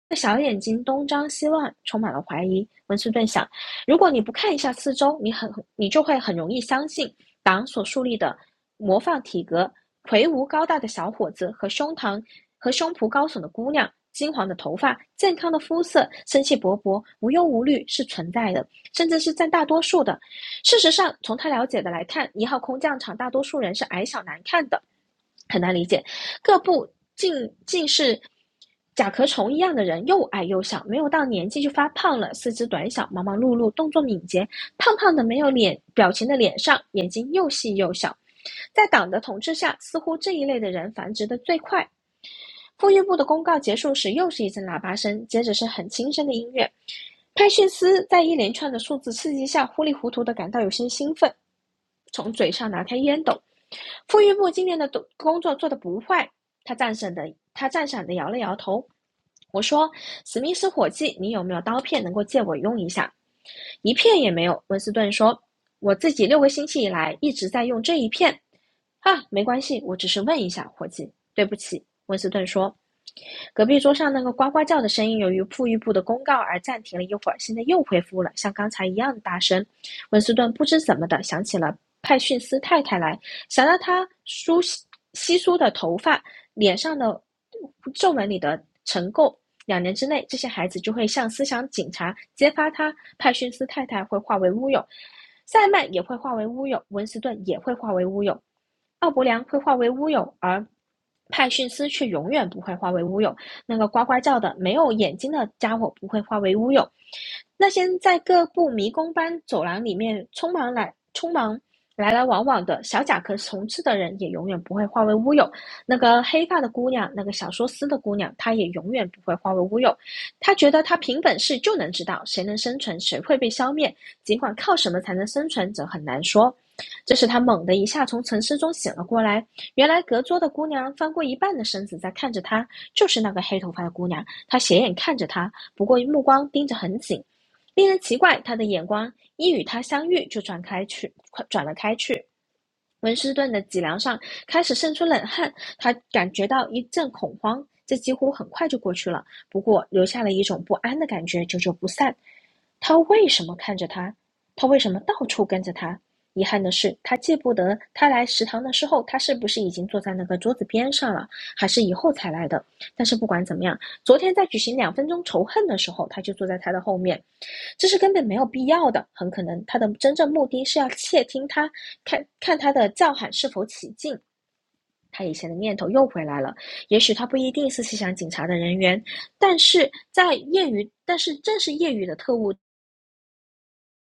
B: 那小眼睛东张西望，充满了怀疑。温斯顿想，如果你不看一下四周，你很你就会很容易相信党所树立的模范体格、魁梧高大的小伙子和胸膛和胸脯高耸的姑娘、金黄的头发、健康的肤色、生气勃勃、无忧无虑是存在的，甚至是占大多数的。事实上，从他了解的来看，一号空降场大多数人是矮小难看的。很难理解。各部竟竟是甲壳虫一样的人，又矮又小，没有到年纪就发胖了，四肢短小，忙忙碌碌，动作敏捷，胖胖的没有脸表情的脸上，眼睛又细又小。在党的统治下，似乎这一类的人繁殖的最快。富裕部的公告结束时，又是一阵喇叭声，接着是很轻声的音乐。派逊斯在一连串的数字刺激下，糊里糊涂的感到有些兴奋，从嘴上拿开烟斗，妇育部今年的工工作做得不坏。”他赞赏的，他赞赏的摇了摇头。我说：“史密斯伙计，你有没有刀片能够借我用一下？”一片也没有。温斯顿说：“我自己六个星期以来一直在用这一片。”啊，没关系，我只是问一下，伙计。对不起，温斯顿说。隔壁桌上那个呱呱叫的声音，由于富裕部的公告而暂停了一会儿，现在又恢复了，像刚才一样大声。温斯顿不知怎么的想起了派逊斯太太来，想到她梳稀疏的头发、脸上的皱纹里的尘垢。两年之内，这些孩子就会向思想警察揭发他，派逊斯太太会化为乌有，塞曼也会化为乌有，温斯顿也会化为乌有，奥伯良会化为乌有，而派逊斯却永远不会化为乌有。那个呱呱叫的没有眼睛的家伙不会化为乌有。那些在各部迷宫般走廊里面匆忙来匆忙来来往往的小甲壳虫吃的人，也永远不会化为乌有。那个黑发的姑娘，那个小说丝的姑娘，她也永远不会化为乌有。她觉得她凭本事就能知道谁能生存，谁会被消灭。尽管靠什么才能生存，则很难说。这时，他猛地一下从沉思中醒了过来。原来，隔桌的姑娘翻过一半的身子在看着他。就是那个黑头发的姑娘，她斜眼看着他，不过目光盯着很紧，令人奇怪，她的眼光一与他相遇就转开去，转了开去。文斯顿的脊梁上开始渗出冷汗，他感觉到一阵恐慌，这几乎很快就过去了，不过留下了一种不安的感觉，久久不散。他为什么看着他？他为什么到处跟着他？遗憾的是，他记不得他来食堂的时候，他是不是已经坐在那个桌子边上了，还是以后才来的。但是不管怎么样，昨天在举行两分钟仇恨的时候，他就坐在他的后面，这是根本没有必要的。很可能他的真正目的是要窃听他，看看他的叫喊是否起劲。他以前的念头又回来了。也许他不一定是细想警察的人员，但是在业余，但是正是业余的特务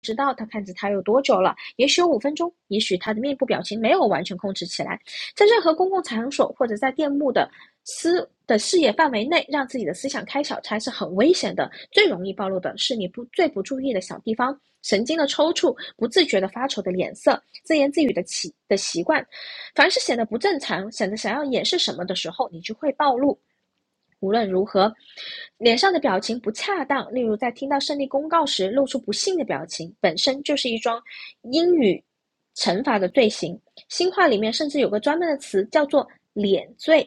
B: 知道他看着他有多久了，也许有五分钟，也许他的面部表情没有完全控制起来，在任何公共场所或者在电幕的思的视野范围内，让自己的思想开小差是很危险的。最容易暴露的是你不最不注意的小地方，神经的抽搐，不自觉的发愁的脸色，自言自语的起的习惯。凡是显得不正常，显得想要掩饰什么的时候，你就会暴露。无论如何，脸上的表情不恰当，例如在听到胜利公告时露出不幸的表情，本身就是一桩英语惩罚的罪行。新话里面甚至有个专门的词叫做“脸罪”，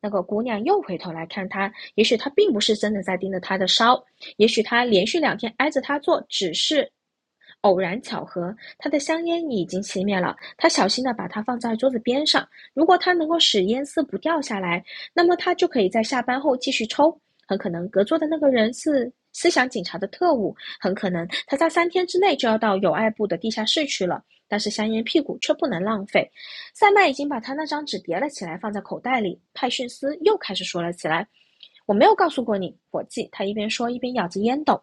B: 那个姑娘又回头来看他，也许他并不是真的在盯着他的烧，也许他连续两天挨着他坐，只是偶然巧合。他的香烟已经熄灭了，他小心的把它放在桌子边上。如果他能够使烟丝不掉下来，那么他就可以在下班后继续抽。很可能隔桌的那个人是思想警察的特务，很可能他在三天之内就要到友爱部的地下室去了。但是香烟屁股却不能浪费，塞麦已经把他那张纸叠了起来，放在口袋里。派逊斯又开始说了起来：“我没有告诉过你，伙计。”他一边说，一边咬着烟斗。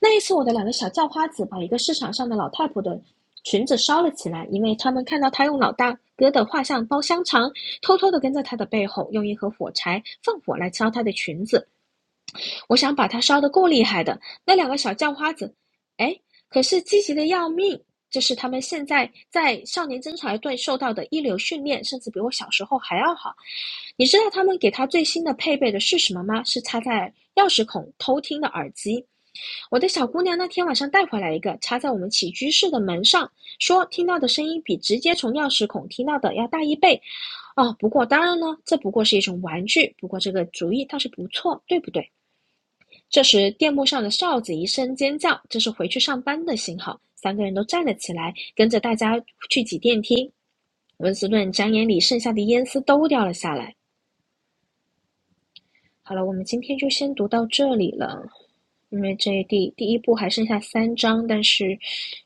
B: 那一次，我的两个小叫花子把一个市场上的老太婆的裙子烧了起来，因为他们看到他用老大哥的画像包香肠，偷偷地跟在他的背后，用一盒火柴放火来烧他的裙子。我想把它烧得够厉害的，那两个小叫花子，哎，可是积极的要命。这是他们现在在少年侦察队受到的一流训练，甚至比我小时候还要好。你知道他们给他最新的配备的是什么吗？是插在钥匙孔偷听的耳机。我的小姑娘那天晚上带回来一个，插在我们起居室的门上，说听到的声音比直接从钥匙孔听到的要大一倍。哦，不过当然呢，这不过是一种玩具，不过这个主意倒是不错，对不对？这时，电幕上的哨子一声尖叫，这是回去上班的信号。三个人都站了起来，跟着大家去挤电梯。温斯顿展眼里剩下的烟丝都掉了下来。好了，我们今天就先读到这里了，因为这第第一部还剩下三章，但是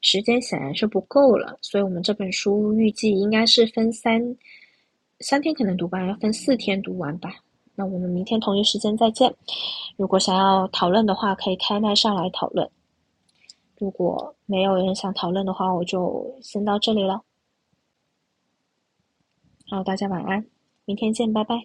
B: 时间显然是不够了，所以我们这本书预计应该是分三三天可能读完，要分四天读完吧。那我们明天同一时间再见。如果想要讨论的话，可以开麦上来讨论。如果没有人想讨论的话，我就先到这里了。然后大家晚安，明天见，拜拜。